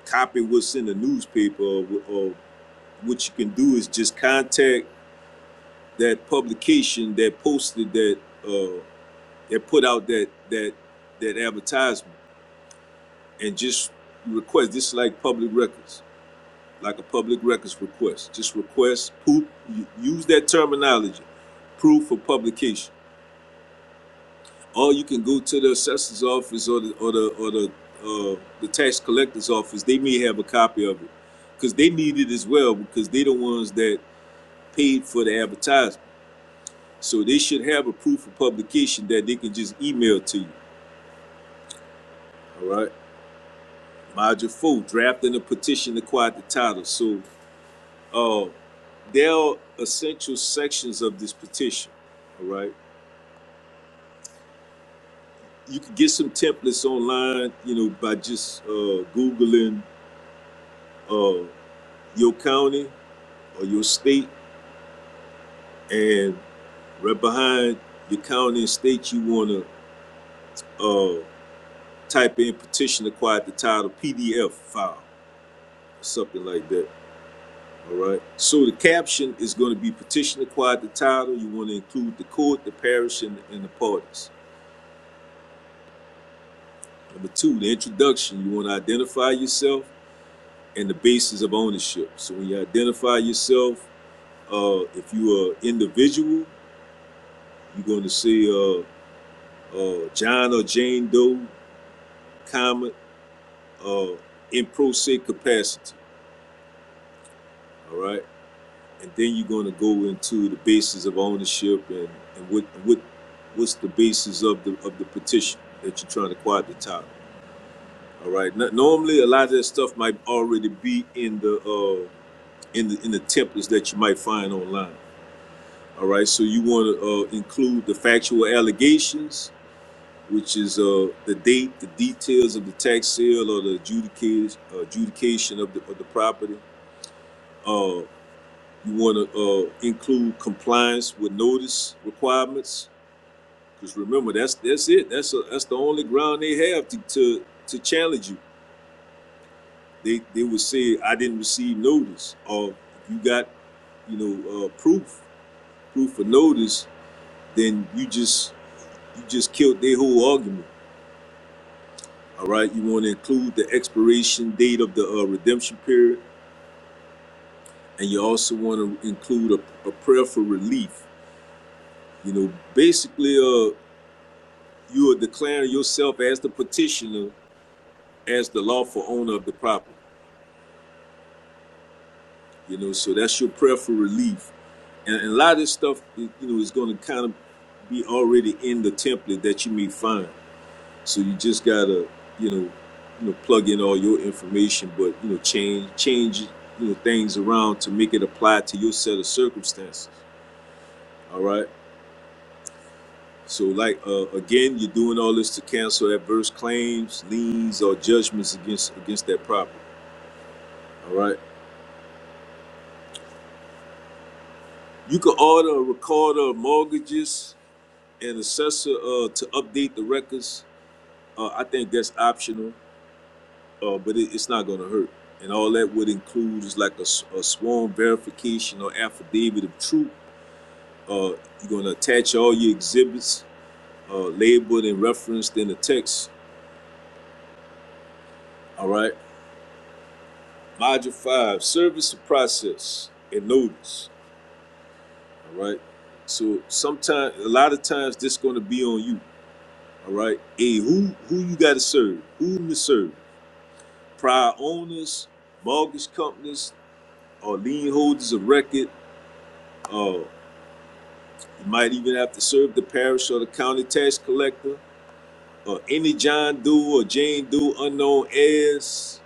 Speaker 3: copy what's in the newspaper or, or what you can do is just contact that publication that posted that uh that put out that that that advertisement and just request this is like public records like a public records request just request proof use that terminology proof of publication or you can go to the assessor's office or the or the or the uh, the tax collector's office. They may have a copy of it because they need it as well because they're the ones that paid for the advertisement. So they should have a proof of publication that they can just email to you. All right. Module four: drafting a petition to quiet the title. So uh, there are essential sections of this petition. All right. You can get some templates online, you know, by just uh, googling uh, your county or your state, and right behind your county and state, you want to uh, type in petition acquired the title PDF file or something like that. All right. So the caption is going to be petition acquired the title. You want to include the court, the parish, and, and the parties. Number two, the introduction. You want to identify yourself and the basis of ownership. So when you identify yourself, uh, if you are an individual, you're going to say uh, uh, John or Jane Doe, comma, uh, in pro se capacity. All right, and then you're going to go into the basis of ownership and, and what what what's the basis of the of the petition that you're trying to acquire the title. All right. No- normally, a lot of that stuff might already be in the uh, in the in the templates that you might find online. All right. So you want to uh, include the factual allegations, which is uh, the date, the details of the tax sale or the adjudication uh, adjudication of the of the property. uh, You want to uh, include compliance with notice requirements, because remember that's that's it. That's a, that's the only ground they have to to, to challenge you. They they would say I didn't receive notice, or you got you know uh, proof proof of notice, then you just you just killed their whole argument. All right, you want to include the expiration date of the uh, redemption period, and you also want to include a, a prayer for relief. You know, basically, uh, You are declaring yourself as the petitioner, as the lawful owner of the property. You know, so that's your prayer for relief. And, and a lot of this stuff, you know, is going to kind of be already in the template that you may find. So you just gotta, you know, you know, plug in all your information, but you know, change change you know things around to make it apply to your set of circumstances. All right. So like uh, again, you're doing all this to cancel adverse claims, liens, or judgments against against that property. All right You can order a recorder of mortgages and assessor uh, to update the records. Uh, I think that's optional, uh, but it, it's not going to hurt. And all that would include is like a a sworn verification or affidavit of truth. Uh, you're going to attach all your exhibits uh, labeled and referenced in the text. All right. Module five service of process and notice. All right. So sometimes, a lot of times, this is going to be on you. All right. Hey, who who you got to serve? Who to serve? Prior owners, mortgage companies, or lien holders of record. Uh, you might even have to serve the parish or the county tax collector, or any John Doe or Jane Doe unknown heirs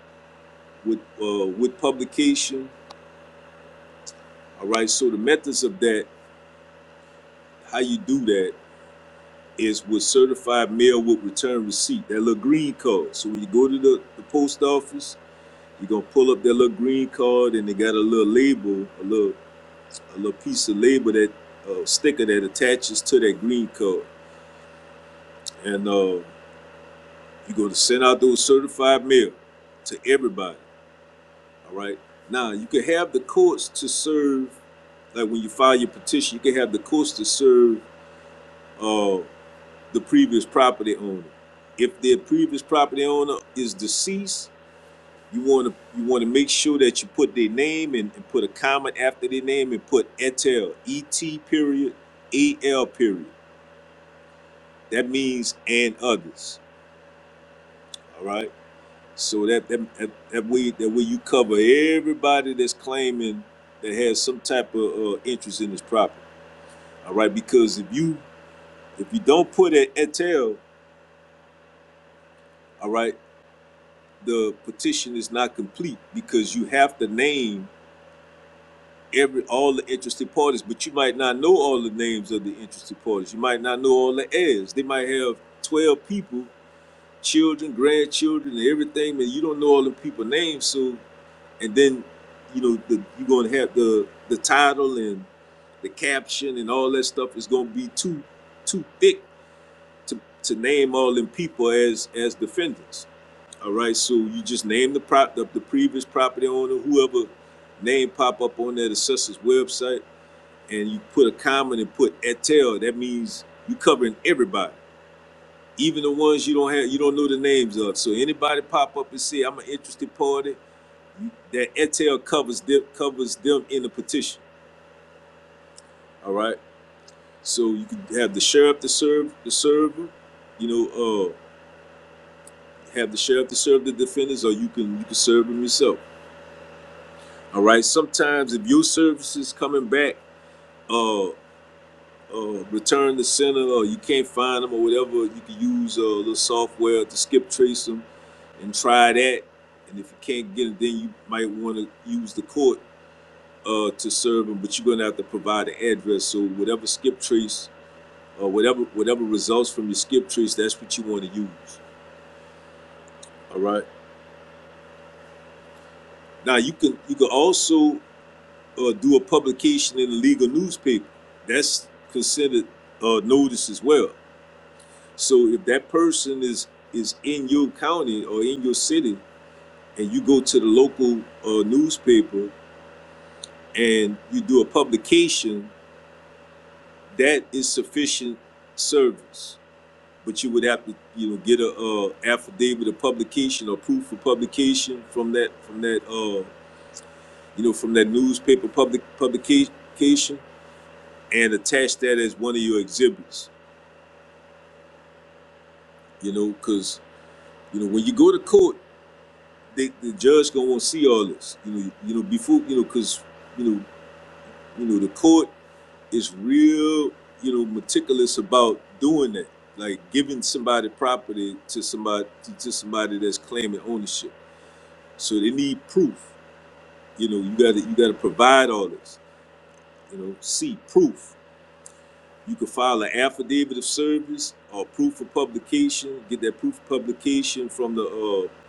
Speaker 3: with uh, with publication. All right. So the methods of that, how you do that, is with certified mail with return receipt. That little green card. So when you go to the, the post office You're gonna pull up their little green card and they got a little label, a little a little piece of label that uh, sticker that attaches to that green card. And uh, you're gonna send out those certified mail to everybody. All right. Now you can have the courts to serve like when you file your petition, you can have the courts to serve uh, the previous property owner. If their previous property owner is deceased, You want to you want to make sure that you put their name and, and put a comment after their name and put etel e t period e l period. That means and others. All right. So that that, that that way that way you cover everybody that's claiming that has some type of uh, interest in this property. All right. Because if you if you don't put an etel, all right, the petition is not complete because you have to name every all the interested parties, but you might not know all the names of the interested parties. You might not know all the heirs. They might have twelve people, children, grandchildren, and everything, and you don't know all the people names. So, and then you know the, you're going to have the the title and the caption and all that stuff is going to be too too thick to to name all them people as as defendants. All right, so you just name the prop the, the previous property owner, whoever name pop up on that assessor's website and you put a comment and put etel, that means you covering everybody, even the ones you don't have, you don't know the names of. So anybody pop up and say, "I'm an interested party," that etel covers them, covers them in the petition. All right. So you can have the sheriff to serve the server, you know, uh, have the sheriff to serve the defendants, or you can you can serve them yourself. All right. Sometimes if your service is coming back. uh. uh, return the center or you can't find them or whatever, you can use uh, a uh, little software to skip trace them and try that. And if you can't get it, then you might want to use the court uh, to serve them, but you're going to have to provide an address. So whatever skip trace or whatever whatever results from your skip trace, that's what you want to use. All right. Now you can you can also uh, do a publication in a legal newspaper. That's considered uh, notice as well. So if that person is is in your county or in your city, and you go to the local uh, newspaper and you do a publication, that is sufficient service. But you would have to, you know, get a uh, affidavit of publication or proof of publication from that from that uh, you know from that newspaper public publication and attach that as one of your exhibits. You know, because you know when you go to court they, the judge gonna want to see all this. You know, you know before you know because you know you know the court is real you know meticulous about doing that, like giving somebody property to somebody to, to somebody that's claiming ownership. So they need proof. You know, you gotta you gotta provide all this. You know, see proof. You can file an affidavit of service or proof of publication. Get that proof of publication from the uh,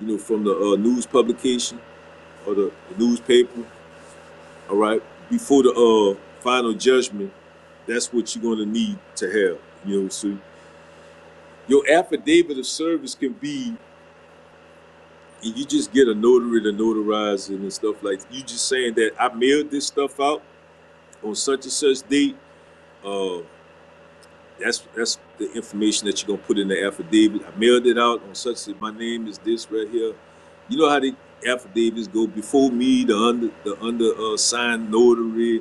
Speaker 3: you know from the uh, news publication or the, the newspaper All right. Before the uh final judgment, that's what you're gonna need to have. You know, so your affidavit of service can be and you just get a notary to notarize it and stuff like you just saying that I mailed this stuff out on such and such date. Uh that's that's the information that you're gonna put in the affidavit. I mailed it out on such my name is this right here. You know how the affidavits go before me, the under the under uh, signed notary,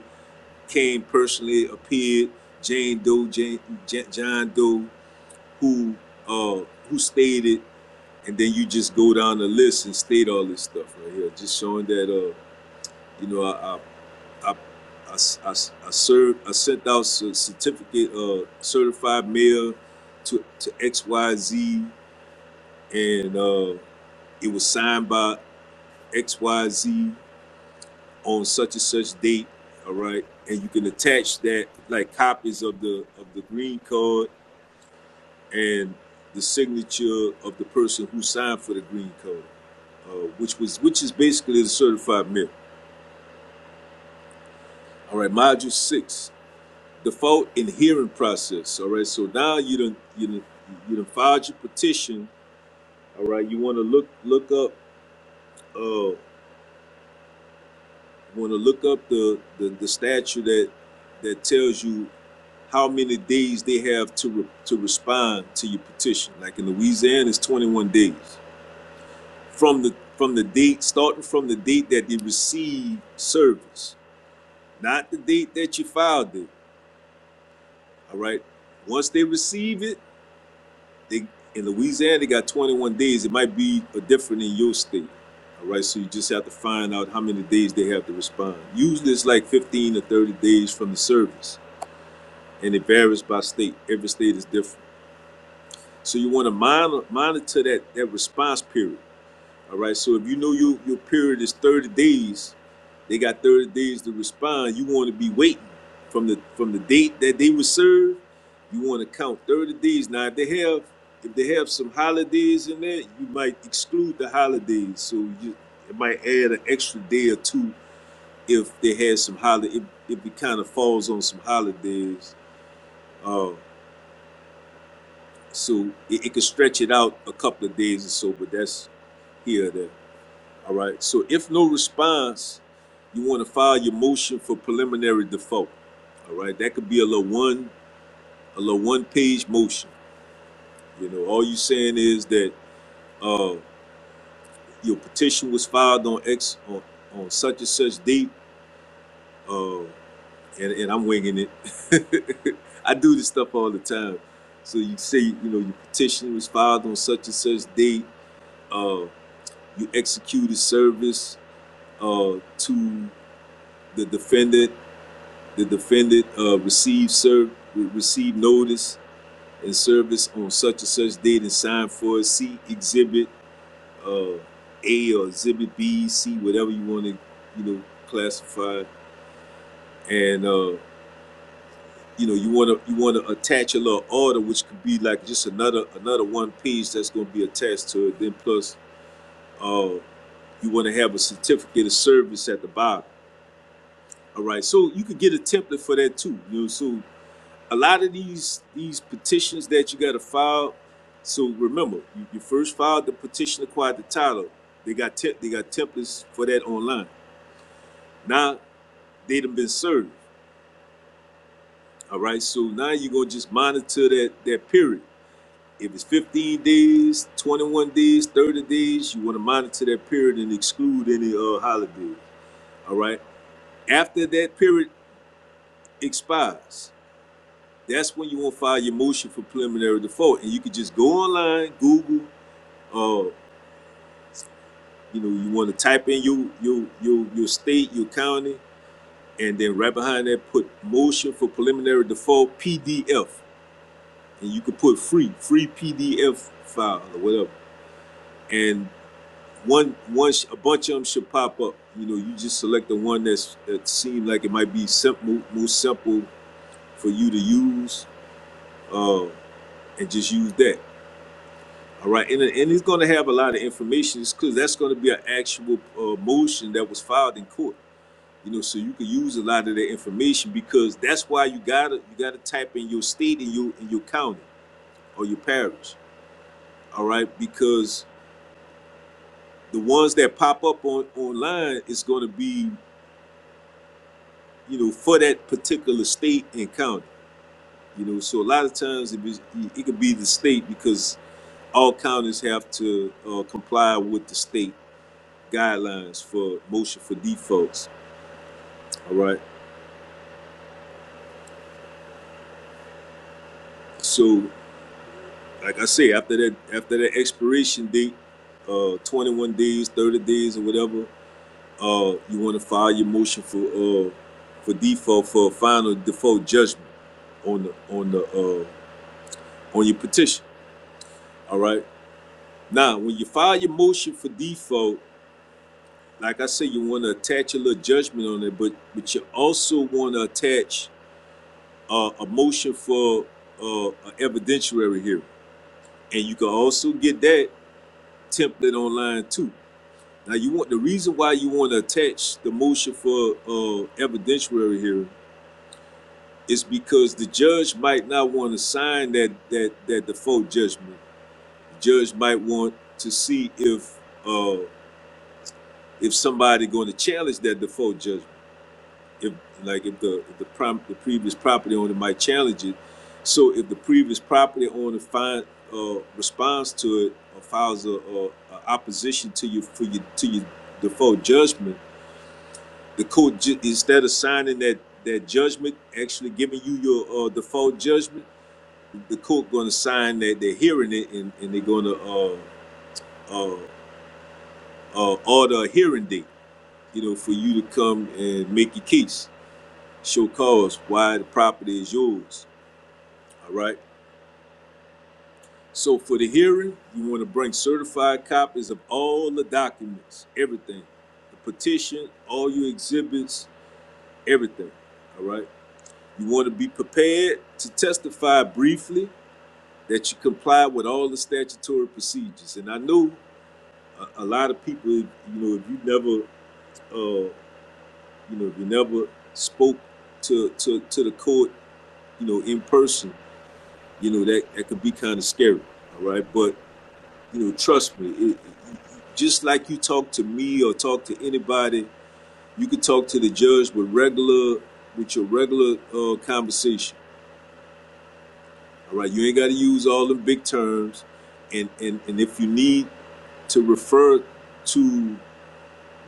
Speaker 3: came personally, appeared, Jane Doe, Jane, John Doe, who uh, who stated, and then you just go down the list and state all this stuff right here, just showing that uh, you know I I I I I, I served I sent out a certificate uh, certified mail to to X Y Z, and uh, it was signed by X Y Z on such and such date, all right, and you can attach that like copies of the of the green card and the signature of the person who signed for the green card, uh, which was which is basically the certified mail. All right, module six, default and hearing process. All right, so now you done you done you done filed your petition. All right, you want to look look up uh want to look up the, the the statute that that tells you how many days they have to re- to respond to your petition. Like in Louisiana, it's 21 days from the from the date starting from the date that they receive service, not the date that you filed it. All right. Once they receive it, they in Louisiana they got 21 days. It might be uh, different in your state. All right. So you just have to find out how many days they have to respond. Usually it's like 15 or 30 days from the service, and it varies by state. Every state is different. So you want to monitor, monitor that, that response period. All right. So if you know your, your period is 30 days, they got 30 days to respond. You want to be waiting from the from the date that they were served. You want to count 30 days. Now if they have if they have some holidays in there, you might exclude the holidays. So you it might add an extra day or two if they had some holiday if, if it kind of falls on some holidays. Uh, so it, it could stretch it out a couple of days or so, but that's here or there. All right. So if no response, you want to file your motion for preliminary default. All right. That could be a little one, a little one page motion. You know, all you saying is that uh, your petition was filed on X on, on such and such date. Uh, and, and I'm winging it. I do this stuff all the time. So you say, you know, your petition was filed on such and such date. Uh, you executed service uh, to the defendant The defendant uh, received serve received notice and service on such and such date and signed for it. See exhibit uh, A or exhibit B, C, whatever you want to you know classify. And uh, you know you want to you want to attach a little order, which could be like just another another one page that's going to be attached to it. Then plus uh, you want to have a certificate of service at the bottom. All right, so you could get a template for that too. You know, so a lot of these these petitions that you gotta file. So remember, you, you first filed the petition acquired the title. They got te- they got templates for that online. Now they done been served. All right. So now you're gonna just monitor that that period. If it's 15 days, 21 days, 30 days, you want to monitor that period and exclude any uh, holiday. All right. After that period expires, that's when you want to file your motion for preliminary default, and you can just go online, Google. uh, You know, you want to type in your your your your state, your county, and then right behind that put motion for preliminary default PDF, and you could put free free PDF file or whatever. And one once a bunch of them should pop up. You know, you just select the one that's that seemed like it might be simple, most simple for you to use, uh, and just use that. All right, and, and it's going to have a lot of information because that's going to be an actual uh, motion that was filed in court. you know so you can use a lot of that information because that's why you gotta you gotta type in your state and your in your county or your parish all right because the ones that pop up on online is going to be you know for that particular state and county you know so a lot of times it, is, it could be the state because all counties have to uh, comply with the state guidelines for motion for defaults all right so like I say, after that after that expiration date, uh, 21 days, 30 days, or whatever, uh, you want to file your motion for uh for default for final default judgment on the on the uh on your petition. All right. Now, when you file your motion for default, like I say, you want to attach a little judgment on it, but but you also want to attach uh, a motion for uh, an evidentiary hearing, and you can also get that template online too. Now you want the reason why you want to attach the motion for uh, evidentiary hearing is because the judge might not want to sign that that that default judgment. The judge might want to see if uh, if somebody going to challenge that default judgment. If like if the if the, prom, the previous property owner might challenge it. So if the previous property owner find uh, responds to it or files a, a, a opposition to you for your to your default judgment The court instead of signing that that judgment, actually giving you your uh, default judgment, the court going to sign that they're hearing it and, and they're going to uh, uh, uh, order a hearing date. You know, for you to come and make your case, show cause why the property is yours. All right. So for the hearing, you want to bring certified copies of all the documents, everything, the petition, all your exhibits, everything. All right. You want to be prepared to testify briefly that you comply with all the statutory procedures. And I know a, a lot of people, you know, if you never, uh, you know, if you never spoke to, to, to the court, you know, in person, you know, that, that could be kind of scary. All right. But, you know, trust me, it, it, just like you talk to me or talk to anybody, you could talk to the judge with regular, with your regular uh, conversation All right, you ain't got to use all the big terms, and and and if you need to refer to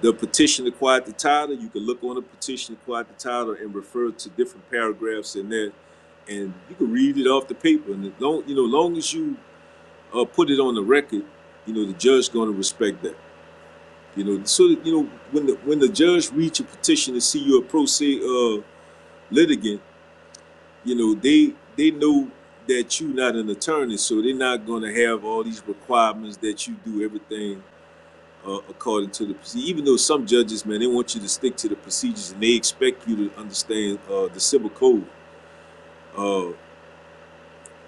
Speaker 3: the petition to quiet the title, you can look on the petition to quiet the title and refer to different paragraphs in there, and you can read it off the paper. And as long you know, long as you uh, put it on the record, you know the judge's going to respect that. You know, so that, you know when the when the judge reads a petition to see you a pro se uh, litigant you know they they know that you're not an attorney so they're not going to have all these requirements that you do everything uh, according to the procedure. even though some judges man they want you to stick to the procedures and they expect you to understand uh, the civil code uh,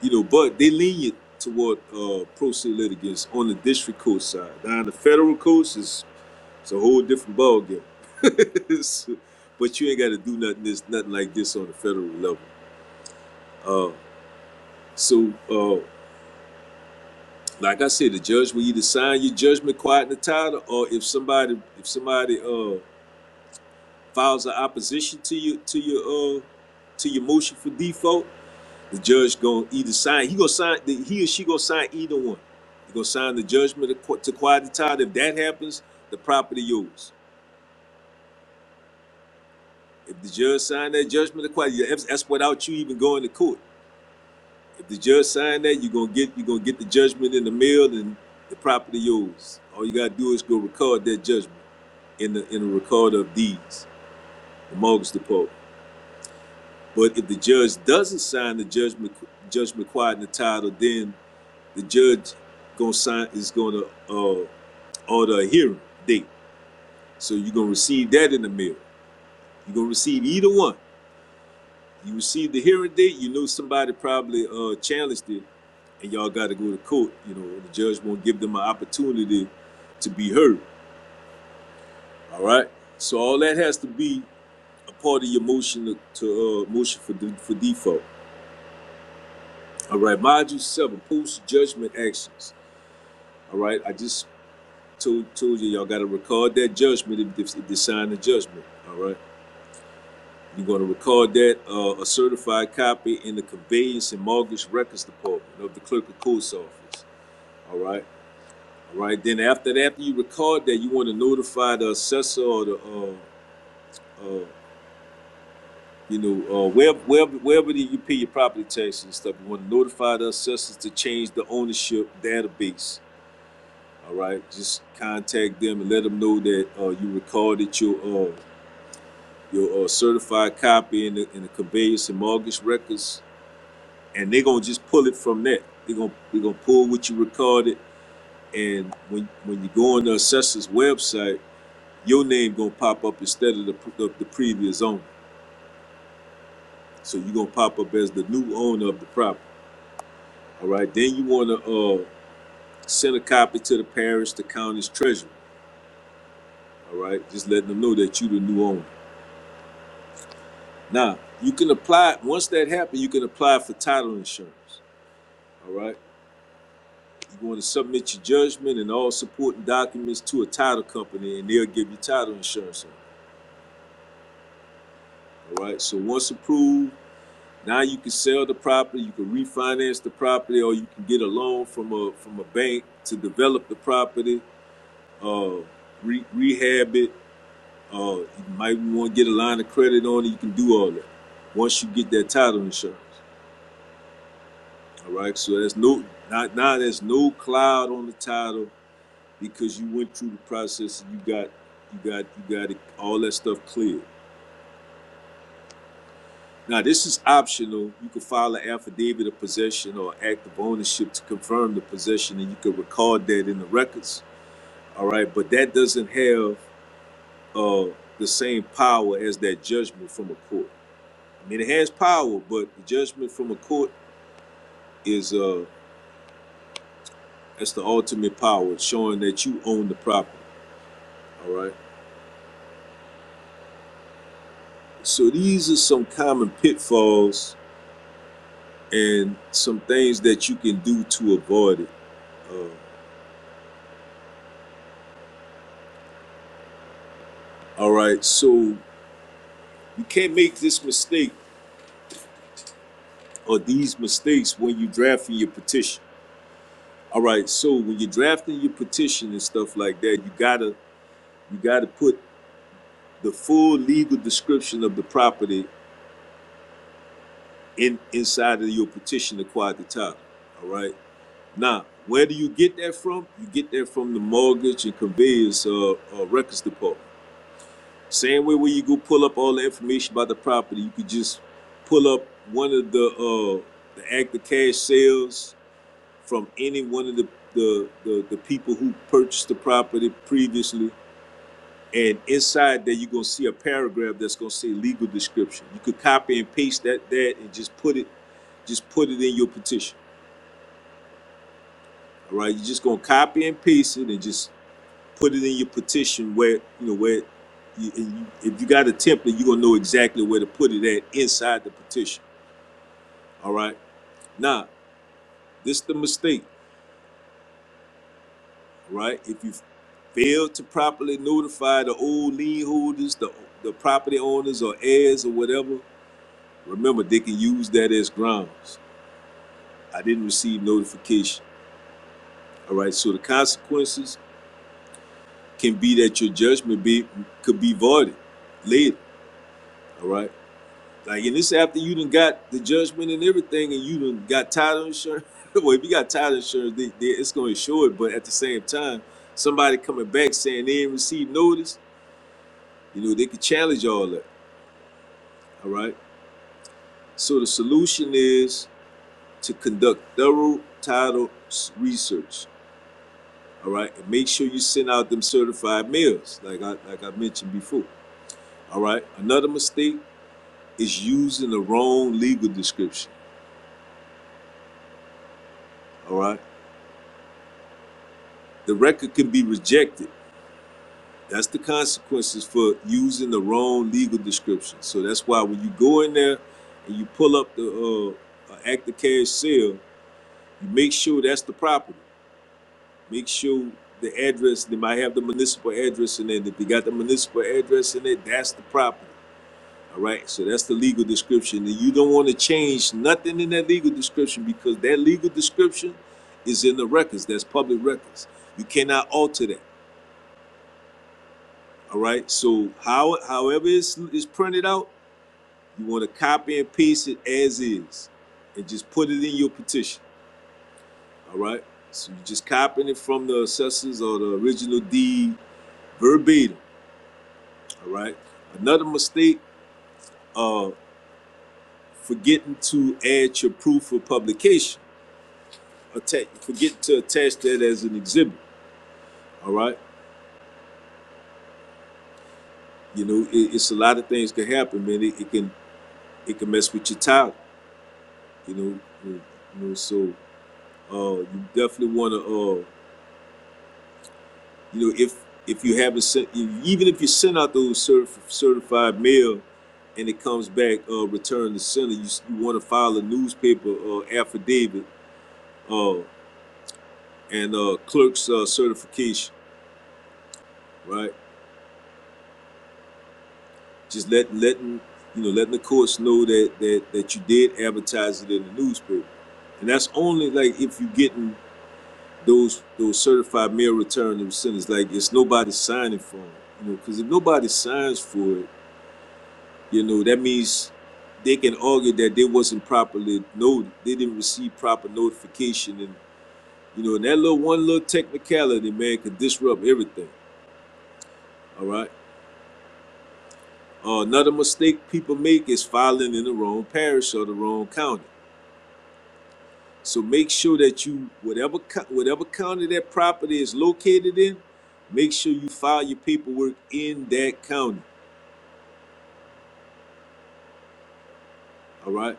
Speaker 3: you know but they lenient toward uh, pro se litigants on the district court side now on the federal coast it's it's a whole different ballgame So, but you ain't got to do nothing this nothing like this on the federal level uh, so uh, Like I said, the judge will either sign your judgment quiet in the title, or if somebody if somebody uh files an opposition to you to your uh to your motion for default, the judge gonna either sign. He gonna sign. The, he or she gonna sign either one. He gonna sign the judgment to qui- to quiet the title. If that happens, the property yours. If the judge sign that judgment to quiet, yeah, that's that's without you even going to court. If the judge sign that, you gonna get you gonna get the judgment in the mail and the property yours. All you gotta do is go record that judgment. in the in the record of deeds, the mortgage depot. But if the judge doesn't sign the judgment judgment quiet in the title, then the judge gonna sign is gonna uh, order a hearing date. So you're gonna receive that in the mail. You're gonna receive either one. You receive the hearing date, you know somebody probably uh challenged it and y'all gotta go to court, you know, the judge won't give them an opportunity to be heard. All right. So all that has to be a part of your motion to, to uh motion for for default. All right, module seven, post judgment actions. All right, I just told told you y'all got to record that judgment if, if, they sign the judgment. All right, you're going to record that uh, a certified copy in the conveyance and mortgage records department of the clerk of court's office. All right, all right. Then after that, after you record that, you want to notify the assessor or the uh, uh, you know uh, wherever wherever, wherever you pay your property taxes and stuff. You want to notify the assessors to change the ownership database All right, just contact them and let them know that uh, you recorded your uh, your uh, certified copy in the, in the conveyance and mortgage records, and they're gonna just pull it from that. They're gonna they're gonna pull what you recorded, and when when you go on the assessor's website, your name gonna pop up instead of the of the previous owner. So you're gonna pop up as the new owner of the property. All right, then you wanna uh, send a copy to the parish, the county's treasurer. All right, just letting them know that you the new owner. Now, you can apply, once that happens, you can apply for title insurance. All right. You want to submit your judgment and all supporting documents to a title company, and they'll give you title insurance. All right. So once approved, now you can sell the property, you can refinance the property, or you can get a loan from a from a bank to develop the property, uh, re- rehab it. Uh, you might want to get a line of credit on it. You can do all that once you get that title insurance. All right, so there's no now, now there's no cloud on the title because you went through the process and you got you got you got it, all that stuff cleared. Now this is optional. You can file an affidavit of possession or act of ownership to confirm the possession, and you can record that in the records. All right, but that doesn't have uh, the same power as that judgment from a court. I mean, it has power, but the judgment from a court is uh, that's the ultimate power, showing that you own the property. All right. So these are some common pitfalls and some things that you can do to avoid it. Uh, all right, so you can't make this mistake or these mistakes when you're drafting your petition. All right, so when you're drafting your petition and stuff like that, you gotta you gotta put the full legal description of the property in inside of your petition to quiet the title. All right. Now, where do you get that from? You get that from the mortgage and conveyance uh, uh, records department. Same way when you go pull up all the information about the property, you could just pull up one of the uh the active cash sales from any one of the the the, the people who purchased the property previously. And inside there, you're gonna see a paragraph that's gonna say legal description. You could copy and paste that that and just put it just put it in your petition. All right, you're just gonna copy and paste it and just put it in your petition where, you know, where, you, you, if you got a template, you're gonna know exactly where to put it at inside the petition, all right? Now, this is the mistake, all right? If you fail to properly notify the old lien holders, the, the property owners or heirs or whatever, remember, they can use that as grounds. I didn't receive notification, all right? So the consequences can be that your judgment be, could be voided later, all right? Like, and this after you done got the judgment and everything, and you done got title insurance. well, if you got title insurance, they, they, it's going to insure it. But at the same time, somebody coming back saying they didn't receive notice, you know, they could challenge all that. All right. So the solution is to conduct thorough title research. All right, and make sure you send out them certified mails, like I like I mentioned before. All right. Another mistake is using the wrong legal description. All right. The record can be rejected That's the consequences for using the wrong legal description. So that's why when you go in there and you pull up the uh, uh, act of cash sale, you make sure that's the property. Make sure the address, they might have the municipal address in it. If they got the municipal address in it, that's the property. All right, so that's the legal description. And you don't want to change nothing in that legal description because that legal description is in the records. That's public records. You cannot alter that. All right. So how however it's, it's printed out, you want to copy and paste it as is, and just put it in your petition. All right. So you're just copying it from the assessors or the original deed verbatim. All right. Another mistake: uh, forgetting to add your proof of publication. Attach, forget to attach that as an exhibit. All right. You know, it, it's a lot of things can happen, man. It, it can it can mess with your title. You know, you know so Uh, you definitely want to, uh, you know, if if you haven't sent, even if you send out those certif- certified mail and it comes back uh, returned to sender, you, you want to file a newspaper uh, affidavit uh, and uh, clerk's uh, certification, right? Just let letting you know letting the courts know that that that you did advertise it in the newspaper, and that's only like if you're getting those those certified mail return of sinners. Like it's nobody signing for it, you know. Because if nobody signs for it, you know that means they can argue that they wasn't properly noted. They didn't receive proper notification, and you know, and that little one little technicality, man, could disrupt everything. All right. Uh, another mistake people make is filing in the wrong parish or the wrong county. So make sure that you whatever whatever county that property is located in, make sure you file your paperwork in that county. All right,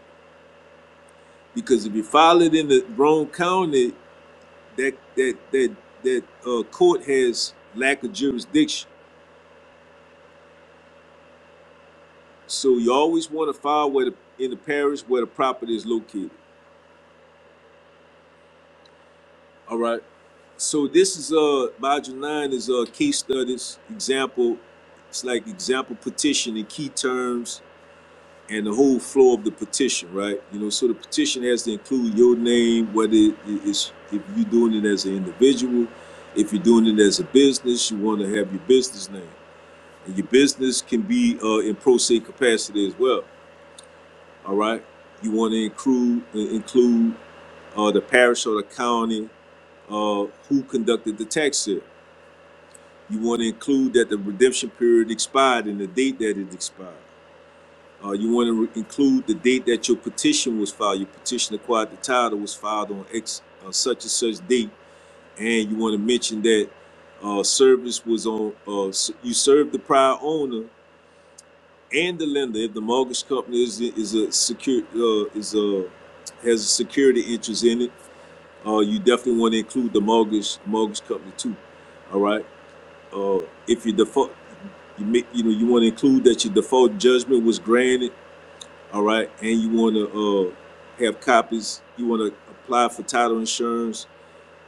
Speaker 3: because if you file it in the wrong county, that that that that uh, court has lack of jurisdiction. So you always want to file where the, in the parish where the property is located. All right. So this is uh module nine is uh case studies example. It's like example petition in key terms and the whole flow of the petition, right? You know, so the petition has to include your name, whether it's if you're doing it as an individual, if you're doing it as a business, you want to have your business name, and your business can be uh, in pro se capacity as well. All right, you want to include uh, include uh, the parish or the county uh, who conducted the tax sale. You want to include that the redemption period expired and the date that it expired. Uh, you want to include the date that your petition was filed. Your petition acquired the title was filed on X uh, such and such date, and you want to mention that uh, service was on. Uh, s- you served the prior owner and the lender if the mortgage company is is a secure uh, is a has a security interest in it. Uh, you definitely want to include the mortgage mortgage company too. All right. Uh, if you default, you make, you know you want to include that your default judgment was granted All right, and you want to uh, have copies. You want to apply for title insurance,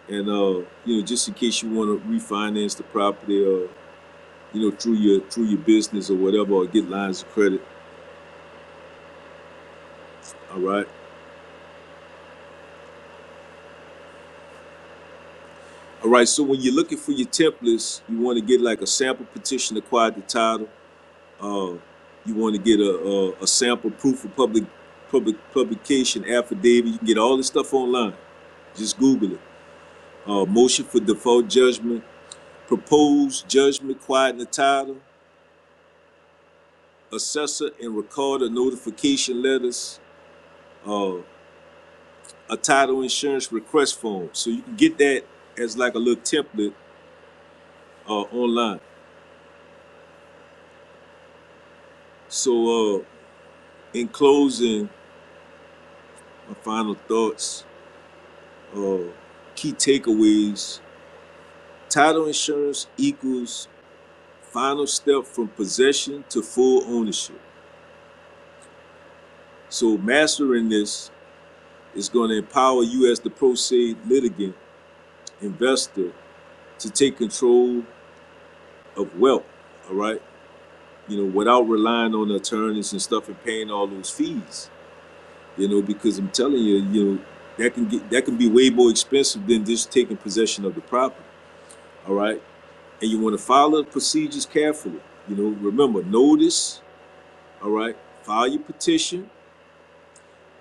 Speaker 3: and uh, you know, just in case you want to refinance the property, uh, you know, through your through your business or whatever, or get lines of credit. All right, all right. So when you're looking for your templates, you want to get like a sample petition to acquire the title. Uh, you want to get a, a a sample proof of public public publication affidavit. You can get all this stuff online. Just Google it. Uh, motion for default judgment proposed judgment, quiet the title, assessor, and record a notification letters, uh, a title insurance request form. So you can get that as like a little template uh, online. So uh, in closing, my final thoughts, uh, key takeaways: title insurance equals final step from possession to full ownership. So mastering this is going to empower you as the pro se litigant investor to take control of wealth, all right? You know, without relying on attorneys and stuff and paying all those fees, you know, because I'm telling you, you know, that can get that can be way more expensive than just taking possession of the property, all right? And you want to follow the procedures carefully. You know, remember notice, all right? File your petition,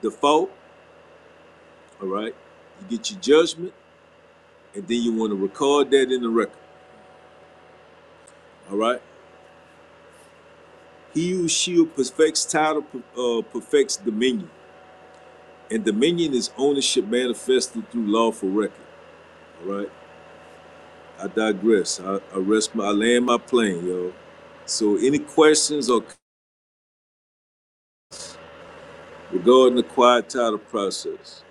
Speaker 3: default, all right? You get your judgment, and then you want to record that in the record, all right? He who shield perfects title, uh, perfects dominion. And dominion is ownership manifested through lawful record. All right. I digress. I, I rest my I land my plane, yo. So any questions or regarding the quiet title process?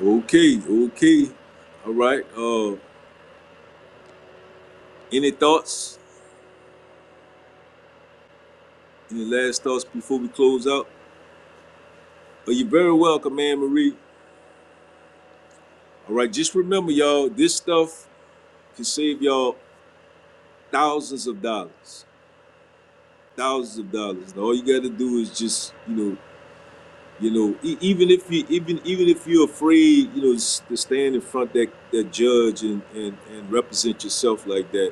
Speaker 3: Okay, okay. All right. Uh any thoughts? Any last thoughts before we close out? Are you very welcome, Anne Marie? All right, just remember, y'all, this stuff can save y'all thousands of dollars. Thousands of dollars. And all you gotta do is just, you know, You know, e- even if you even even if you're afraid, you know, s- to stand in front that that judge and and and represent yourself like that,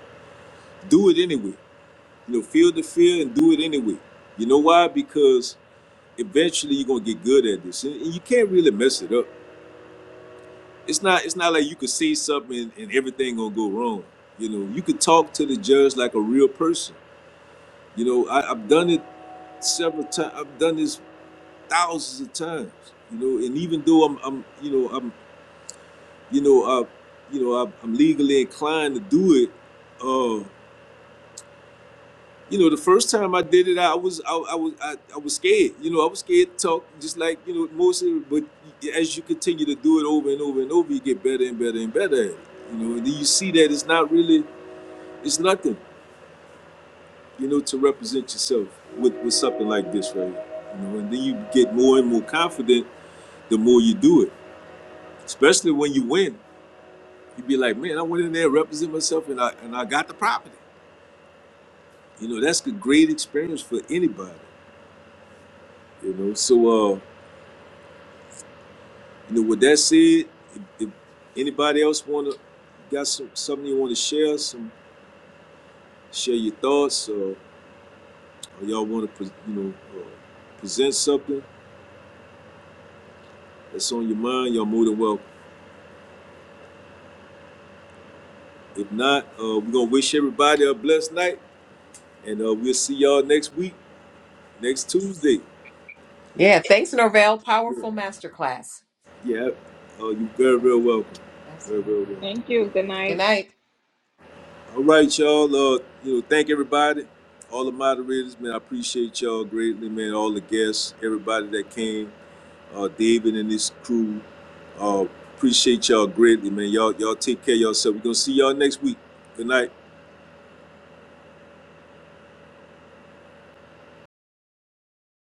Speaker 3: do it anyway. You know, feel the fear and do it anyway. You know why? Because eventually you're gonna get good at this, and, and you can't really mess it up. It's not it's not like you could say something and, and everything gonna go wrong. You know, you could talk to the judge like a real person. You know, I, I've done it several times. I've done this thousands of times. You know, and even though I'm, I'm, you know, I'm you know, I, you know, I, I'm legally inclined to do it. Uh, you know, the first time I did it, I was, I, I was, I, I was scared. You know, I was scared to talk, just like you know, most. But as you continue to do it over and over and over, you get better and better and better at it. You know, and then you see that it's not really, it's nothing. You know, to represent yourself with with something like this, right? You know, and then you get more and more confident the more you do it, especially when you win. You'd be like, man, I went in there, represent myself, and I and I got the property. You know, that's a great experience for anybody. You know, so uh, you know, with that said, if, if anybody else wanna got some something you want to share, some share your thoughts, uh, or y'all want to you know uh, present something that's on your mind, y'all more than welcome. If not, uh, we're gonna wish everybody a blessed night, and uh, we'll see y'all next week, next Tuesday.
Speaker 1: Yeah, thanks, Norvell.
Speaker 3: Yeah,
Speaker 1: Powerful masterclass.
Speaker 3: yeah uh, you're very, very welcome. Very, very
Speaker 1: Absolutely.
Speaker 3: welcome.
Speaker 2: Thank you. Good
Speaker 1: Good
Speaker 2: night.
Speaker 1: night.
Speaker 3: All right, y'all. Uh, you know, thank everybody, all the moderators, man. I appreciate y'all greatly, man. All the guests, everybody that came, uh, David and his crew. Uh, appreciate y'all greatly, man. Y'all, y'all take care of yourself. We're gonna see y'all next week. Good night.